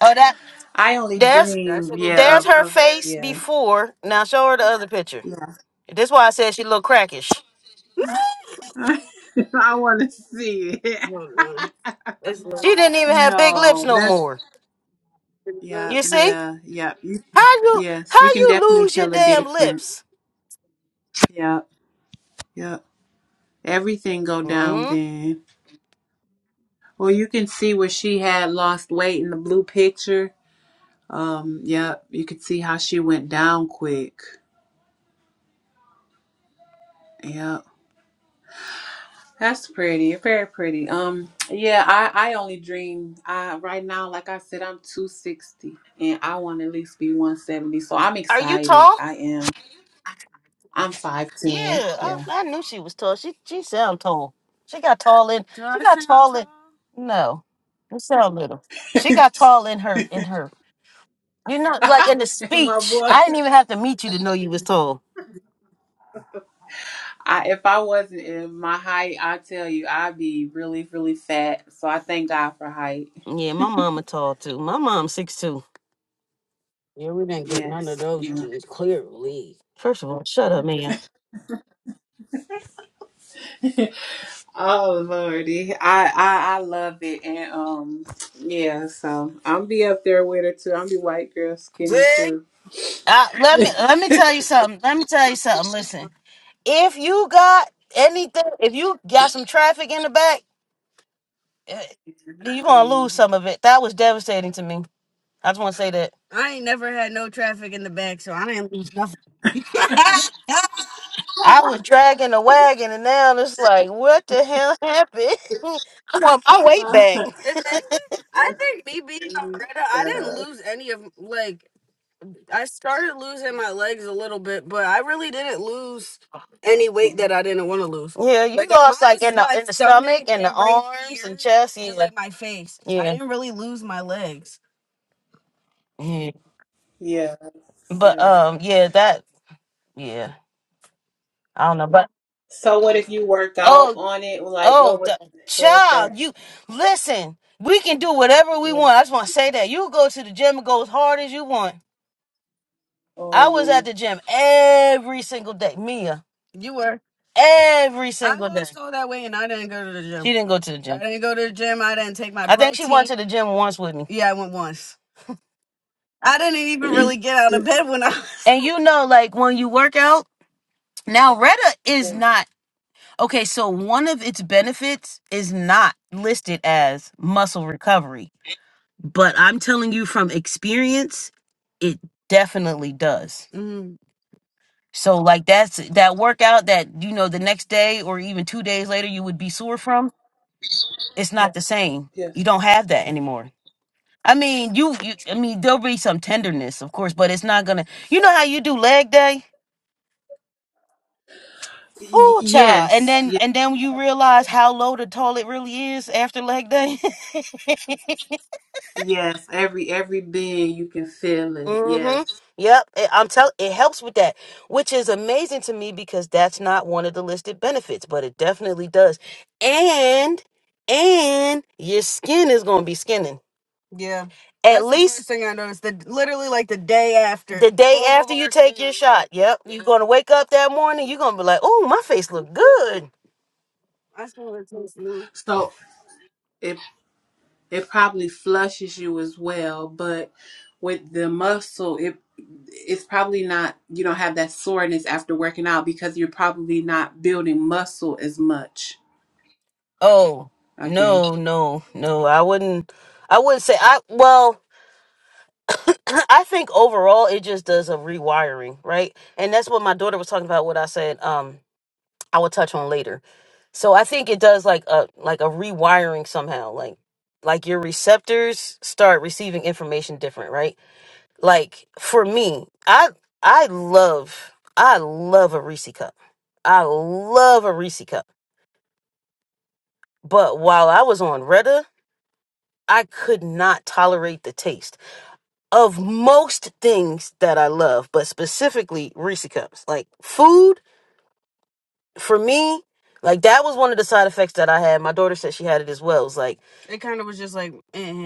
Speaker 1: Oh, that
Speaker 4: I only
Speaker 1: there's
Speaker 4: dream, yeah,
Speaker 1: there's
Speaker 4: of,
Speaker 1: her
Speaker 4: of
Speaker 1: face
Speaker 4: yeah.
Speaker 1: before. Now show her the other picture.
Speaker 4: Yeah.
Speaker 1: This is why I said she looked crackish.
Speaker 4: I want to see it.
Speaker 1: She didn't even have big lips
Speaker 4: No,
Speaker 1: no
Speaker 4: that's
Speaker 1: more.
Speaker 4: yeah,
Speaker 1: You see?
Speaker 4: yeah, yeah. You,
Speaker 1: How you
Speaker 4: yes, you
Speaker 1: how
Speaker 4: can
Speaker 1: you
Speaker 4: definitely
Speaker 1: lose your
Speaker 4: tell a
Speaker 1: damn
Speaker 4: difference.
Speaker 1: lips?
Speaker 4: Yeah, yeah. Everything go down
Speaker 1: Mm?
Speaker 4: then. Well, you can see where she had lost weight in the blue picture. Um, yep, you could see how she went down quick. Yep. That's pretty, very pretty. Um, yeah, I I only dream. I right now, like I said, I'm 260, and I want to at least be 170. So I'm
Speaker 1: Are you
Speaker 4: excited.
Speaker 1: tall?
Speaker 4: I am. I'm
Speaker 1: Yeah,
Speaker 4: 5'10.
Speaker 1: I,
Speaker 4: Yeah.
Speaker 1: I knew she was tall. She she sound tall. She got tall in she got tall in no. You sound little. She
Speaker 4: and
Speaker 1: got tall in her in her. You know, like in the
Speaker 4: my
Speaker 1: speech.
Speaker 4: boy.
Speaker 1: I didn't even have to meet you to know you was tall.
Speaker 4: I, if I wasn't in my height, I tell you, I'd be really, really fat. So I thank God for height.
Speaker 1: Yeah, my mama tall too. My mom's six two.
Speaker 4: Yes. Yeah.
Speaker 1: First of all, shut up, man.
Speaker 4: oh Lordy, I, I I love it, and um, yeah. So I'm be up there with her too. I'm be white girl skinny too.
Speaker 1: Uh, let me
Speaker 4: yeah.
Speaker 1: let me tell you something. Let me tell you something. Listen. if you got anything, if you got some traffic in the back, you're gonna lose some of it. That was devastating to me. I just want to say that I was dragging a wagon, and now it's like, what the hell happened? I want my weight back.
Speaker 4: yeah.
Speaker 1: Yeah, you lost mine like in the in the stomach and the arms and chest. Yeah, Yeah, Yeah, yeah, yeah.
Speaker 4: Yeah.
Speaker 1: But
Speaker 4: Yeah.
Speaker 1: um, yeah, that yeah. I don't know, but
Speaker 4: So what if you work
Speaker 1: oh
Speaker 4: out on it? Like
Speaker 1: Oh,
Speaker 4: what would
Speaker 1: the
Speaker 4: what was
Speaker 1: child,
Speaker 4: that?
Speaker 1: you listen. We can do whatever we
Speaker 4: Yeah.
Speaker 1: want. I just want to say that you go to the gym and go as hard as you want. I was at
Speaker 4: Oh.
Speaker 1: the gym every single day, Mia, every I single day. She didn't go to the I gym. I think she went to the gym once with me. And you know, like when you work out, now Retta is
Speaker 4: Yeah.
Speaker 1: not okay. So one of its benefits is not listed as muscle recovery. but I'm telling you from experience, it definitely does. So like that's that workout that you know the next day or even 2 days later you would be sore from, it's not the same.
Speaker 4: Yes.
Speaker 1: You don't have that anymore. I mean, you you I mean there'll be some tenderness, of course, but it's not going to You know how you do leg day?
Speaker 4: Y-
Speaker 1: Ooh, child. And
Speaker 4: yes.
Speaker 1: then and then you realize how low the toilet really is after leg day.
Speaker 4: Yes, every every being you can feel it.
Speaker 1: Mm-hmm.
Speaker 4: Yes.
Speaker 1: Yep. It, I'm tell it helps with that, which is amazing to me because that's not one of the listed benefits, but it definitely does. And and your skin is gonna be skinning. At least the day after you take your shot. Yep. You're gonna wake up that morning, you're gonna be like, oh, my face look good.
Speaker 4: So it it probably flushes you as well, but with the muscle it it's probably not you don't have that soreness after working out because you're probably not building muscle as much,
Speaker 1: Oh,
Speaker 4: I guess.
Speaker 1: no, no, no. I wouldn't I wouldn't say I well I think overall it just does a rewiring, right? And that's what my daughter was talking about. What I said, um, I will touch on later. So I think it does like a like a rewiring somehow, like like your receptors start receiving information different, right? Like for me, I I love I love a Reese cup. I love a Reese cup. But while I was on Retta, I could not tolerate the taste. of most things that I love, but specifically Reese cups. Like food for me, like that was one of the side effects that I had. My daughter said she had it as well. It was like,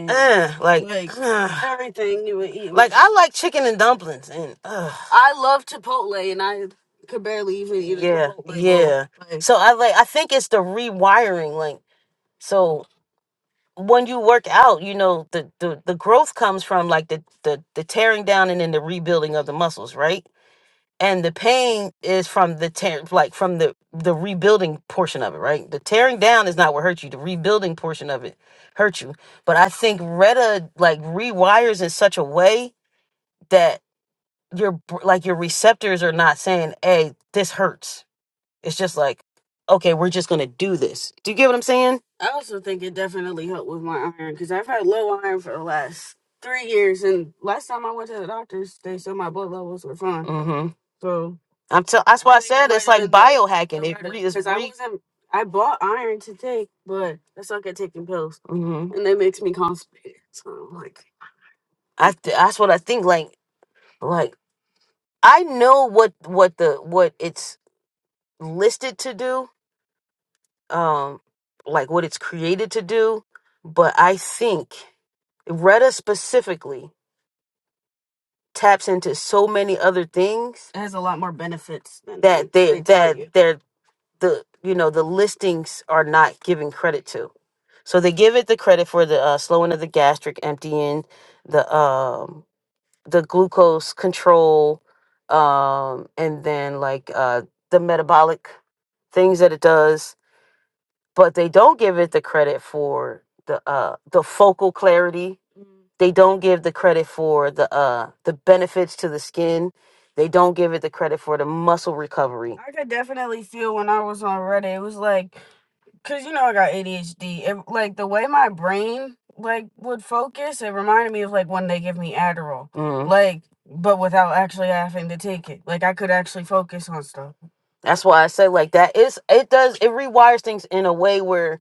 Speaker 1: eh, like, ugh. would eat. like I like chicken and dumplings, and ugh, yeah, yeah. So I like, I think it's the rewiring. Like, so when you work out, you know, the the the growth comes from like the the the tearing down and then the rebuilding of the muscles, right? and the pain is from the tear like from the the rebuilding portion of it right the tearing down is not what hurt you the rebuilding portion of it hurt you but i think retta like rewires in such a way that your br- like your receptors are not saying hey this hurts it's just like okay we're just gonna do this do you get what i'm saying mm-hmm i'm tell that's why i said it's like biohacking it re- is re mm-hmm I th- that's what I think. Like, like I know what what the what it's listed to do, um, like what it's created to do, but I think Retta specifically taps into so many other things. It has a lot more benefits than that they, they tell that you. they're the you know the listings are not giving credit to. So they give it the credit for the uh, slowing of the gastric emptying, the um the glucose control um and then like uh the metabolic things that it does but they don't give it the credit for the uh the focal clarity they don't give the credit for the uh the benefits to the skin they don't give it the credit for the muscle recovery Mm. That's why I say like that. It's it does it rewires things in a way where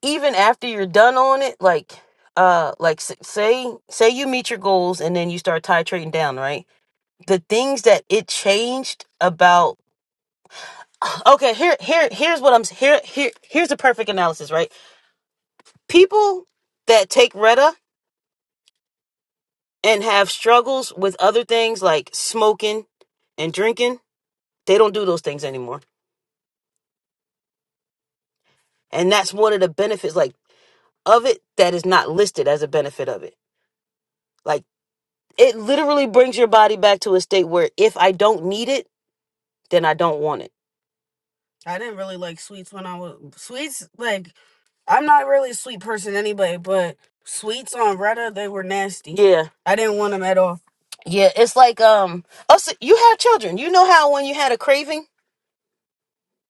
Speaker 1: even after you're done on it, like uh like s- say say you meet your goals and then you start titrating down, right? The things that it changed about okay, here here here's what I'm s- here here here's a perfect analysis, right? People that take Retta and have struggles with other things like smoking and drinking They don't do those things anymore. And that's one of the benefits like of it that is not listed as a benefit of it. Like it literally brings your body back to a state where if I don't need it, then I don't want it. Yeah. Yeah, it's like um also you have children. You know how when you had a craving,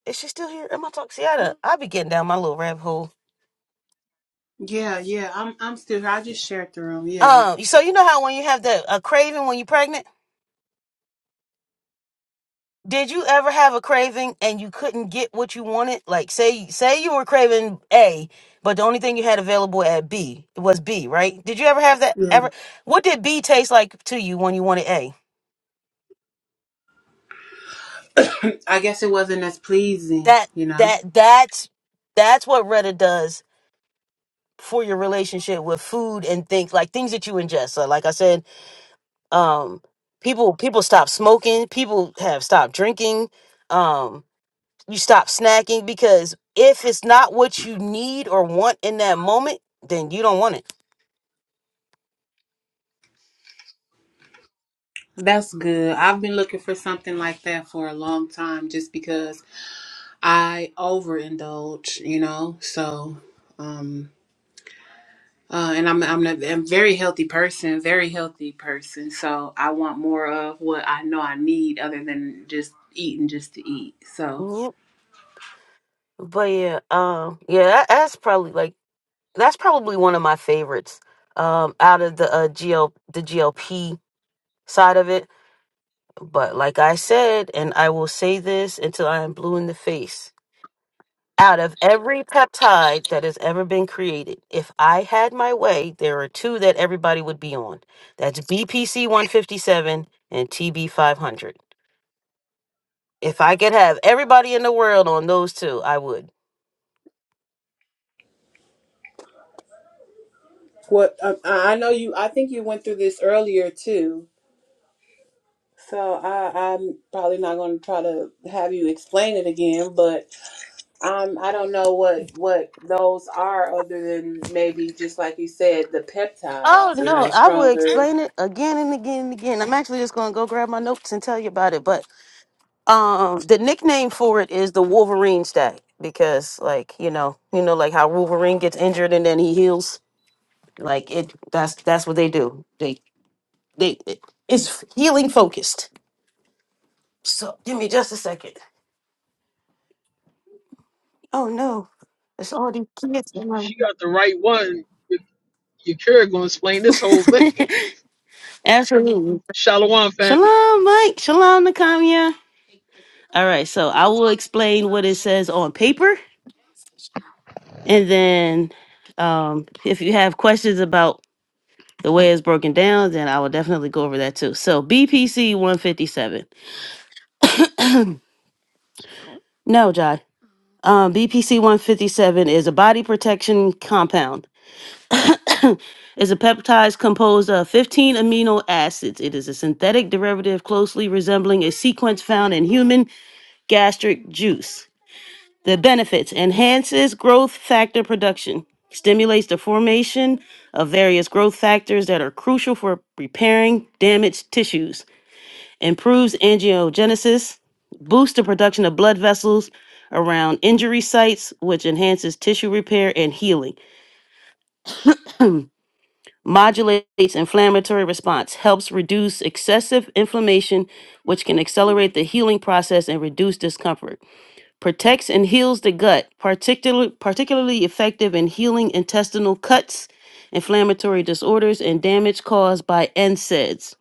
Speaker 1: is she still here? Am I talking? See, I, done- I be getting down my little rabbit hole.
Speaker 4: Yeah, yeah. I'm I'm still here. I just shared the room, yeah.
Speaker 1: Um, so you know how when you have that a craving when you're pregnant, Did you ever have a craving and you couldn't get what you wanted? Like say say you were craving A, but the only thing you had available at B was B, right? Did you ever have that
Speaker 4: Yeah.
Speaker 1: ever what did B taste like to you when you wanted A?
Speaker 4: I guess it wasn't as pleasing,
Speaker 1: That
Speaker 4: you know.
Speaker 1: that that's that's what Reddit does for your relationship with food and things like things that you ingest. So like I said, um people people stop smoking, people have stopped drinking. Um You stop snacking because if it's not what you need or want in that moment, then you don't want it.
Speaker 4: That's good. I've been looking for something like that for a long time just because I overindulge, you know. So, um, uh, and I'm I'm a, I'm a very healthy person, very healthy person. So I want more of what I know I need, other than just eating just to eat. So,
Speaker 1: Yep. But yeah, um, yeah, that, that's probably like that's probably one of my favorites. Um, out of the uh, GL the GLP side of it. But like I said, and I will say this until I am blue in the face. Out of every peptide that has ever been created, if I had my way, there are two that everybody would be on. That's BPC 157 and TB 500. If I could have everybody in the world on those two, I would.
Speaker 4: What um, I I know you, I think you went through this earlier too. So I, I'm probably not going to try to have you explain it again, but um, I don't know what what those are other than maybe just like you said, the
Speaker 1: Oh
Speaker 4: peptides. You
Speaker 1: no,
Speaker 4: know,
Speaker 1: I will
Speaker 4: stronger.
Speaker 1: explain it again and again and again. I'm actually just gonna go grab my notes and tell you about it. But um the nickname for it is the Wolverine stack because like, you know, you know like how Wolverine gets injured and then he heals. Like it that's that's what they do. They they it- it's healing focused. So give me just a second. Oh no. It's all these kids.
Speaker 7: She
Speaker 1: around.
Speaker 7: got the right one. Yakira gonna explain this whole thing.
Speaker 1: Absolutely.
Speaker 7: Shalom family.
Speaker 1: Shalom, Mike. Shalom, Nakamiya. All right, so I will explain what it says
Speaker 8: Shalom.
Speaker 1: on paper, and then um, if you have questions about the way it's broken down, then I will definitely go over that too. So BPC 157. No, Jai. Um, BPC 157 is a body protection compound. It's a peptide composed of 15 amino acids. It is a synthetic derivative closely resembling a sequence found in human gastric juice. The benefits enhances growth factor production, stimulates the formation of various growth factors that are crucial for repairing damaged tissues, improves angiogenesis, boosts the production of blood vessels around injury sites, which enhances tissue repair and healing, modulates inflammatory response, helps reduce excessive inflammation, which can accelerate the healing process and reduce discomfort protects and heals the gut, particularly particularly effective in healing intestinal cuts, inflammatory disorders, and damage caused by NSAIDs.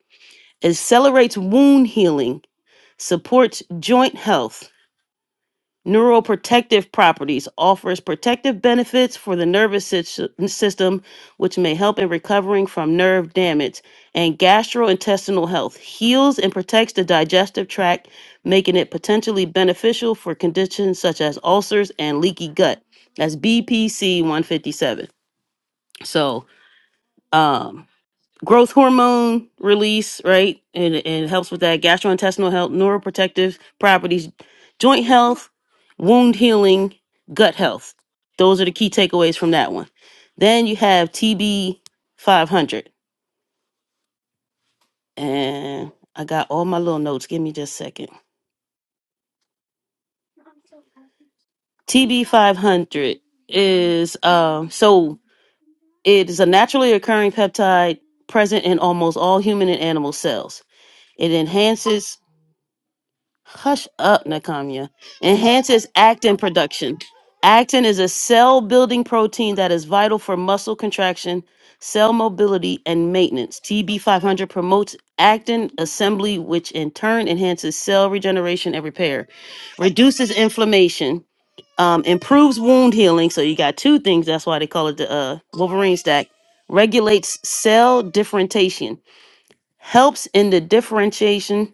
Speaker 1: Accelerates wound healing, supports joint health, Neuroprotective properties offers protective benefits for the nervous sys- system, which may help in recovering from nerve damage and gastrointestinal health. Heals and protects the digestive tract, making it potentially beneficial for conditions such as ulcers and leaky gut. That's BPC 157. So, um, growth hormone release, right? And and it helps with that gastrointestinal health, neuroprotective properties, joint health, wound healing, gut health. Those are the key takeaways from that one. Then you have TB 500. And I got all my little notes. Give me just a second. TB 500 is um so it is a naturally occurring peptide present in almost all human and animal cells. It enhances Hush up, Nakamiya. Enhances actin production. Actin is a cell building protein that is vital for muscle contraction, cell mobility, and maintenance. TB500 promotes actin assembly, which in turn enhances cell regeneration and repair, reduces inflammation, um, improves wound healing. So you got two things. That's why they call it the uh, Wolverine stack. Regulates cell differentiation helps in the differentiation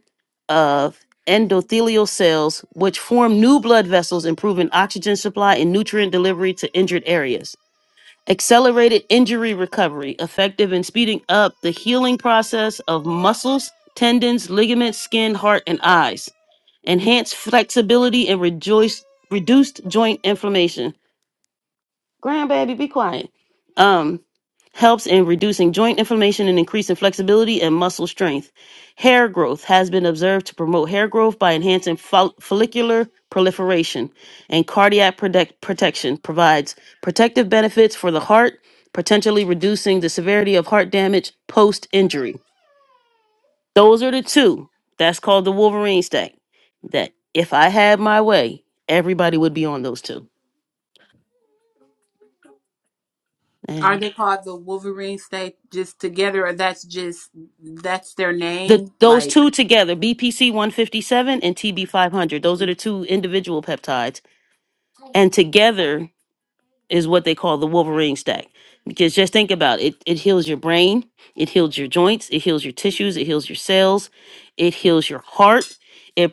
Speaker 1: of endothelial cells, which form new blood vessels, improving oxygen supply and nutrient delivery to injured areas. Accelerated injury recovery, effective in speeding up the healing process of muscles, tendons, ligaments, skin, heart, and eyes. Enhanced flexibility and rejoice, reduced joint inflammation grandbaby, be quiet. Um, helps in reducing joint inflammation and increasing flexibility and muscle strength. Hair growth has been observed to promote hair growth by enhancing fol- follicular proliferation and cardiac protect- protection. Provides protective benefits for the heart, potentially reducing the severity of heart damage post injury. Those are the two. That's called the Wolverine stack. That if I had my way, everybody would be on those two.
Speaker 4: Are they called the Wolverine state just together, or that's just that's their
Speaker 1: The
Speaker 4: name?
Speaker 1: those
Speaker 4: Like,
Speaker 1: two together, BPC 157 and TB 500, those are the two individual peptides, and together is what they call the Wolverine stack. Because just think about it, it heals your brain, it heals your joints, it heals your tissues, it heals your cells, it heals your heart. it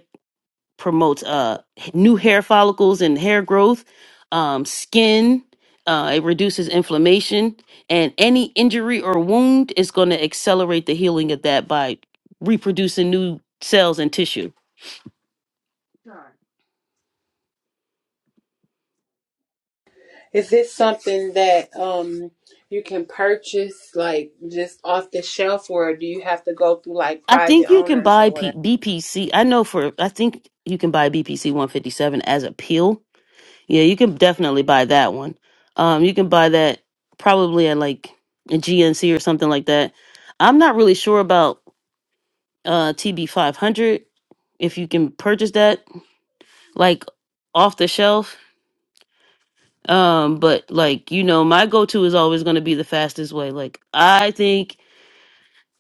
Speaker 1: promotes uh, new hair follicles and hair growth, um, skin. Uh, it reduces inflammation, and any injury or wound is going to accelerate the healing of that by reproducing new cells and tissue.
Speaker 4: is this something that um you can purchase like just off the shelf, or do you have to go through like
Speaker 1: I
Speaker 4: private
Speaker 1: think you can
Speaker 4: owners
Speaker 1: buy
Speaker 4: or
Speaker 1: P-
Speaker 4: whatever?
Speaker 1: BPC. I know for I think you can buy BPC 157 as a pill. Yeah, you can definitely buy that one. Um, you can buy that probably at like a GNC or something like that. I'm not really sure about uh TB five hundred if you can purchase that like off the shelf. Um, but like you know, my go to is always going to be the fastest way. Like I think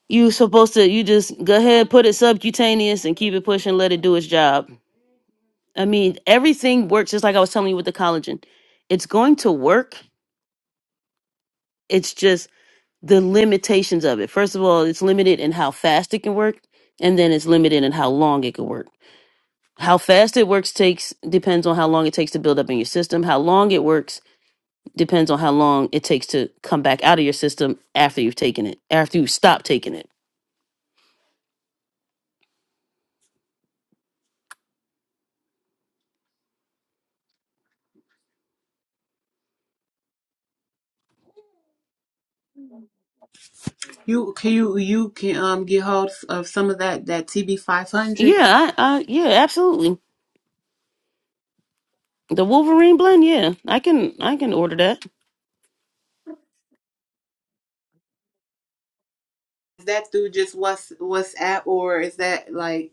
Speaker 1: you supposed to you just go ahead put it subcutaneous and keep it pushing, let it do its job. I mean, everything works just like I was telling you with the collagen. It's going to work. It's just the limitations of it. First of all, it's limited in how fast it can work, and then it's limited in how long it can work How fast it works takes depends on how long it takes to build up in your system. How long it works depends on how long it takes to come back out of your system after you've taken it, after you stop taking it.
Speaker 4: You can you you can um get hold of some of that that TB five hundred.
Speaker 1: Yeah, I, I yeah, absolutely. The Wolverine blend, yeah. I can I can order that.
Speaker 4: Is that through just what's what's at, or is that like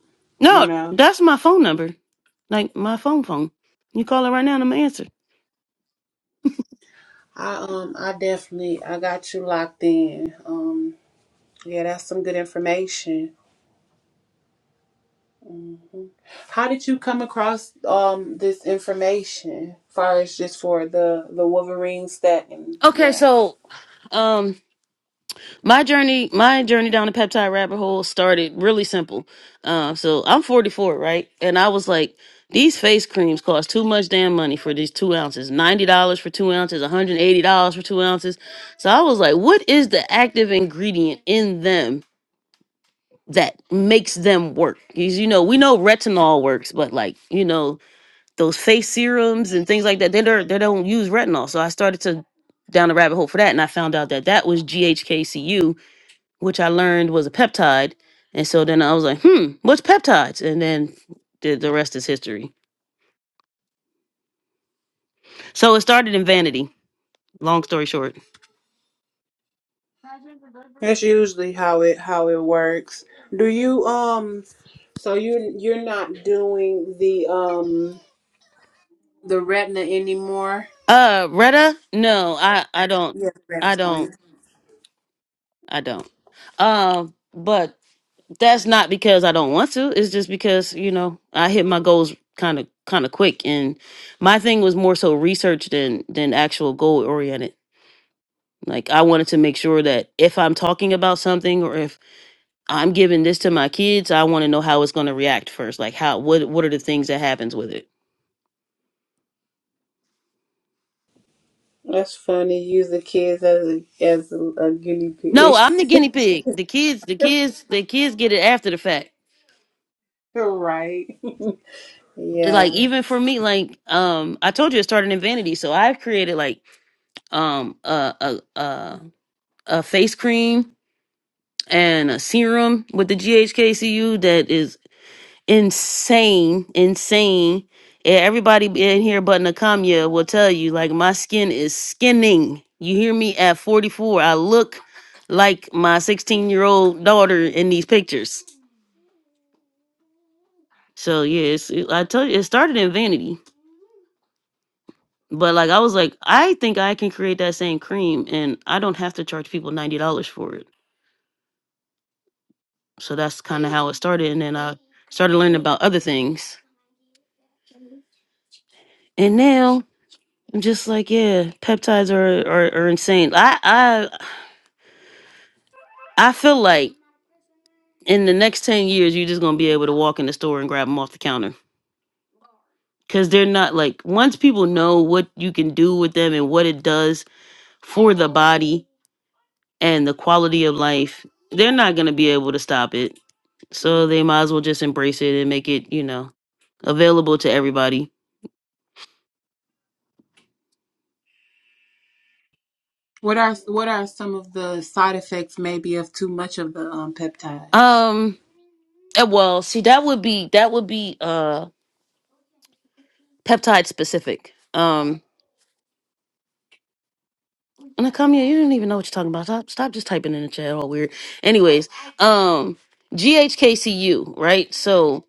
Speaker 4: you
Speaker 1: No,
Speaker 4: know?
Speaker 1: that's my phone number. Like my phone phone. You call it right now and I'm gonna answer.
Speaker 4: I um I definitely I got you locked in. Um yeah, that's some good information. Mhm. How did you come across um this information? as Far as just for the the Wolverine stat and
Speaker 1: Okay,
Speaker 4: yeah,
Speaker 1: so um My journey, my journey down the peptide rabbit hole started really simple. Um, so I'm 44, right? And I was like, these face creams cost too much damn money for these two ounces. $90 for two ounces, $180 for two ounces. So I was like, what is the active ingredient in them that makes them work? Because, you know, we know retinol works, but like, you know, those face serums and things like that, they don't, they don't use retinol. So I started to down the rabbit hole for that. And I found out that that was GHKCU which I learned was a peptide. And so then I was like, hmm, what's peptides? And then the, the rest is history. So it started in vanity. Long story short.
Speaker 4: that's usually how it how it works. Do you um so you you're not doing the um the retina anymore?
Speaker 1: Uh Retta? No, I, I don't.
Speaker 4: Yeah,
Speaker 1: I
Speaker 4: that's
Speaker 1: don't.
Speaker 4: fine.
Speaker 1: I don't. Um, but that's not because I don't want to. It's just because, you know, I hit my goals kind of kind of quick and my thing was more so research than than actual goal oriented. Like I wanted to make sure that if I'm talking about something or if I'm giving this to my kids. I want to know how it's going to react first. Like how what what are the things that happens with it?
Speaker 4: That's funny. Use the kids as a as a, a guinea pig.
Speaker 1: No, I'm the guinea pig. The kids, the kids, the kids get it after the fact.
Speaker 4: right.
Speaker 1: Like
Speaker 4: Yeah.
Speaker 1: even for me, like um, I told you it started in vanity, so I've created like um a a a, a face cream and a serum with the GHKCU that is insane, insane. Yeah, Everybody in here but Nakamiya will tell you, like, my skin is skinning. You hear me? At 44, I look like my 16 year old daughter in these pictures. So, yeah, it's, it- I tell you, it started in vanity. But, like, I was like, I think I can create that same cream and I don't have to charge people $90 for it. So that's kind of how it started. And then I started learning about other things. and now. Just like yeah, peptides are are, are insane. I I I feel like in the next ten years, you're just gonna be able to walk in the store and grab them off the counter because they're not like once people know what you can do with them and what it does for the body and the quality of life, they're not gonna be able to stop it. So they might as well just embrace it and make it you know available to everybody.
Speaker 4: What are what are some of the side effects maybe of too much of the um peptides?
Speaker 1: Um, eh, well, see that would be that would be uh peptide specific. Um And I come here, you didn't even know what you're talking about. Stop, stop just typing in the chat, all weird. Anyways, um, GHKCU, right? So,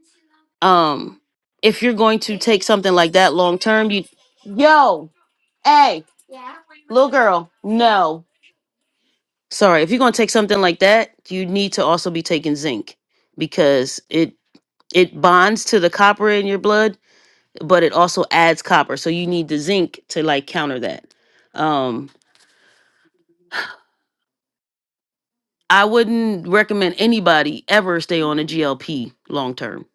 Speaker 1: um, if you're going to take something like that long term, you, yo, hey, little girl, no. Sorry, if you're going to take something like that, you need to also be taking zinc because it it bonds to the copper in your blood, but it also adds copper. So you need the zinc to like counter that. Um, I wouldn't recommend anybody ever stay on a GLP long term.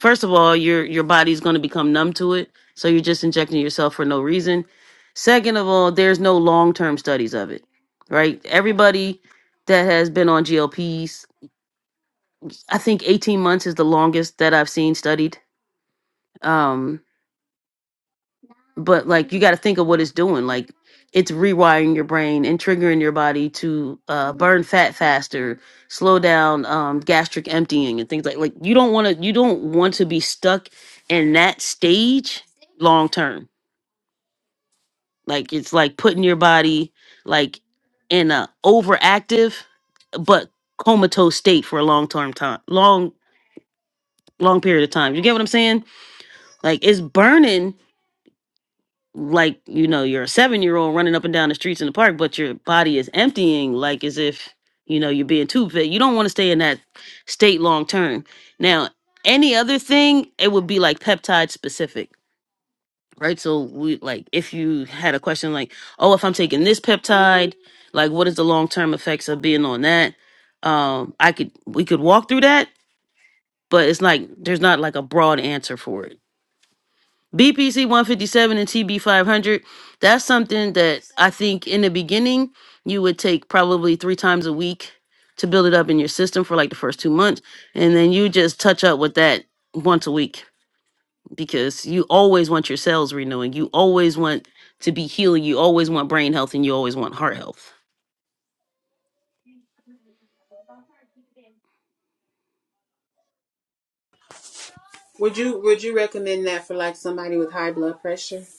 Speaker 1: First of all, your your body's going to become numb to it, so you're just injecting yourself for no reason. Second of all, there's no long-term studies of it, right? Everybody that has been on GLPs, I think 18 months is the longest that I've seen studied. Um but like you got to think of what it's doing like it's rewiring your brain and triggering your body to uh, burn fat faster slow down um, gastric emptying and things like like you don't want to you don't want to be stuck in that stage long term like it's like putting your body like in a overactive but comatose state for a long term time long long period of time you get what i'm saying like it's burning like you know you're a seven year old running up and down the streets in the park but your body is emptying like as if you know you're being too fit you don't want to stay in that state long term now any other thing it would be like peptide specific right so we like if you had a question like oh if i'm taking this peptide like what is the long term effects of being on that um i could we could walk through that but it's like there's not like a broad answer for it BPC 157 and TB 500, that's something that I think in the beginning you would take probably three times a week to build it up in your system for like the first two months. And then you just touch up with that once a week because you always want your cells renewing. You always want to be healing. You always want brain health and you always want heart health.
Speaker 4: Would you would you recommend that for like somebody with high blood pressure?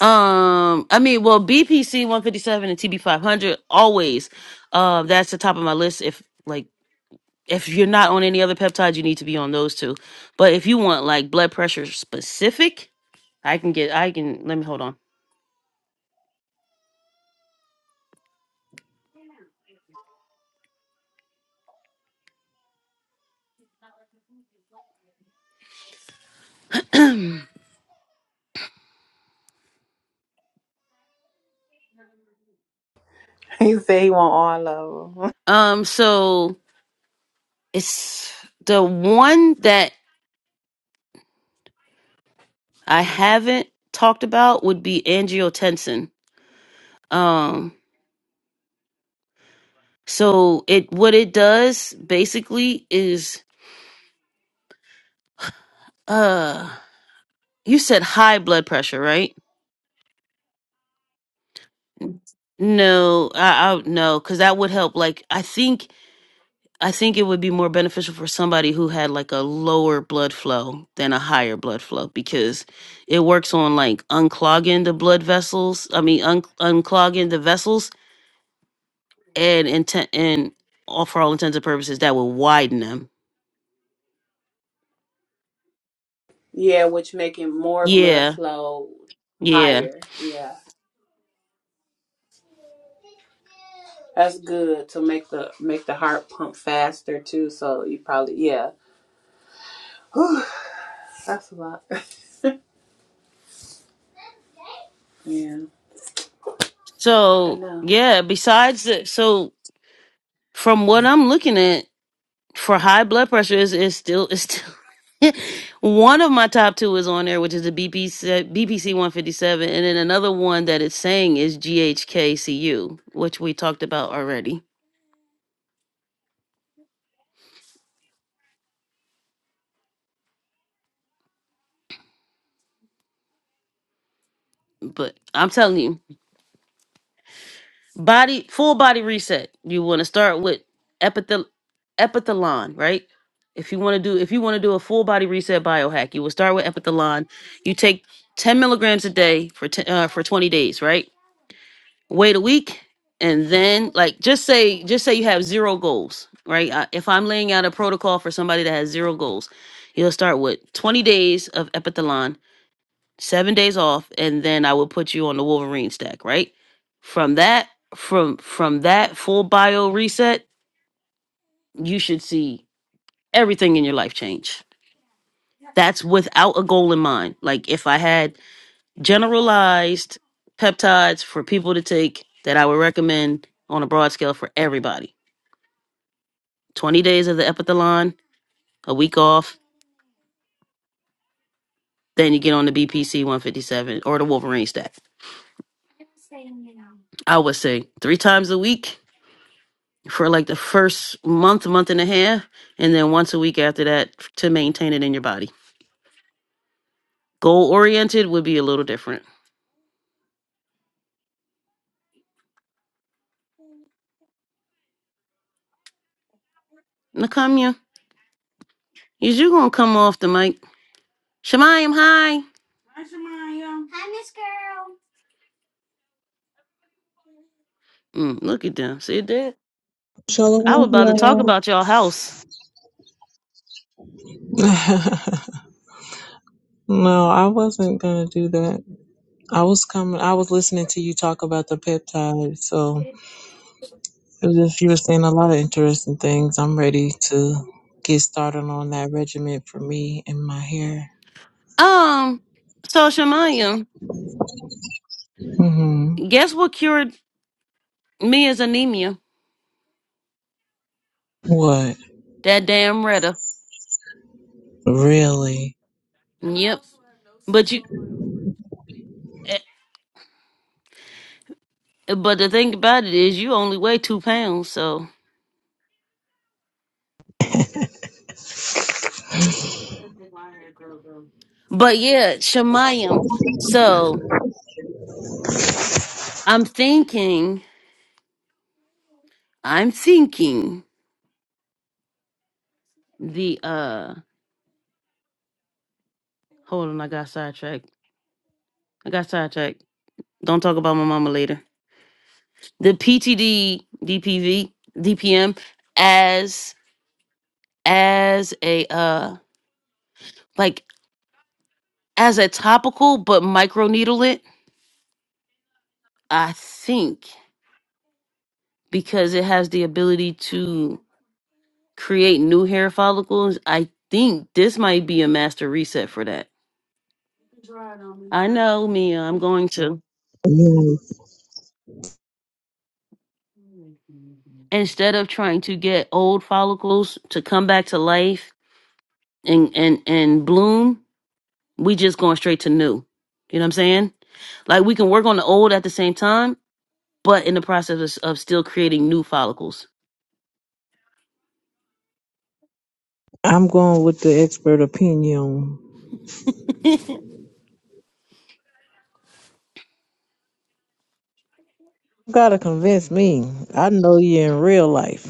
Speaker 1: Um, I mean, well, BPC 157 and TB 500 always. Uh, that's the top of my list. If like if you're not on any other peptides, you need to be on those two. But if you want like blood pressure specific, I can get I can let me hold on.
Speaker 4: He said he want all of them.
Speaker 1: Um so it's the one that I haven't talked about would be angiotensin. Um so it what it does basically is uh you said high blood pressure, right? No, I, I no, because that would help. Like I think I think it would be more beneficial for somebody who had like a lower blood flow than a higher blood flow because it works on like unclogging the blood vessels. I mean, un- unclogging the vessels and intent and all for all intents and purposes that will widen them.
Speaker 4: Yeah, which making more blood
Speaker 1: Yeah,
Speaker 4: flow
Speaker 1: yeah.
Speaker 4: higher. Yeah. That's good to make the make the heart pump faster too, so you probably yeah. Whew, that's a lot. Yeah. I
Speaker 1: So
Speaker 4: know.
Speaker 1: yeah. Besides, the, so from what I'm looking at, for high blood pressure is is still is still one of my top two is on there, which is the BPC BPC one fifty seven, and then another one that it's saying is GHKCU, which we talked about already. But I'm telling you, body full body reset. You want to start with epithel epithelon, right? If you want to do if you want to do a full body reset biohack, you will start with epithelon. You take ten milligrams a day for t- uh, for twenty days, right? wait a week and then like just say just say you have zero goals right I, if i'm laying out a protocol for somebody that has zero goals you'll start with 20 days of epithalon seven days off and then i will put you on the wolverine stack right from that from from that full bio reset you should see everything in your life change that's without a goal in mind like if i had generalized peptides for people to take that i would recommend on a broad scale for everybody 20 days of the epithalon, a week off, then you get on the BPC 157 or the Wolverine stack. I would say three times a week for like the first month, month and a half, and then once a week after that to maintain it in your body. Goal oriented would be a little different. Nakamia, is you gonna come off the mic? Shemayim, hi. Mm, look at them. See that? I was
Speaker 9: Shalom,
Speaker 1: about to talk
Speaker 9: y'all.
Speaker 1: about y'all house.
Speaker 9: no, I wasn't gonna do that. I was coming. I was listening to you talk about the peptide. So it was just you were saying a lot of interesting things. I'm ready to get started on that regimen for me and my hair.
Speaker 1: Um, so Shemayim,
Speaker 9: hmm
Speaker 1: guess what cured me is anemia?
Speaker 9: What
Speaker 1: That damn Retta.
Speaker 9: really?
Speaker 1: Yep. But you, eh, but the thing about it is, you only weigh two pounds. So, but yeah, Shemayim. So I'm thinking, I'm thinking the uh. Hold on, I got sidetracked. I got sidetracked. Don't talk about my mama later. The PTD, DPV, DPM, as as a uh, like as a topical, but microneedle it. I think because it has the ability to create new hair follicles. I think this might be a master reset for that. I know, Mia. I'm going to
Speaker 9: Yes.
Speaker 1: instead of trying to get old follicles to come back to life and and and bloom, we just going straight to new. You know what I'm saying? Like we can work on the old at the same time, but in the process of, of still creating new follicles.
Speaker 9: I'm going with the expert opinion. You gotta convince me. I know you in real life.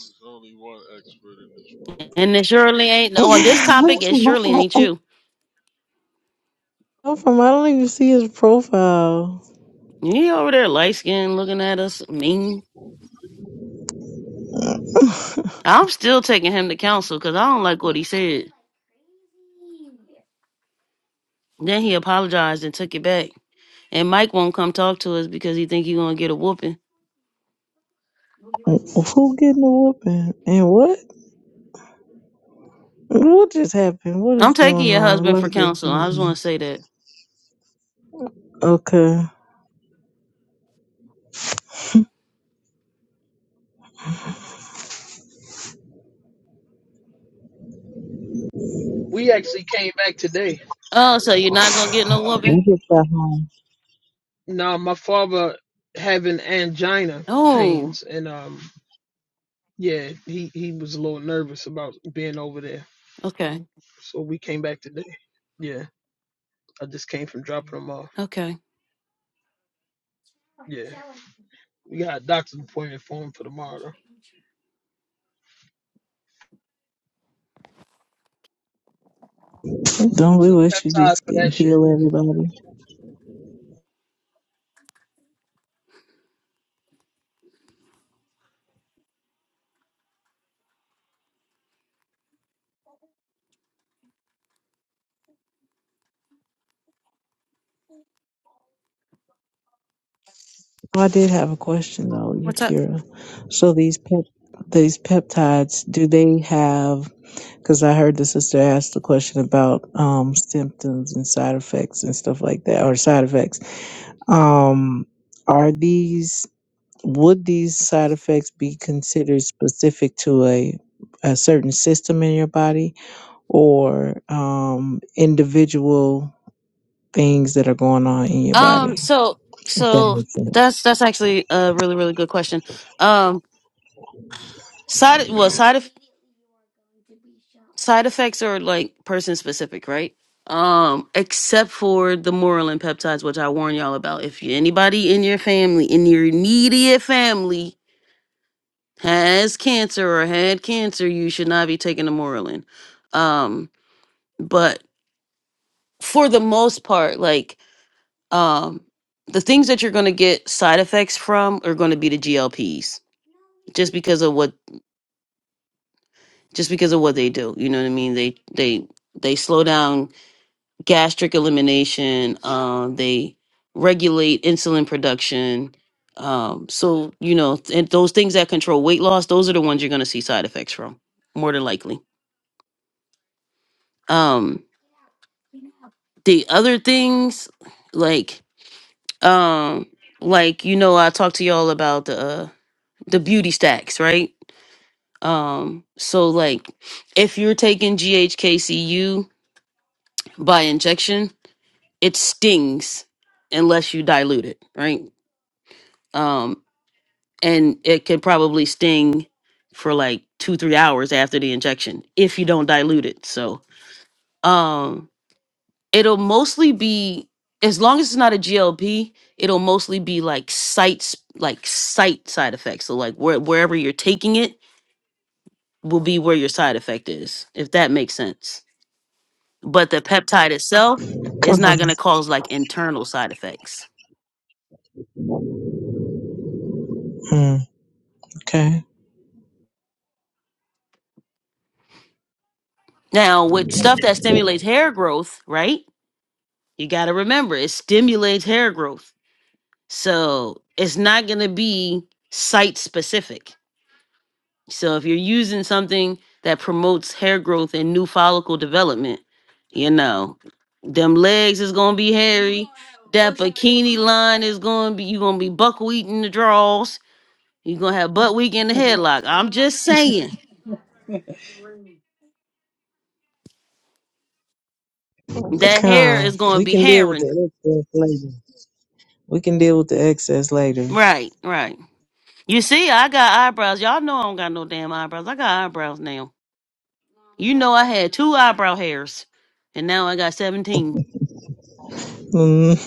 Speaker 8: There's only one expert in this room.
Speaker 1: And it surely ain't on this
Speaker 9: I'm
Speaker 1: topic. It surely ain't you.
Speaker 9: from. I don't even see his profile.
Speaker 1: You over there, light skin, looking at us mean. I'm still taking him to counsel because I don't like what he said. Then he apologized and took it back. And Mike won't come talk to us because he think he gonna get a whooping.
Speaker 9: Who getting a whooping? And what? What just happened? What
Speaker 1: I'm
Speaker 9: is
Speaker 1: taking
Speaker 9: going
Speaker 1: your
Speaker 9: on?
Speaker 1: husband
Speaker 9: Let's
Speaker 1: for
Speaker 9: get
Speaker 1: counsel. I just want to say that.
Speaker 9: Okay.
Speaker 7: We actually came back today.
Speaker 1: Oh, so you're not gonna get no
Speaker 7: Yeah.
Speaker 1: whooping?
Speaker 9: You just got home.
Speaker 7: Now my father having angina
Speaker 1: Oh,
Speaker 7: pains and um yeah, he, he was a little nervous about being over there.
Speaker 1: okay,
Speaker 7: So we came back today. Yeah. I just came from dropping him off.
Speaker 1: okay.
Speaker 7: Yeah. We got a doctor's appointment for him for tomorrow though. It
Speaker 9: Don't
Speaker 7: was
Speaker 9: we
Speaker 7: a
Speaker 9: wish you
Speaker 7: peptide
Speaker 9: just
Speaker 7: for
Speaker 9: get
Speaker 7: that shit.
Speaker 9: heal everybody? Oh, I did have a question though,
Speaker 1: What's up?
Speaker 9: Yakira. So these pep these peptides, do they have? Because I heard the sister asked the question about um, symptoms and side effects and stuff like that, or side effects. Um, are these would these side effects be considered specific to a, a certain system in your body or um, individual things that are going on in your
Speaker 1: Um,
Speaker 9: body?
Speaker 1: so
Speaker 9: If that
Speaker 1: so
Speaker 9: makes sense.
Speaker 1: that's that's actually a really really good question. Um, Side well side of side effects are like person specific, right? Um, except for the moral and peptides, which I warn y'all about. If you, anybody in your family, in your immediate family, has cancer or had cancer, you should not be taking the moralin. Um, but for the most part, like um, the things that you're going to get side effects from are going to be the GLPs, just because of what just because of what they do. You know what I mean? They they they slow down gastric elimination. Um, they regulate insulin production. Um, so you know, and those things that control weight loss, those are the ones you're going to see side effects from, more than likely. Um, the other things, like um, like you know, I talked to y'all about the uh, the beauty stacks, right? Um, so like if you're taking GHKCU by injection, it stings unless you dilute it, right? Um, and it could probably sting for like two, three hours after the injection if you don't dilute it. So um, it'll mostly be as long as it's not a GLP, it'll mostly be like sites, like site side effects. So like where, wherever you're taking it will be where your side effect is, if that makes sense. But the peptide itself is
Speaker 9: Come
Speaker 1: not going
Speaker 9: on.
Speaker 1: to cause like internal side effects.
Speaker 9: Mm, okay.
Speaker 1: Now, with stuff that stimulates hair growth, right? You got to remember it stimulates hair growth. So it's not going to be site specific. So if you're using something that promotes hair growth and new follicle development, you know, them legs is going to be hairy. That bikini line is going to be, you're going to be buckwheat in the draws. You're going to have butt week in the headlock. I'm just saying that hair
Speaker 9: Come,
Speaker 1: is going to
Speaker 9: we
Speaker 1: be
Speaker 9: can deal with the
Speaker 1: hairing.
Speaker 9: excess later. We can deal with the excess later.
Speaker 1: Right, right. You see, I got eyebrows. Y'all know I don't got no damn eyebrows. I got eyebrows now. You know I had two eyebrow hairs, and now I got seventeen.
Speaker 9: Mm,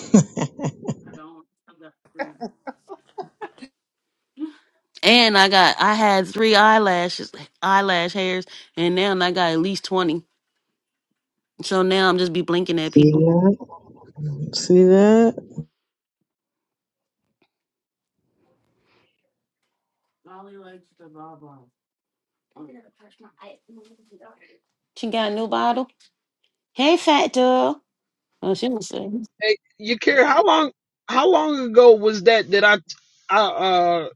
Speaker 1: And I got I had three eyelashes, eyelash hairs, and now I got at least twenty. So now I'm just be blinking at
Speaker 9: see
Speaker 1: people.
Speaker 9: that? See that?
Speaker 1: She got a new bottle. Hey, fat girl. Oh, she was saying.
Speaker 7: Hey, Yakira, how long how long ago was that that I I uh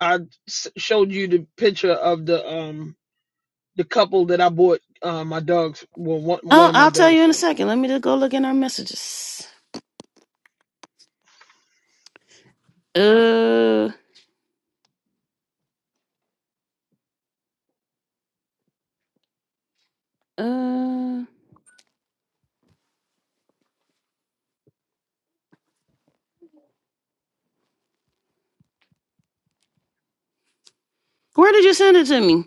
Speaker 7: I s- showed you the picture of the um the couple that I bought uh, my dogs well one
Speaker 1: Oh,
Speaker 7: one of my
Speaker 1: I'll tell
Speaker 7: dogs
Speaker 1: you in a
Speaker 7: from. I
Speaker 1: second. Let me just go look in our messages. Uh, uh, where did you send it to me?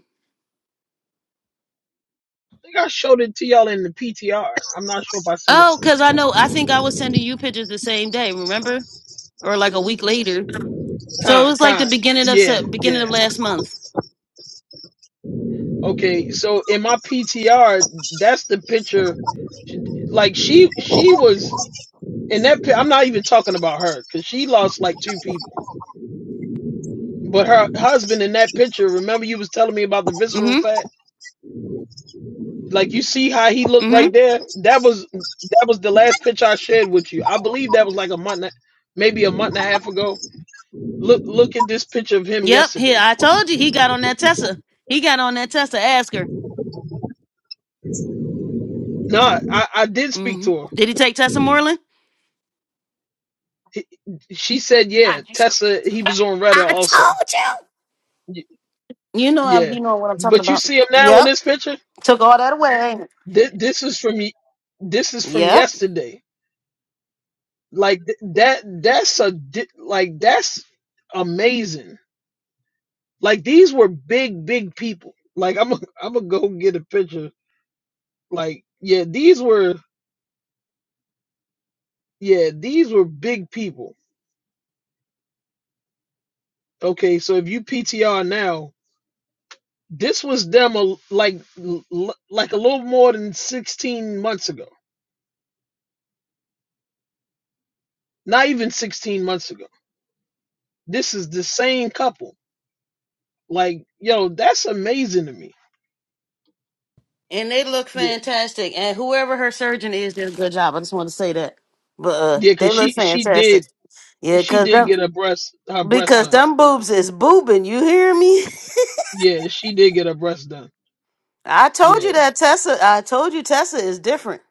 Speaker 7: think I showed it to y'all in the PTR. I'm not sure if I sent it.
Speaker 1: Oh, because I know I think I was sending you pictures the same day, remember? Or like a week later. So it
Speaker 7: Con
Speaker 1: was like the
Speaker 7: con
Speaker 1: beginning of
Speaker 7: yeah
Speaker 1: Sep- beginning of
Speaker 7: yeah
Speaker 1: last month.
Speaker 7: okay. So in my PTR, that's the picture. She- Like she she was in that. pi- I'm not even talking about her because she lost like two people. But her husband in that picture. Remember you was telling me about the visceral
Speaker 1: Mm-hmm.
Speaker 7: fat. Like you see how he looked
Speaker 1: Mm-hmm.
Speaker 7: right there. That was that was the last pitch I shared with you. I believe that was like a month, and a- maybe a month and a half ago. Look look at this picture of him
Speaker 1: Yep. Here
Speaker 7: yesterday.
Speaker 1: I told you he got on that Tessa. He got on that Tessa. Ask her.
Speaker 7: No, I I did speak
Speaker 1: Mm-hmm.
Speaker 7: to her.
Speaker 1: Did he take Tessa Moreland?
Speaker 7: He- She said, yeah, Tessa. He was on Reddit
Speaker 1: I t-
Speaker 7: also. Y-
Speaker 1: you know I
Speaker 7: Yeah,
Speaker 1: you know what I'm talking
Speaker 7: but you
Speaker 1: about.
Speaker 7: see him now in
Speaker 1: Yep.
Speaker 7: this picture.
Speaker 1: Took all that away. ain't it?
Speaker 7: This, this is from y- this is from
Speaker 1: Yep.
Speaker 7: yesterday. Like th- that. That's a di- like that's amazing Like these were big, big people. Like I'm, i am i gonna go get a picture. Like yeah, these were yeah, these were big people. Okay, so if you PTR now, this was them a, like l- like a little more than 16 months ago. Not even 16 months ago. This is the same couple. Like yo, that's amazing to me.
Speaker 1: And they look
Speaker 7: Yeah,
Speaker 1: fantastic. And whoever her surgeon is did a good job. I just want to say that. But uh
Speaker 7: yeah,
Speaker 1: they
Speaker 7: cause
Speaker 1: look
Speaker 7: she she
Speaker 1: fantastic.
Speaker 7: did
Speaker 1: Yeah,
Speaker 7: she
Speaker 1: cause
Speaker 7: did
Speaker 1: that-
Speaker 7: get her breast her breast
Speaker 1: Because
Speaker 7: done.
Speaker 1: them boobs is boobing, you hear me?
Speaker 7: Yeah, she did get her breast done.
Speaker 1: I told
Speaker 7: Yeah.
Speaker 1: you that Tessa, I told you Tessa is different.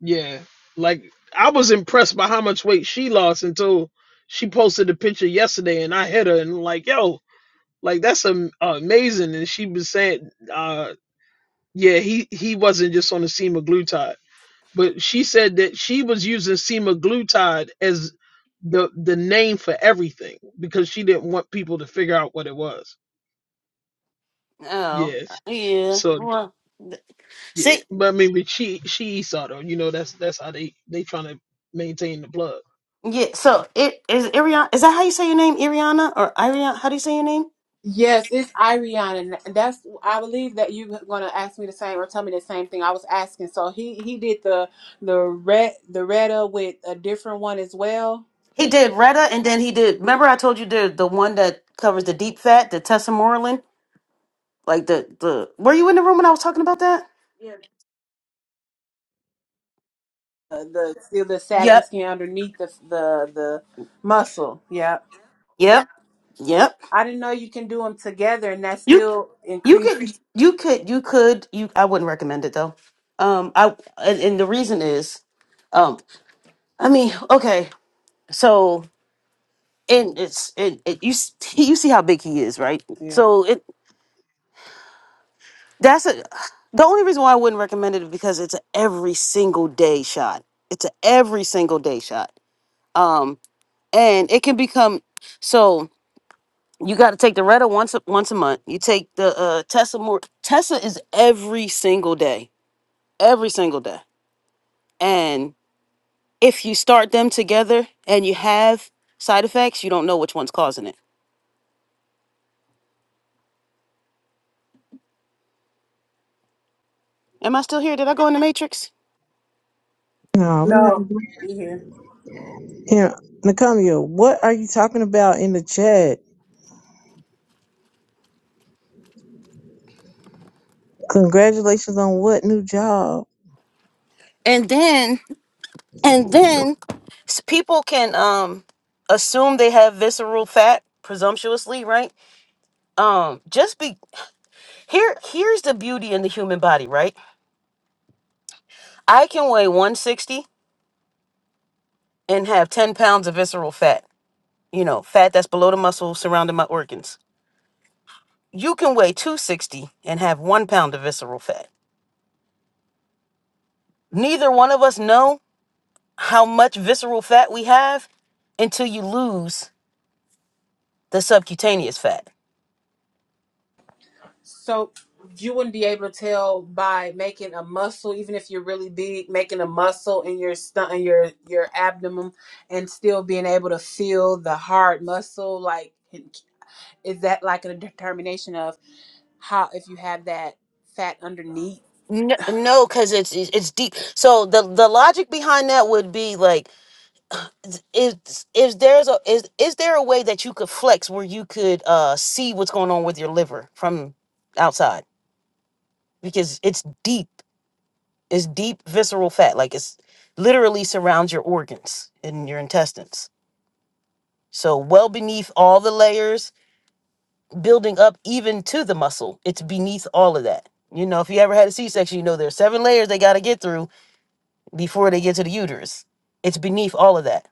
Speaker 7: Yeah. Like I was impressed by how much weight she lost until she posted the picture yesterday and I hit her and like, yo, like that's am- amazing. And she was saying, uh, yeah, he, he wasn't just on the semaglutide, but she said that she was using semaglutide as the, the name for everything because she didn't want people to figure out what it was.
Speaker 1: Oh,
Speaker 7: Yeah.
Speaker 1: yeah.
Speaker 7: So,
Speaker 1: Well, th-
Speaker 7: yeah,
Speaker 1: see,
Speaker 7: but I mean, but she, she saw though, you know, that's, that's how they, they trying to maintain the blood.
Speaker 1: yeah, so it is Iriana. is that how you say your name, Iriana, Or Ariana, how do you say your name?
Speaker 4: Yes, it's Iriana. and That's I believe that you were gonna ask me the same or tell me the same thing I was asking. So he he did the the red the reda with a different one as well.
Speaker 1: He did Retta, and then he did, remember I told you the, the one that covers the deep fat, the Tessa Moreland? Like the, the, were you in the room when I was talking about that?
Speaker 4: Uh, the feel the saggy
Speaker 1: Yep.
Speaker 4: skin underneath the the the muscle. Yeah,
Speaker 1: Yep. Yep.
Speaker 4: I didn't know you can do them together, and that
Speaker 1: You
Speaker 4: still
Speaker 1: you
Speaker 4: increase.
Speaker 1: could you could you could you I wouldn't recommend it though. Um I and, and the reason is um I mean, okay. So and it's it it, you s- you see how big he is, right?
Speaker 4: Yeah.
Speaker 1: So it that's a the only reason why I wouldn't recommend it is because it's a every single day shot. It's a every single day shot. Um and it can become so you got to take the Retta once a, once a month. You take the uh Tessa more Tessa is every single day every single day. And if you start them together and you have side effects, you don't know which one's causing it. Am I still here? Did I go in the matrix?
Speaker 9: No, we already
Speaker 4: No. You hear?
Speaker 9: here. Nakamia, what are you talking about in the chat? Congratulations on what new job?
Speaker 1: And then, and then s- people can um assume they have visceral fat presumptuously, right? Um, just be here. Here's the beauty in the human body, right? I can weigh 160 and have 10 pounds of visceral fat. You know, fat that's below the muscle surrounding my organs. You can weigh 260 and have one pound of visceral fat Neither one of us know how much visceral fat we have until you lose the subcutaneous fat.
Speaker 4: So you wouldn't be able to tell by making a muscle, even if you're really big, making a muscle in your stomach, in your your abdomen, and still being able to feel the hard muscle. Like, is that like a determination of how if you have that fat underneath?
Speaker 1: No, no, because it's it's it's deep. So the the logic behind that would be like, is is there's a is is there a way that you could flex where you could uh see what's going on with your liver from outside because it's deep, it's deep visceral fat, like it's literally surrounds your organs and your intestines. So well beneath all the layers building up even to the muscle. It's beneath all of that. You know, if you ever had a C section, you know there's seven layers they got to get through before they get to the uterus. It's beneath all of that.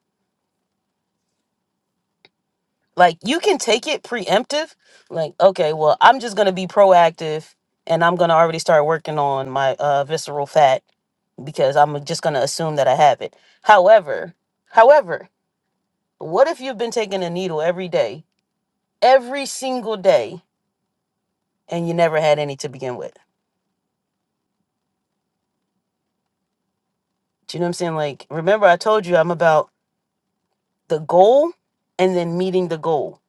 Speaker 1: Like you can take it preemptive, like okay, well I'm just gonna be proactive and I'm gonna already start working on my uh, visceral fat because I'm just gonna assume that I have it. However, however, what if you've been taking a needle every day, every single day, and you never had any to begin with? Do you know what I'm saying? Like, remember I told you I'm about the goal and then meeting the goal.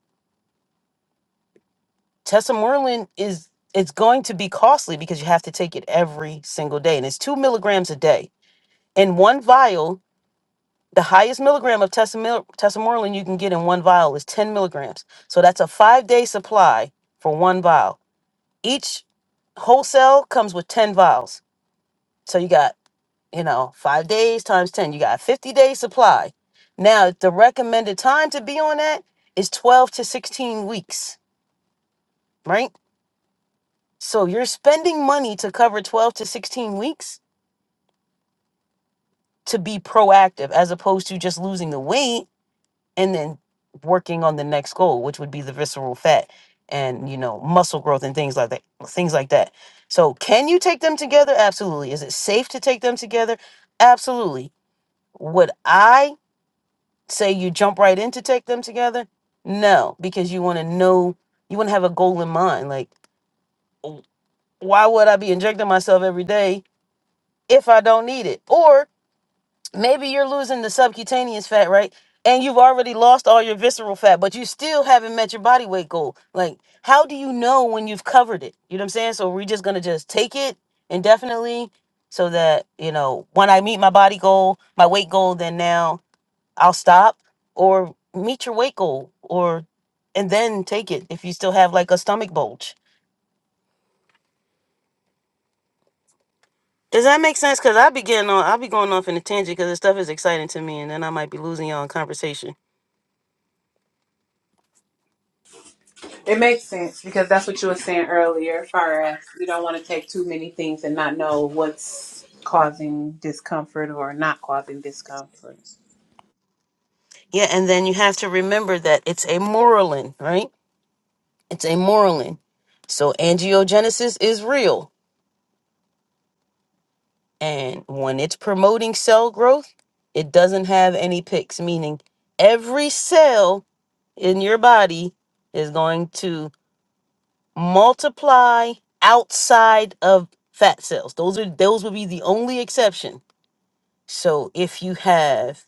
Speaker 1: Tessa Moreland is it's going to be costly because you have to take it every single day. And it's two milligrams a day. In one vial, the highest milligram of Tessa, Mil- Tessamorelin you can get in one vial is 10 milligrams. So that's a five day supply for one vial. Each wholesale comes with 10 vials. So you got you know, five days times 10, you got a 50 day supply. Now, the recommended time to be on that is 12 to 16 weeks, right? So you're spending money to cover 12 to 16 weeks to be proactive as opposed to just losing the weight and then working on the next goal, which would be the visceral fat and, you know, muscle growth and things like that. Things like that. So, can you take them together? Absolutely. Is it safe to take them together? Absolutely. Would I say you jump right in to take them together. No, because you want to know, you want to have a goal in mind. Like, w- why would I be injecting myself every day if I don't need it? Or maybe you're losing the subcutaneous fat, right? And you've already lost all your visceral fat, but you still haven't met your body weight goal. Like, how do you know when you've covered it? You know what I'm saying? So we're just going to just take it indefinitely so that, you know, when I meet my body goal, my weight goal, then now I'll stop or meet your weight goal or and then take it if you still have like a stomach bulge. Does that make sense? Cause I be getting on I'll be going off in a tangent because this stuff is exciting to me and then I might be losing y'all in conversation.
Speaker 4: It makes sense because that's what you were saying earlier, as far as you don't want to take too many things and not know what's causing discomfort or not causing discomfort.
Speaker 1: Yeah, and then you have to remember that it's a moralin, right? It's a moralin. So angiogenesis is real. And when it's promoting cell growth, it doesn't have any picks, meaning every cell in your body is going to multiply outside of fat cells. Those are those would be the only exception. So if you have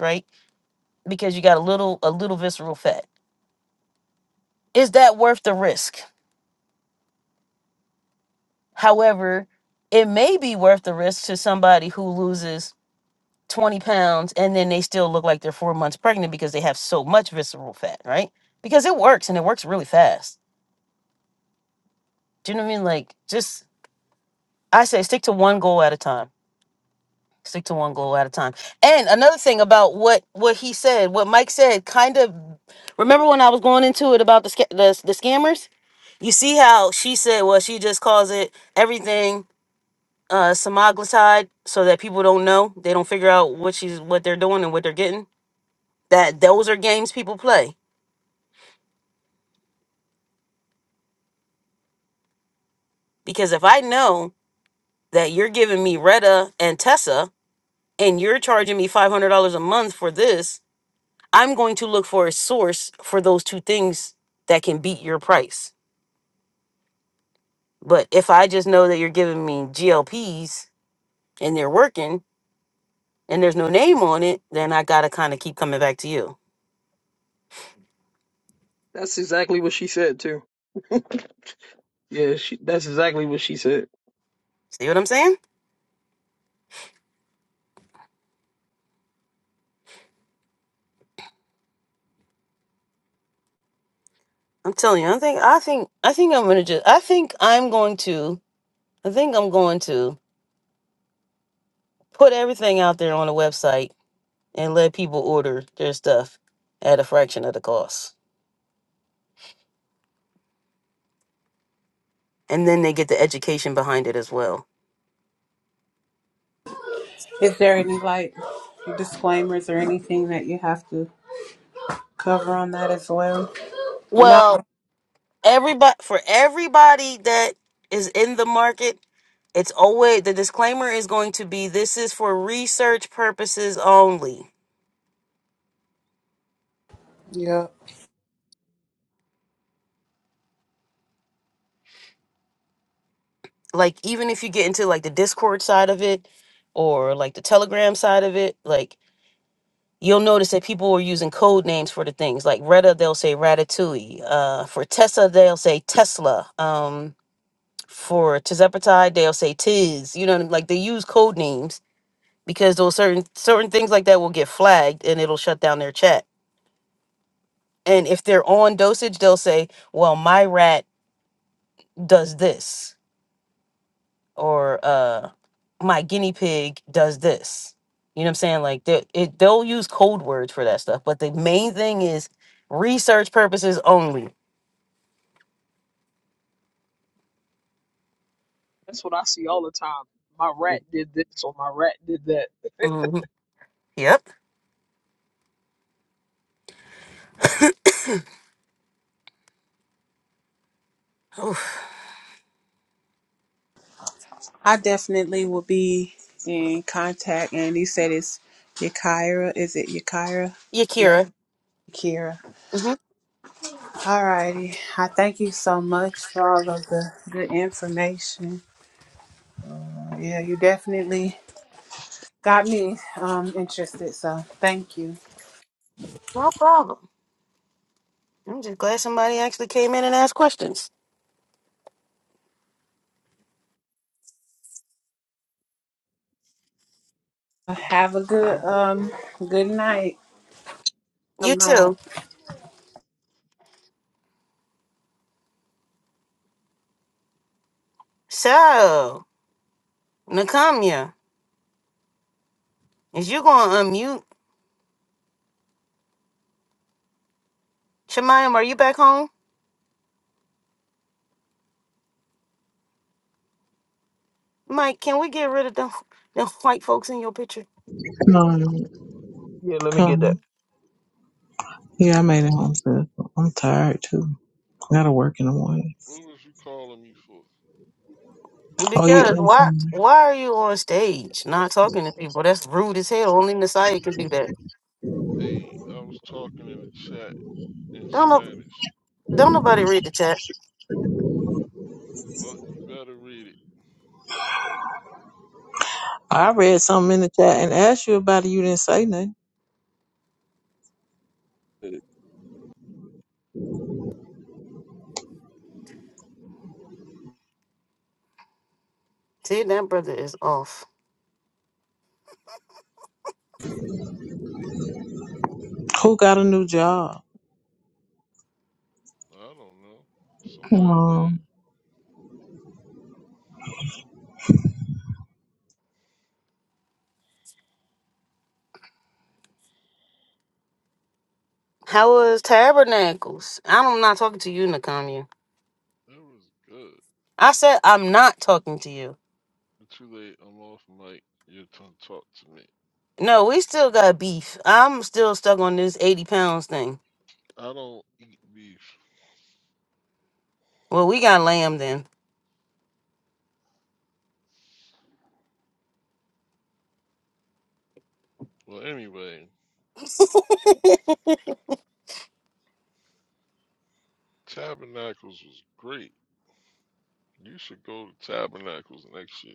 Speaker 1: right? because you got a little a little visceral fat. Is that worth the risk? However, it may be worth the risk to somebody who loses 20 pounds and then they still look like they're four months pregnant because they have so much visceral fat, right? Because it works and it works really fast. Do you know what I mean? Like just I say stick to one goal at a time. Stick to one goal at a time. And another thing about what what he said, what Mike said, kind of remember when I was going into it about the sca- the, the scammers? You see how she said, well, she just calls it everything uh semaglutide so that people don't know. They don't figure out what she's what they're doing and what they're getting. That those are games people play. Because if I know that you're giving me Retta and Tessa and you're charging me five hundred dollars a month for this, I'm going to look for a source for those two things that can beat your price. But if I just know that you're giving me GLPs and they're working and there's no name on it, then I gotta kind of keep coming back to you.
Speaker 7: That's exactly what she said too. Yeah, she, that's exactly what she said.
Speaker 1: See what I'm saying? I'm telling you, I think I think I think I'm gonna just I think I'm going to I think I'm going to put everything out there on the website and let people order their stuff at a fraction of the cost. And then they get the education behind it as well.
Speaker 4: Is there any like disclaimers or anything that you have to cover on that as well? Or
Speaker 1: Well,
Speaker 4: not?
Speaker 1: everybody for everybody that is in the market, it's always the disclaimer is going to be this is for research purposes only.
Speaker 4: Yeah.
Speaker 1: like even if you get into like the discord side of it or like the telegram side of it like you'll notice that people are using code names for the things like retta they'll say ratatouille uh, for tessa they'll say tesla um, for tizepatide they'll say tiz you know like they use code names because those certain certain things like that will get flagged and it'll shut down their chat and if they're on dosage they'll say well my rat does this or uh my guinea pig does this. You know what I'm saying? Like they it, they'll use code words for that stuff, but the main thing is research purposes only.
Speaker 7: That's what I see all the time. My rat did this or my rat did that.
Speaker 1: hmm Yep. Oof.
Speaker 4: I definitely will be in contact and you said it's Yakira. Is it Yakira? Yeah.
Speaker 1: Yakira.
Speaker 4: Yakira.
Speaker 1: hmm
Speaker 4: Alrighty. I thank you so much for all of the good information. Yeah, you definitely got me um interested. So thank you. Have a good um good night. I'm out.
Speaker 1: Shemayam, are you back home?
Speaker 9: Come,
Speaker 7: yeah, let me get that.
Speaker 9: come. Yeah, I made it home, sis. I'm tired too. Gotta work in the
Speaker 8: What,
Speaker 9: morning.
Speaker 8: what was you calling me for?
Speaker 9: Oh, you
Speaker 1: Because why
Speaker 9: answering?
Speaker 1: why are you on stage not talking to people? That's rude as hell. Only Messiah can do that.
Speaker 8: Hey, I was talking in the chat in
Speaker 1: Don't know,
Speaker 8: Spanish.
Speaker 1: don't nobody read the chat.
Speaker 8: Well, you better read it.
Speaker 9: I read something in the chat and asked you about it. You didn't say nothing.
Speaker 8: Hey,
Speaker 1: See, that brother is off.
Speaker 9: Who got a new job?
Speaker 8: I don't know. Somebody did.
Speaker 9: Um,
Speaker 1: How was Tabernacles? I'm not talking to you, Nakamiya.
Speaker 8: That was good.
Speaker 1: I said I'm not talking to you.
Speaker 8: But too late. I'm off mic. Your tongue talk to me.
Speaker 1: No, we still got beef. I'm still stuck on this 80 pounds thing.
Speaker 8: I don't eat beef.
Speaker 1: Well, we got lamb then.
Speaker 8: Well, anyway, Tabernacles was great. You should go to Tabernacles next year.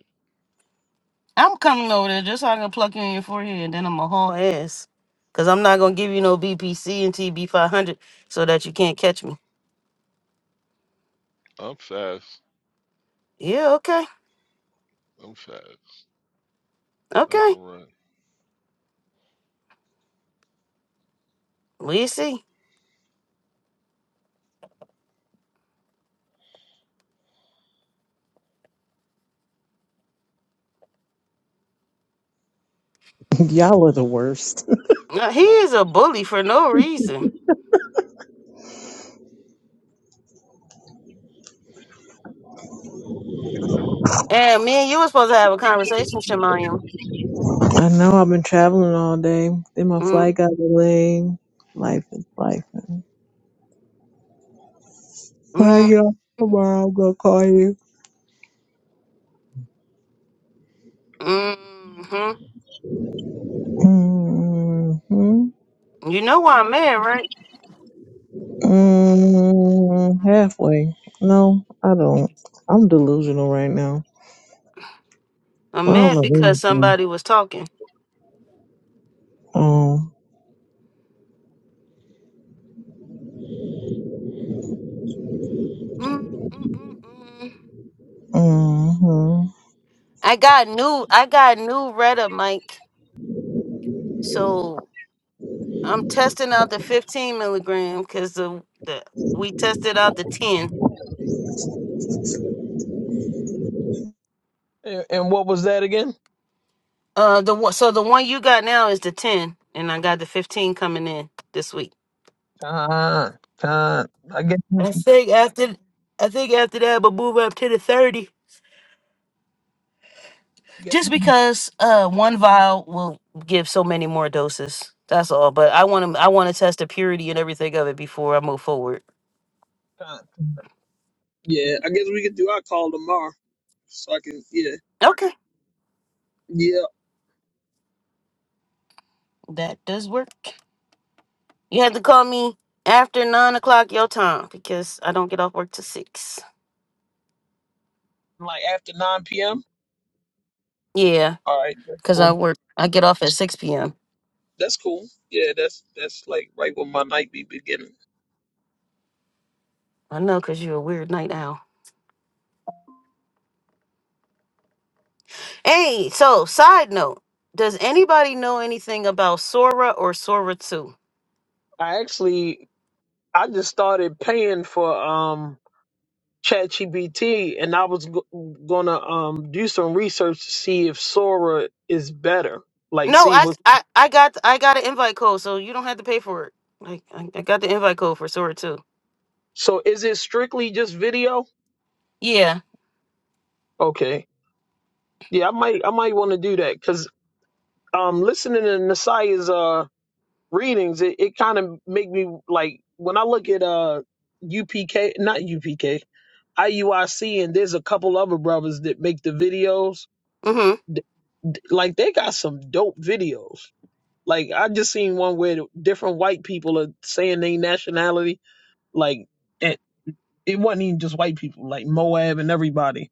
Speaker 1: I'm coming over there just so I can pluck you in your forehead and then I'm a haul ass. Because I'm not going to give you no BPC and TB500 so that you can't catch me.
Speaker 8: I'm fast.
Speaker 1: Yeah, okay.
Speaker 8: I'm fast. I
Speaker 1: Okay.
Speaker 8: can run.
Speaker 1: We see.
Speaker 9: y'all are the worst.
Speaker 1: Now, he is a bully for no reason. And me and you were supposed to have a conversation, Shemayim.
Speaker 9: I know I've been traveling all day. Then my
Speaker 1: Mm,
Speaker 9: flight got delayed. Life is life. When I
Speaker 1: mm,
Speaker 9: get off tomorrow, I'm gonna call you.
Speaker 1: mm-hmm.
Speaker 9: Mm-hmm.
Speaker 1: You know why I'm mad, right?
Speaker 9: mm Halfway. No, I don't. I'm delusional right now. I
Speaker 1: I'm
Speaker 9: don't
Speaker 1: mad because
Speaker 9: know anything.
Speaker 1: somebody was talking.
Speaker 9: Um.
Speaker 1: Mm, mm, mm, mm.
Speaker 9: hmm
Speaker 1: I got new I got new Retta mic, so I'm testing out the 15 milligram because the, the we tested out the 10.
Speaker 7: And, and what was that again?
Speaker 1: Uh, the one so the one you got now is the 10, and I got the 15 coming in this week.
Speaker 7: Con, con. I guess we
Speaker 1: I
Speaker 7: can
Speaker 1: think after I think after that, but move up to the 30,
Speaker 7: get
Speaker 1: just because uh one vial will give so many more doses. That's all. But I want to I want to test the purity and everything of it before I move forward.
Speaker 7: con. Yeah, I guess we could do our call tomorrow, so I can. Yeah,
Speaker 1: Okay,
Speaker 7: yeah.
Speaker 1: that does work. You have to call me after nine o'clock your time because I don't get off work till six.
Speaker 7: Like after nine p.m.
Speaker 1: Yeah,
Speaker 7: All right, that's
Speaker 1: because I
Speaker 7: cool.
Speaker 1: work. I get off at six p.m.
Speaker 7: That's cool. Yeah, that's that's like right when my night be beginning.
Speaker 1: I know because you're a weird night owl. Hey, so side note: Does anybody know anything about Sora or Sora Two?
Speaker 7: I actually I just started paying for um ChatGPT, and I was g- gonna um do some research to see if Sora is better. Like,
Speaker 1: No,
Speaker 7: see
Speaker 1: I
Speaker 7: what.
Speaker 1: I I got I got an invite code, so you don't have to pay for it. Like I, I got the invite code for Sora Two.
Speaker 7: So, is it strictly just video?
Speaker 1: Yeah.
Speaker 7: Okay, yeah, I might, I might want to do that because um, listening to Nasai's uh readings, it, it kind of make me like when I look at uh UPK, not UPK, IUIC, and there's a couple other brothers that make the videos.
Speaker 1: Mm-hmm.
Speaker 7: th- th- Like, they got some dope videos Like I just seen one where different white people are saying their nationality. Like it, it wasn't even just white people, like Moab and everybody.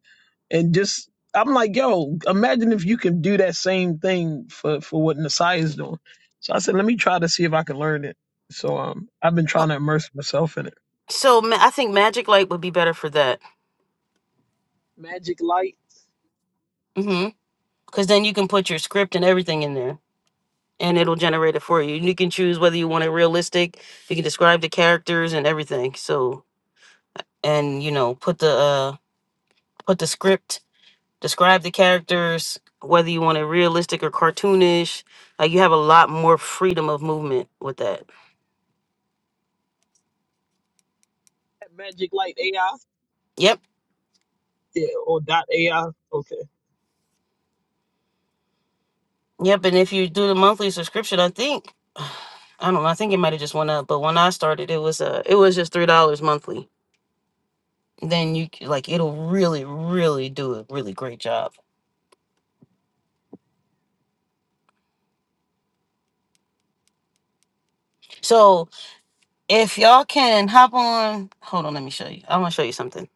Speaker 7: And just I'm like, yo, imagine if you can do that same thing for for what Nasai is doing. So I said, let me try to see if I can learn it. So um, I've been
Speaker 1: Oh,
Speaker 7: trying to immerse myself in it.
Speaker 1: So ma- I think Magic Light would be better for that.
Speaker 7: Magic Light,
Speaker 1: Mm-hmm. Because then you can put your script and everything in there. and it'll generate it for you. You can choose whether you want it realistic. You can describe the characters and everything. So and you know put the uh put the script, describe the characters, whether you want it realistic or cartoonish. Like you have a lot more freedom of movement with that.
Speaker 7: Magic Light AI,
Speaker 1: Yep,
Speaker 7: yeah, or dot AI. Okay,
Speaker 1: yep. And if you do the monthly subscription, I think I don't know. I think it might have just went up, but when I started, it was uh it was just three dollars monthly. Then you c- like it'll really really do a really great job. So If y'all can hop on, hold on, let me show you. I'm gonna show you something.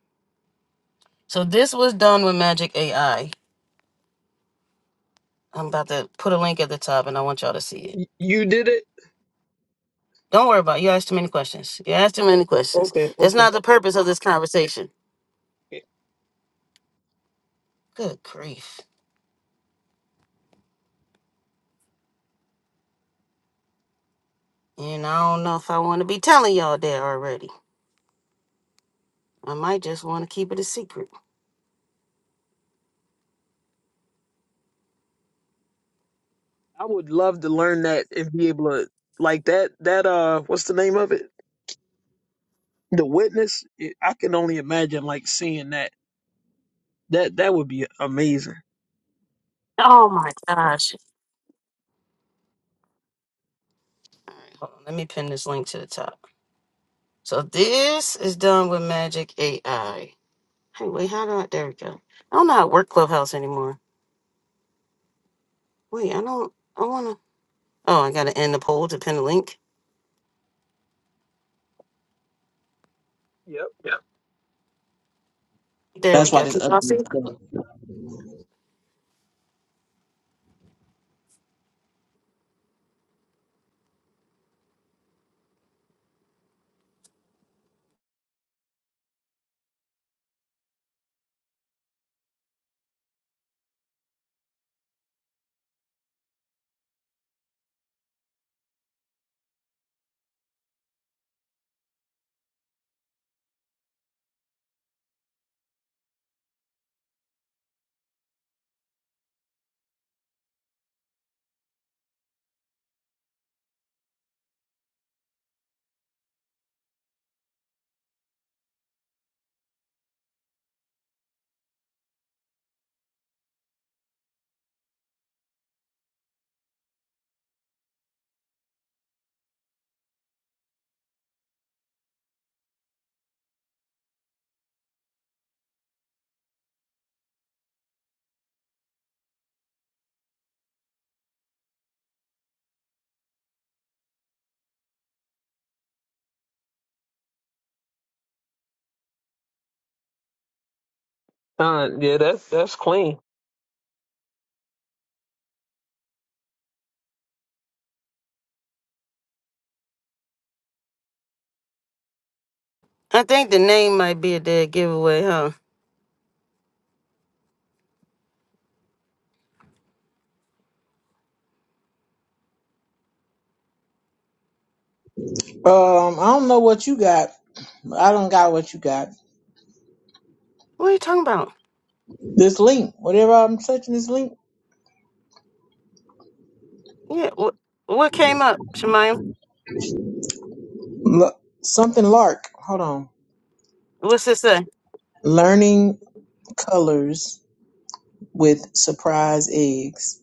Speaker 1: So this was done with Magic AI. I'm about to put a link at the top, and I want y'all to see it.
Speaker 7: Y- you did it.
Speaker 1: Don't worry about it. you asked too many questions. You asked too many questions.
Speaker 7: Okay,
Speaker 1: That's not
Speaker 7: okay.
Speaker 1: the purpose of this. Good grief! I might just want to keep it a secret.
Speaker 7: I would love to learn that and be able to like that that uh what's the name of it? The witness. It, I can only imagine like seeing that. That that would be amazing.
Speaker 1: Oh my gosh! Hold on, let me pin this link to the top. So this is done with Magic AI. Hey, wait, how do I? There we go. I don't know how to work Clubhouse anymore. Wait, I don't. I wanna. Oh, I gotta end the poll to pin the link.
Speaker 7: Yep.
Speaker 1: There we
Speaker 9: That's why
Speaker 1: go.
Speaker 9: this
Speaker 1: Can y'all see?
Speaker 9: update sucks.
Speaker 7: Uh, yeah, that's that's clean.
Speaker 9: Um. I don't know what you got. I don't got what you got.
Speaker 1: What are you talking about?
Speaker 9: This link, whatever I'm touching this link,
Speaker 1: Yeah. What What came up, Shemaya?
Speaker 9: L- something lark. Hold on.
Speaker 1: What's it say?
Speaker 9: Learning colors with surprise eggs.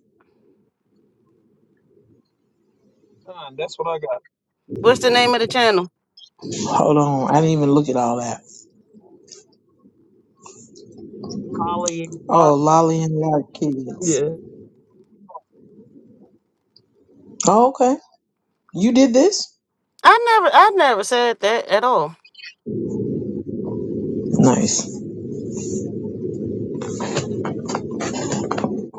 Speaker 7: Uh, that's what I got.
Speaker 1: What's the name of the channel?
Speaker 9: Hold on. I didn't even look at all that.
Speaker 7: Holly,
Speaker 9: Oh,
Speaker 7: block.
Speaker 9: Lolly and Lark kids.
Speaker 7: Yeah.
Speaker 9: Oh, okay. You did this?
Speaker 1: I never, I never said that at all.
Speaker 9: Nice.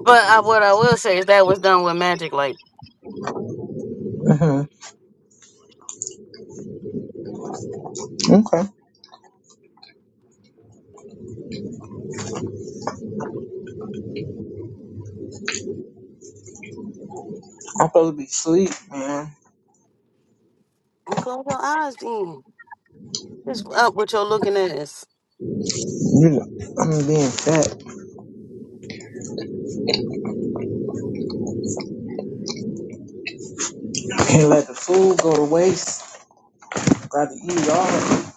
Speaker 1: But I, what I will say is that was done with magic. Like
Speaker 9: hmm Okay. I'm supposed to be asleep, man. You know, I'm being fat. Can't let the food go to waste. Got to eat all of it.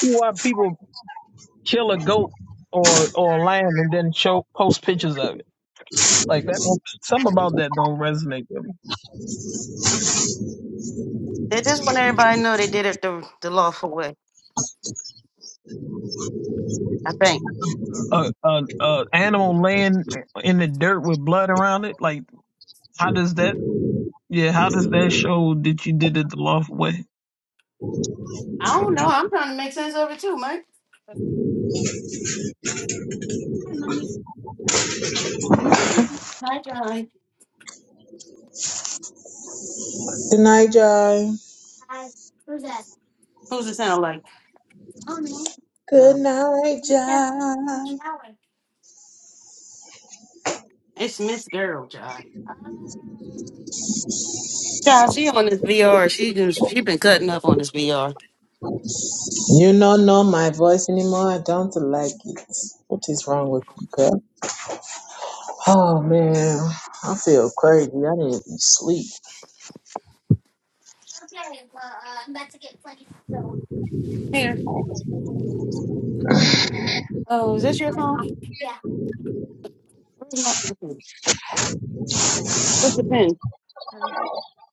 Speaker 7: Why people kill a goat or or a lion and then show post pictures of it? Like that. Some about that don't resonate with me.
Speaker 1: they just want everybody to know they did it the the lawful way. I think.
Speaker 7: A a, a animal laying in the dirt with blood around it. Like how does that? Yeah, how does that show that you did it the lawful way?
Speaker 9: Good night, Jai.
Speaker 1: Who's it sound like?
Speaker 9: Good
Speaker 1: Um,
Speaker 9: night, Jai.
Speaker 1: it's Miss Girl, John. John, she on this VR. She just she been cutting up on this VR.
Speaker 9: You don't know my voice anymore. I don't like it. What is wrong with you, girl? Oh man, I feel crazy. I need to sleep.
Speaker 1: What's the pen?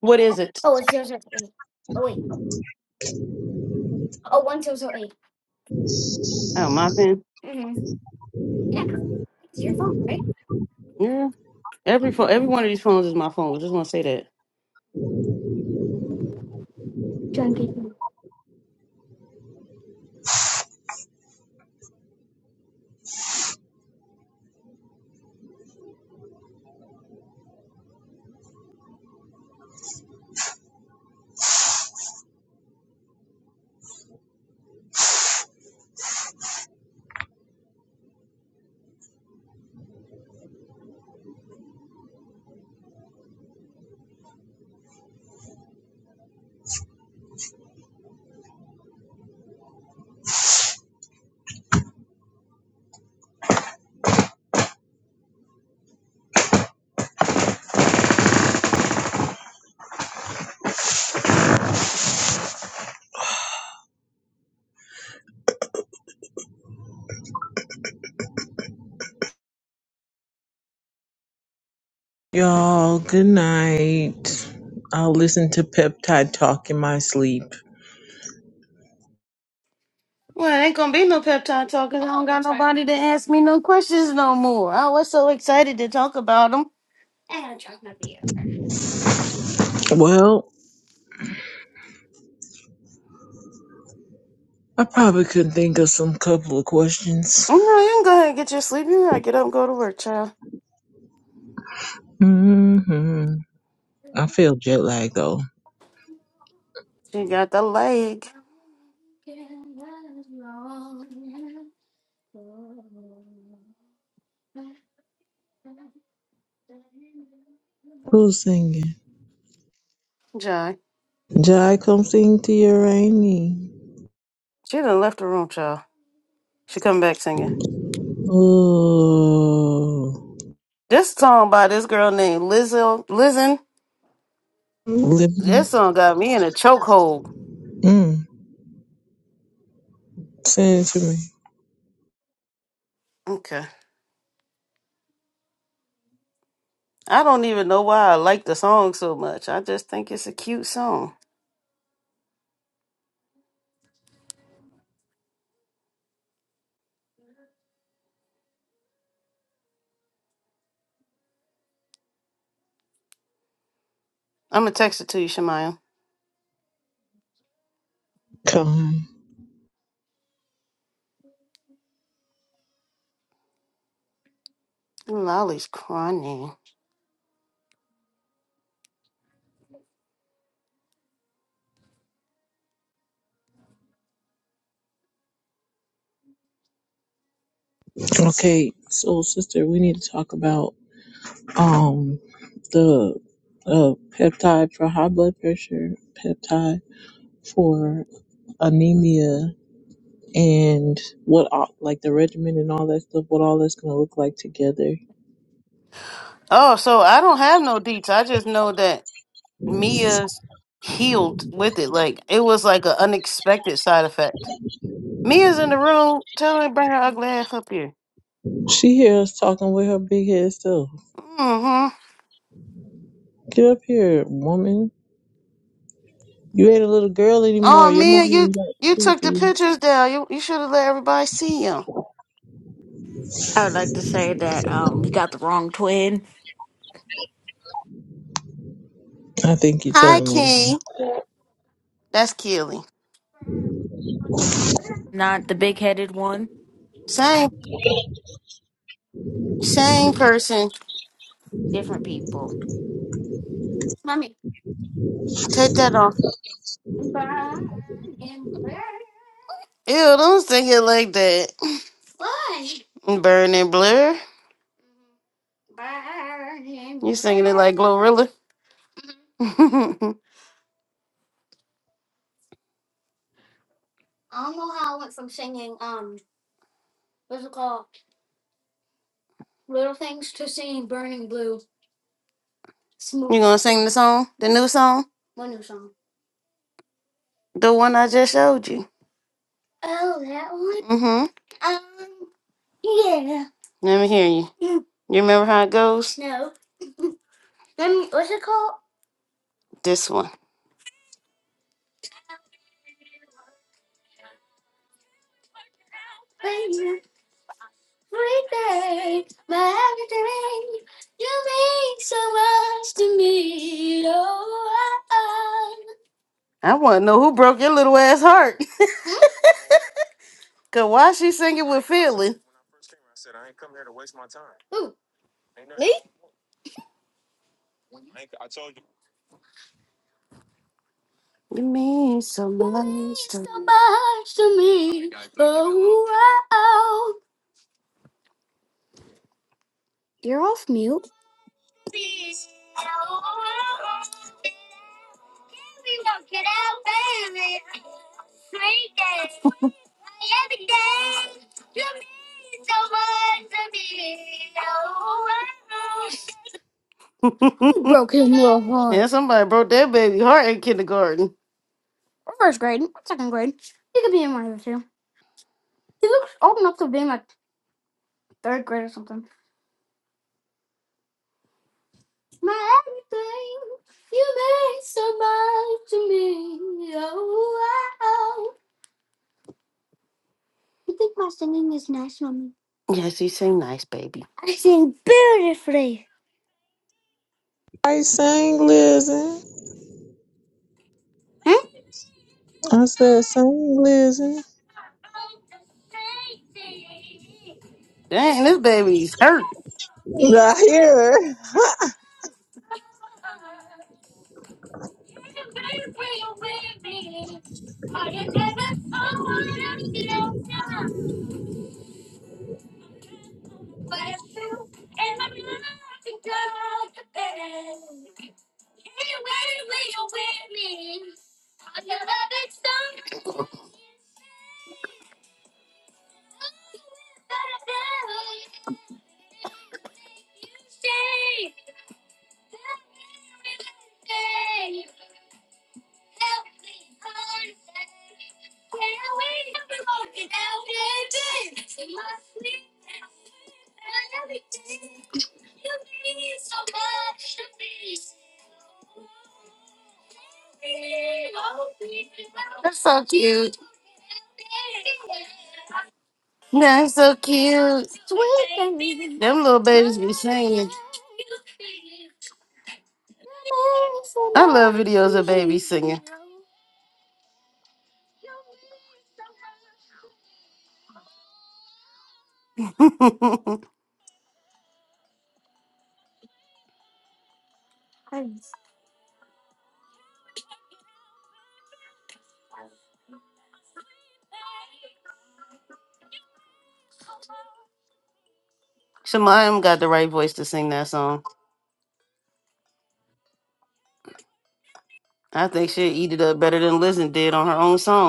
Speaker 1: What is it? Oh, my pen. Yeah. Every phone, every one of these phones is my phone. Just want to say
Speaker 9: Y'all, good night. I'll listen to Peptide Talk in my sleep.
Speaker 1: that.
Speaker 9: Well, I probably could think of some couple of questions.
Speaker 1: I'm not, you can go ahead and get your sleep. You gotta get up and go to work, child.
Speaker 9: hmm I feel jet lag though.
Speaker 1: She got egg,
Speaker 9: Who's singing?
Speaker 1: Jai.
Speaker 9: Jai, come sing to your Rainy.
Speaker 1: She done left the room, child. She come back singing.
Speaker 9: Ooh.
Speaker 1: This song by this girl named Lizzo, Lizen.
Speaker 9: Living.
Speaker 1: This song got me in a chokehold.
Speaker 9: Mm. Send it to me.
Speaker 1: Okay. I don't even know why I like the song so much. I just think it's a cute song. I'm gonna text it to you, Shemaya.
Speaker 9: Come. Okay, so sister, we need to talk about um the uh peptide for high blood pressure, peptide for anemia, and what all, like the regimen and all that stuff. What all that's gonna look like together.
Speaker 1: Oh, so I don't have no deets. I just know that Mia's healed with it. Like it was like an unexpected side effect. Mia's in the room. Tell her to bring her ugly ass up here.
Speaker 9: She hears us talking with her big head self.
Speaker 1: Mm-hmm.
Speaker 9: Get up here, woman. You ain't a little girl anymore. Your mama ain't got sleep for you. I think you telling them.
Speaker 1: You gonna sing the song, the new song? Mm-hmm. Let me hear you. You remember how it goes? This one.
Speaker 9: I sang, listen. I said, sing, listen. Not here.
Speaker 1: She got the right voice to sing that song. I think she'll eat it up better than Lizzo did on her own song.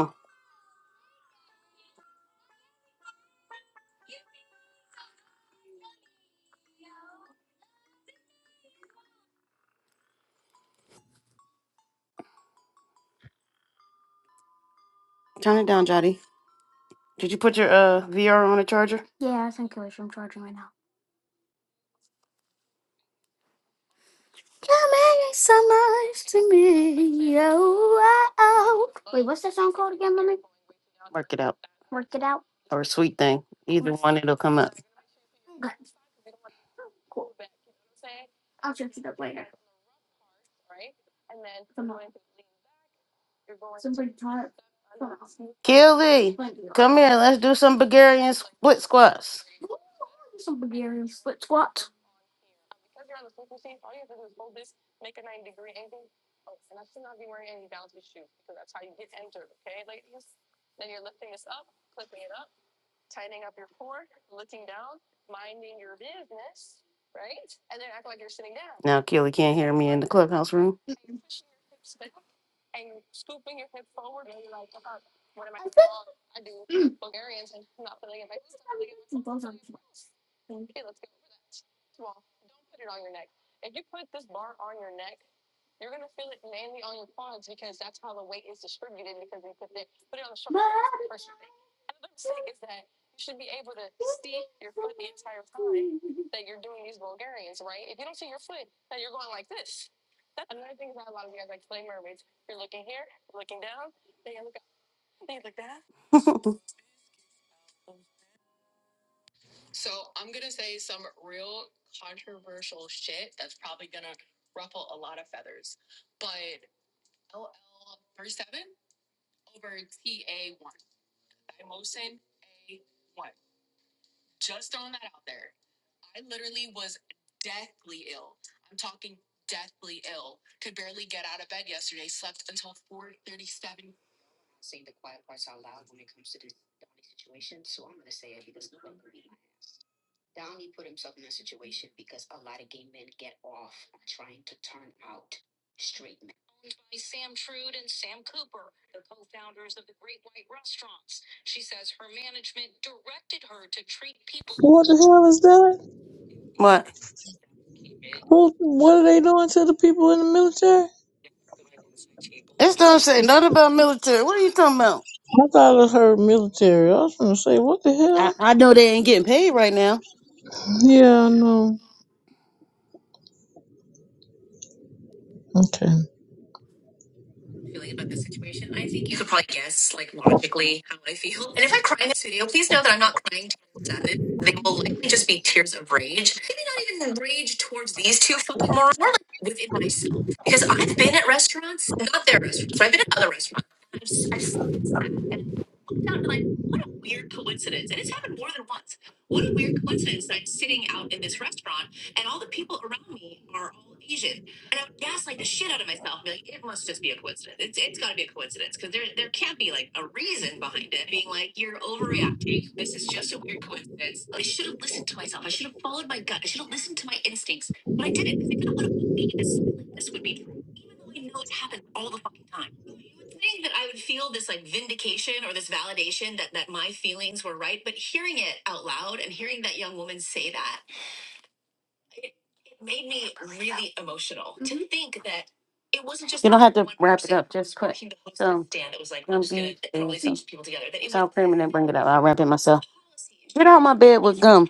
Speaker 1: So I'm I I'm gonna gonna say some real controversial shit that's probably gonna ruffle a A lot of feathers. But over seven Ta one. Thymosin A one. Just throwing that out there. I literally was deathly ill. I'm talking ill, could barely get out of bed yesterday. So
Speaker 9: What the hell is that? What, what are they doing to the people in the military? I thought I heard military. I was gonna say, what the hell? Yeah, I know. Okay.
Speaker 1: get out my bed with gum.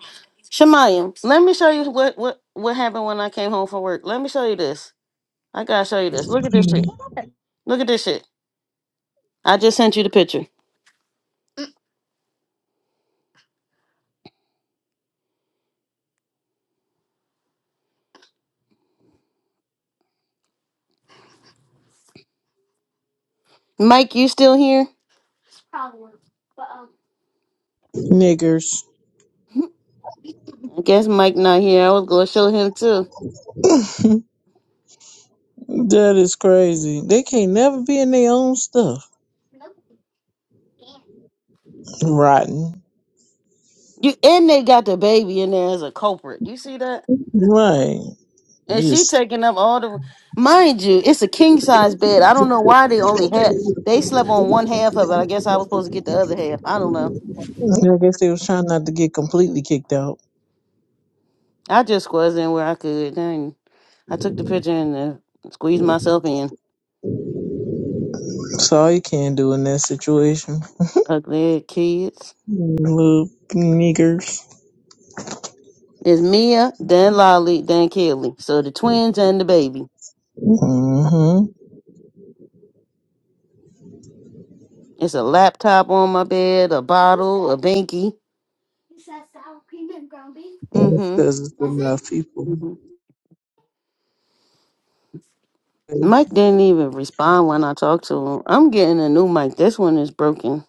Speaker 9: Niggers.
Speaker 1: I guess Mike not here. I was gonna show him too.
Speaker 9: That is crazy. They can't never be in their own stuff. Rotten.
Speaker 1: You and they got the baby in there as a culprit. You see that?
Speaker 9: Right.
Speaker 1: And she
Speaker 9: Just,
Speaker 1: taking up all the mind you, it's a king size bed. I don't know why they only had they slept on one half of it. I guess I was supposed to get the other half. I don't know.
Speaker 9: I guess they was trying not to get completely kicked out.
Speaker 1: I just squeezed in where I could. Dang. I took the picture and uh, squeezed myself in.
Speaker 9: That's all you can do in that situation.
Speaker 1: Ugly kids.
Speaker 9: Little niggers.
Speaker 1: It's Mia, then Lolly, then Kelly. So the twins and the baby.
Speaker 9: Mm-hmm.
Speaker 1: It's a laptop on my bed, a bottle, a binky. Mm-hmm.
Speaker 9: Because it's enough people.
Speaker 1: hmm Mike didn't even respond when I talked to him. I'm getting a new mic. This one is broken.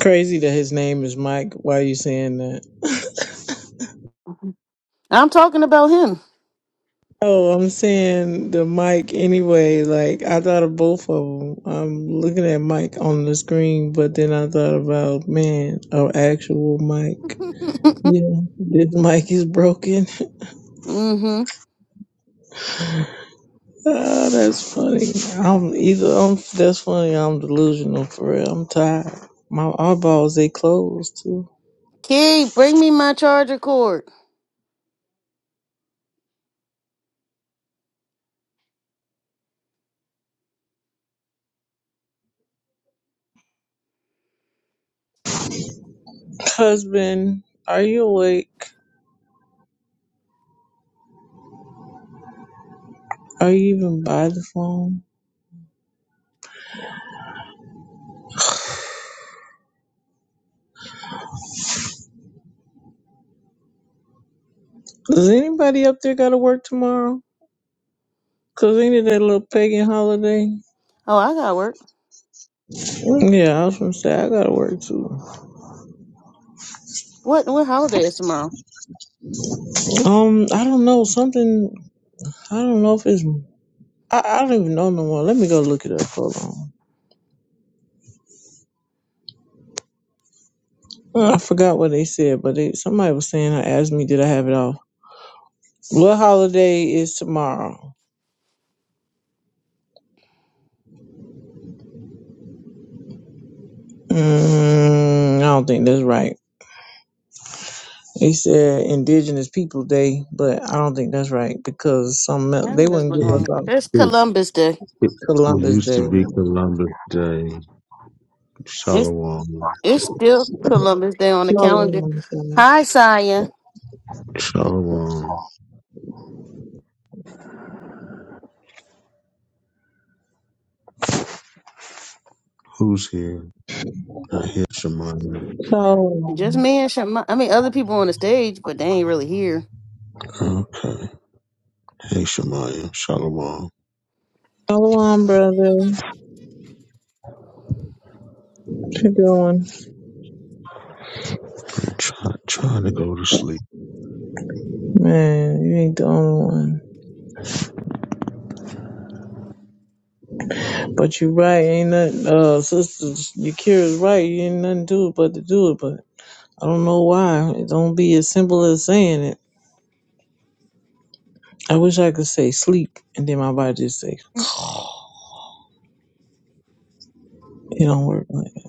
Speaker 9: Crazy that his name is Mike. Why are you saying that? oh, I'm saying the Mike anyway. Like I thought of both of them. I'm looking at Mike on the screen, but then I thought about man, an actual Mike. Yeah, this mic is broken. oh, that's funny. I'm either I'm that's funny. I'm delusional for real. I'm tired. My eyeballs they closed too. Husband, are you awake? Are you even by the phone? Does anybody up there gotta work tomorrow? Cause ain't it that little pagan holiday?
Speaker 1: Oh, I gotta work.
Speaker 9: Yeah, I was gonna say I gotta work too.
Speaker 1: What what holiday is tomorrow?
Speaker 9: Um, I don't know something. I don't know if it's. I, I don't even know no more. Let me go look it up. Hold on. I forgot what they said, but they, somebody was saying. I asked me, did I have it off? What holiday is tomorrow? Mm, I don't think that's right. They said Indigenous People Day, but I don't think that's right because some they
Speaker 1: I'm just
Speaker 9: wouldn't
Speaker 1: looking
Speaker 9: give
Speaker 1: on
Speaker 5: It,
Speaker 9: us
Speaker 1: it.
Speaker 9: off
Speaker 1: It's
Speaker 5: it,
Speaker 1: Columbus Day.
Speaker 5: it
Speaker 9: Columbus
Speaker 5: used to
Speaker 9: Day.
Speaker 5: be Columbus Day.
Speaker 1: It's
Speaker 5: Shalom.
Speaker 1: it's still Columbus Day on the calendar.
Speaker 9: Shalom, shalom.
Speaker 1: Hi, Saya.
Speaker 5: Shalom. Who's here? I hear Shemaya.
Speaker 9: Shalom,
Speaker 5: Okay. Hey, Shemaya. Shalom.
Speaker 9: Shalom, brother. What you doing?
Speaker 5: I'm try, trying to go to sleep.
Speaker 9: Man, you ain't the only one. But you right, ain't nothing, uh, sisters, Yakira's right, you ain't nothing to it but to do it, but I don't know why. It don't be as simple as saying it. I wish I could say sleep, and then my body just say, it don't work like that.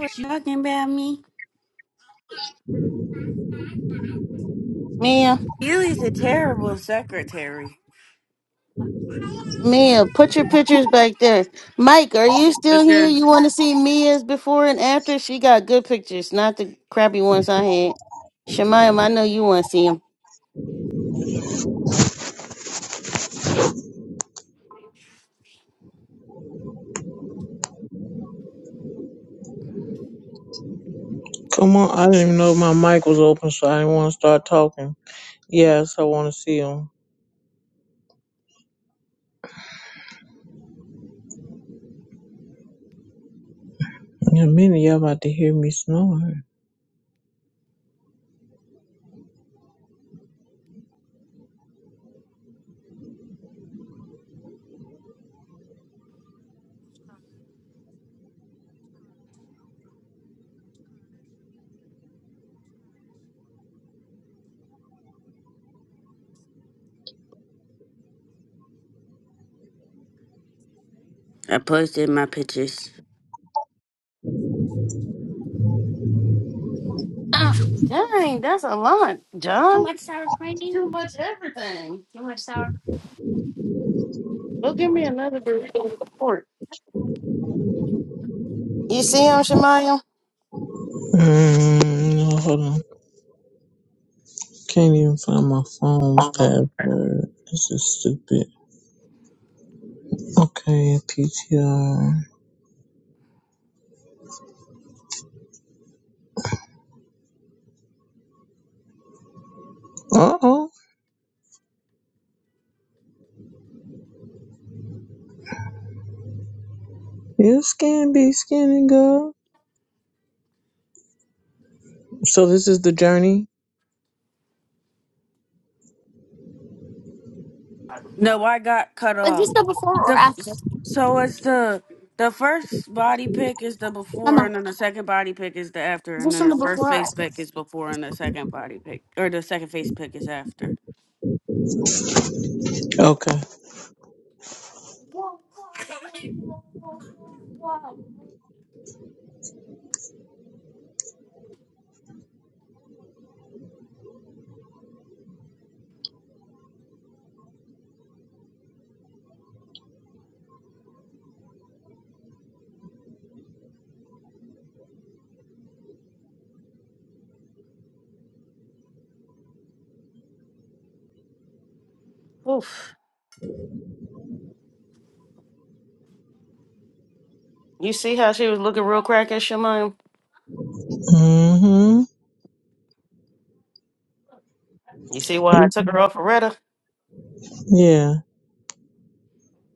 Speaker 3: What you talking about me?
Speaker 1: Mia.
Speaker 3: You is a terrible secretary.
Speaker 1: Mia, put your pictures back there. Mike, are you still here? You want to see Mia's before and after? She got good pictures, not the crappy ones I had. Shemayim, I know you want to see them.
Speaker 9: Come on, I didn't even know my mic was open, so I didn't want to start talking. Yes, I want to see him. In a minute, y'all about to hear me snore.
Speaker 3: I posted my pictures.
Speaker 9: Mm, no, hold on. Can't even find my phone password. This is stupid. Okay, PTR. Uh oh. You skin be skinny girl. So this is the journey?
Speaker 3: No, I got cut off. The f- so it's the the first body pick is the before, and then the second body pick is the after, and then the first face pick is before, and the second body pick or the second face pick is after.
Speaker 9: Okay.
Speaker 1: Oof. You see how she was looking real crack at Shemayim?
Speaker 9: Mm-hmm.
Speaker 1: You see why I took her off of Retta?
Speaker 9: Yeah.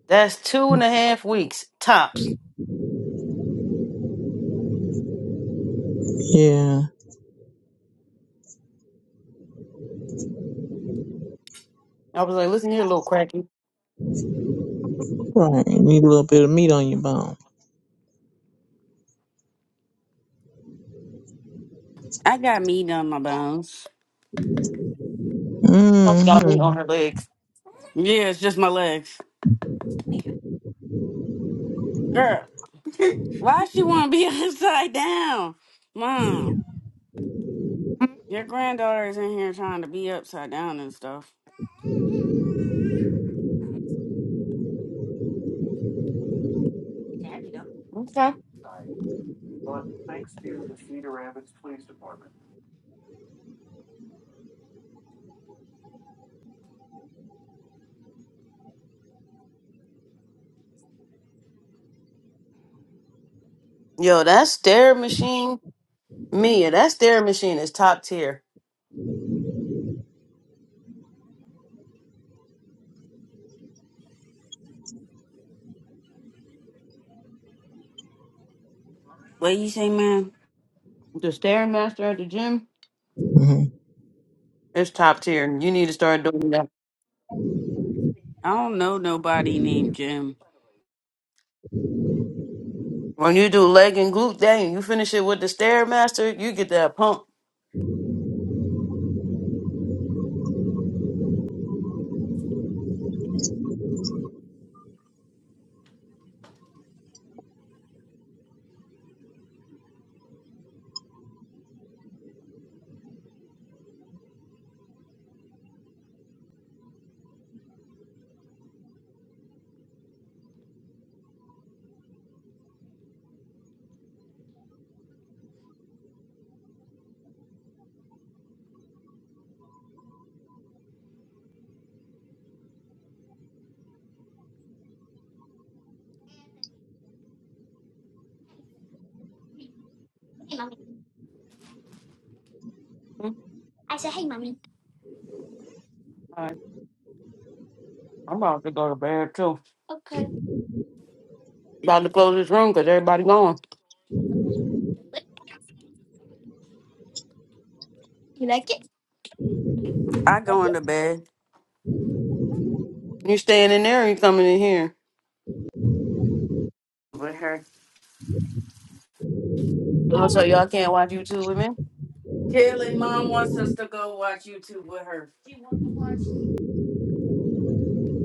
Speaker 1: That's two and a half weeks. Top.
Speaker 9: Yeah. Right. You need a little bit of meat on your bone.
Speaker 3: I got meat on my bones.
Speaker 1: Oh, Got
Speaker 9: Mm-hmm.
Speaker 1: me on her legs.
Speaker 3: Yeah, it's just my legs. Girl, why she want to be upside down? Mom, your granddaughter is in here trying to be upside down and stuff.
Speaker 1: Okay. Yo, that's Mia. That stair machine is top tier.
Speaker 3: What you say, man?
Speaker 9: mm-hmm.
Speaker 3: I don't know nobody named Jim. I go into bed. with her. Kelly, mom wants us to go watch YouTube with her.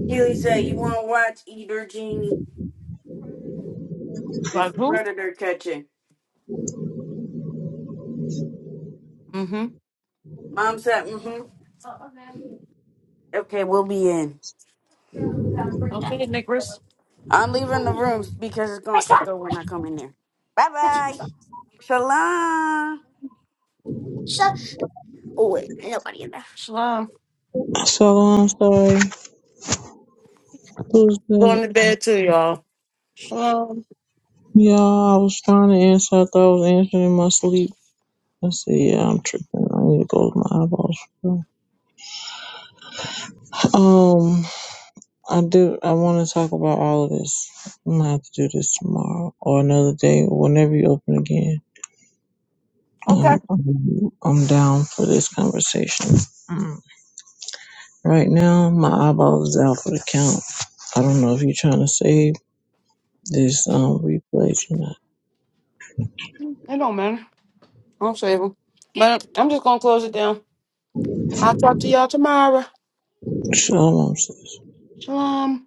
Speaker 3: Kelly said, "You want to watch Eater Genie? This predator catching." Mom said, "Mm-hmm." Okay, we'll be in.
Speaker 1: Okay.
Speaker 3: I'm leaving the room because it's gonna echo when I come in there. Bye bye. Shalom.
Speaker 9: So I'm sorry. Who's that?
Speaker 1: So,
Speaker 9: Y'all, I was trying to answer. I thought I was answering in my sleep. I said, yeah, I'm tripping. I need to go to my eyeballs. Um, I do. I want to talk about all of this. I'm gonna have to do this tomorrow or another day, whenever you open again. I'm, I'm I'm down for this conversation. Right now, my eyeball is out for the count. I don't know if you're trying to save this um replays or not.
Speaker 1: but I'm just going to close it down. I'll talk to y'all tomorrow.
Speaker 9: Shalom, sis.
Speaker 1: Shalom.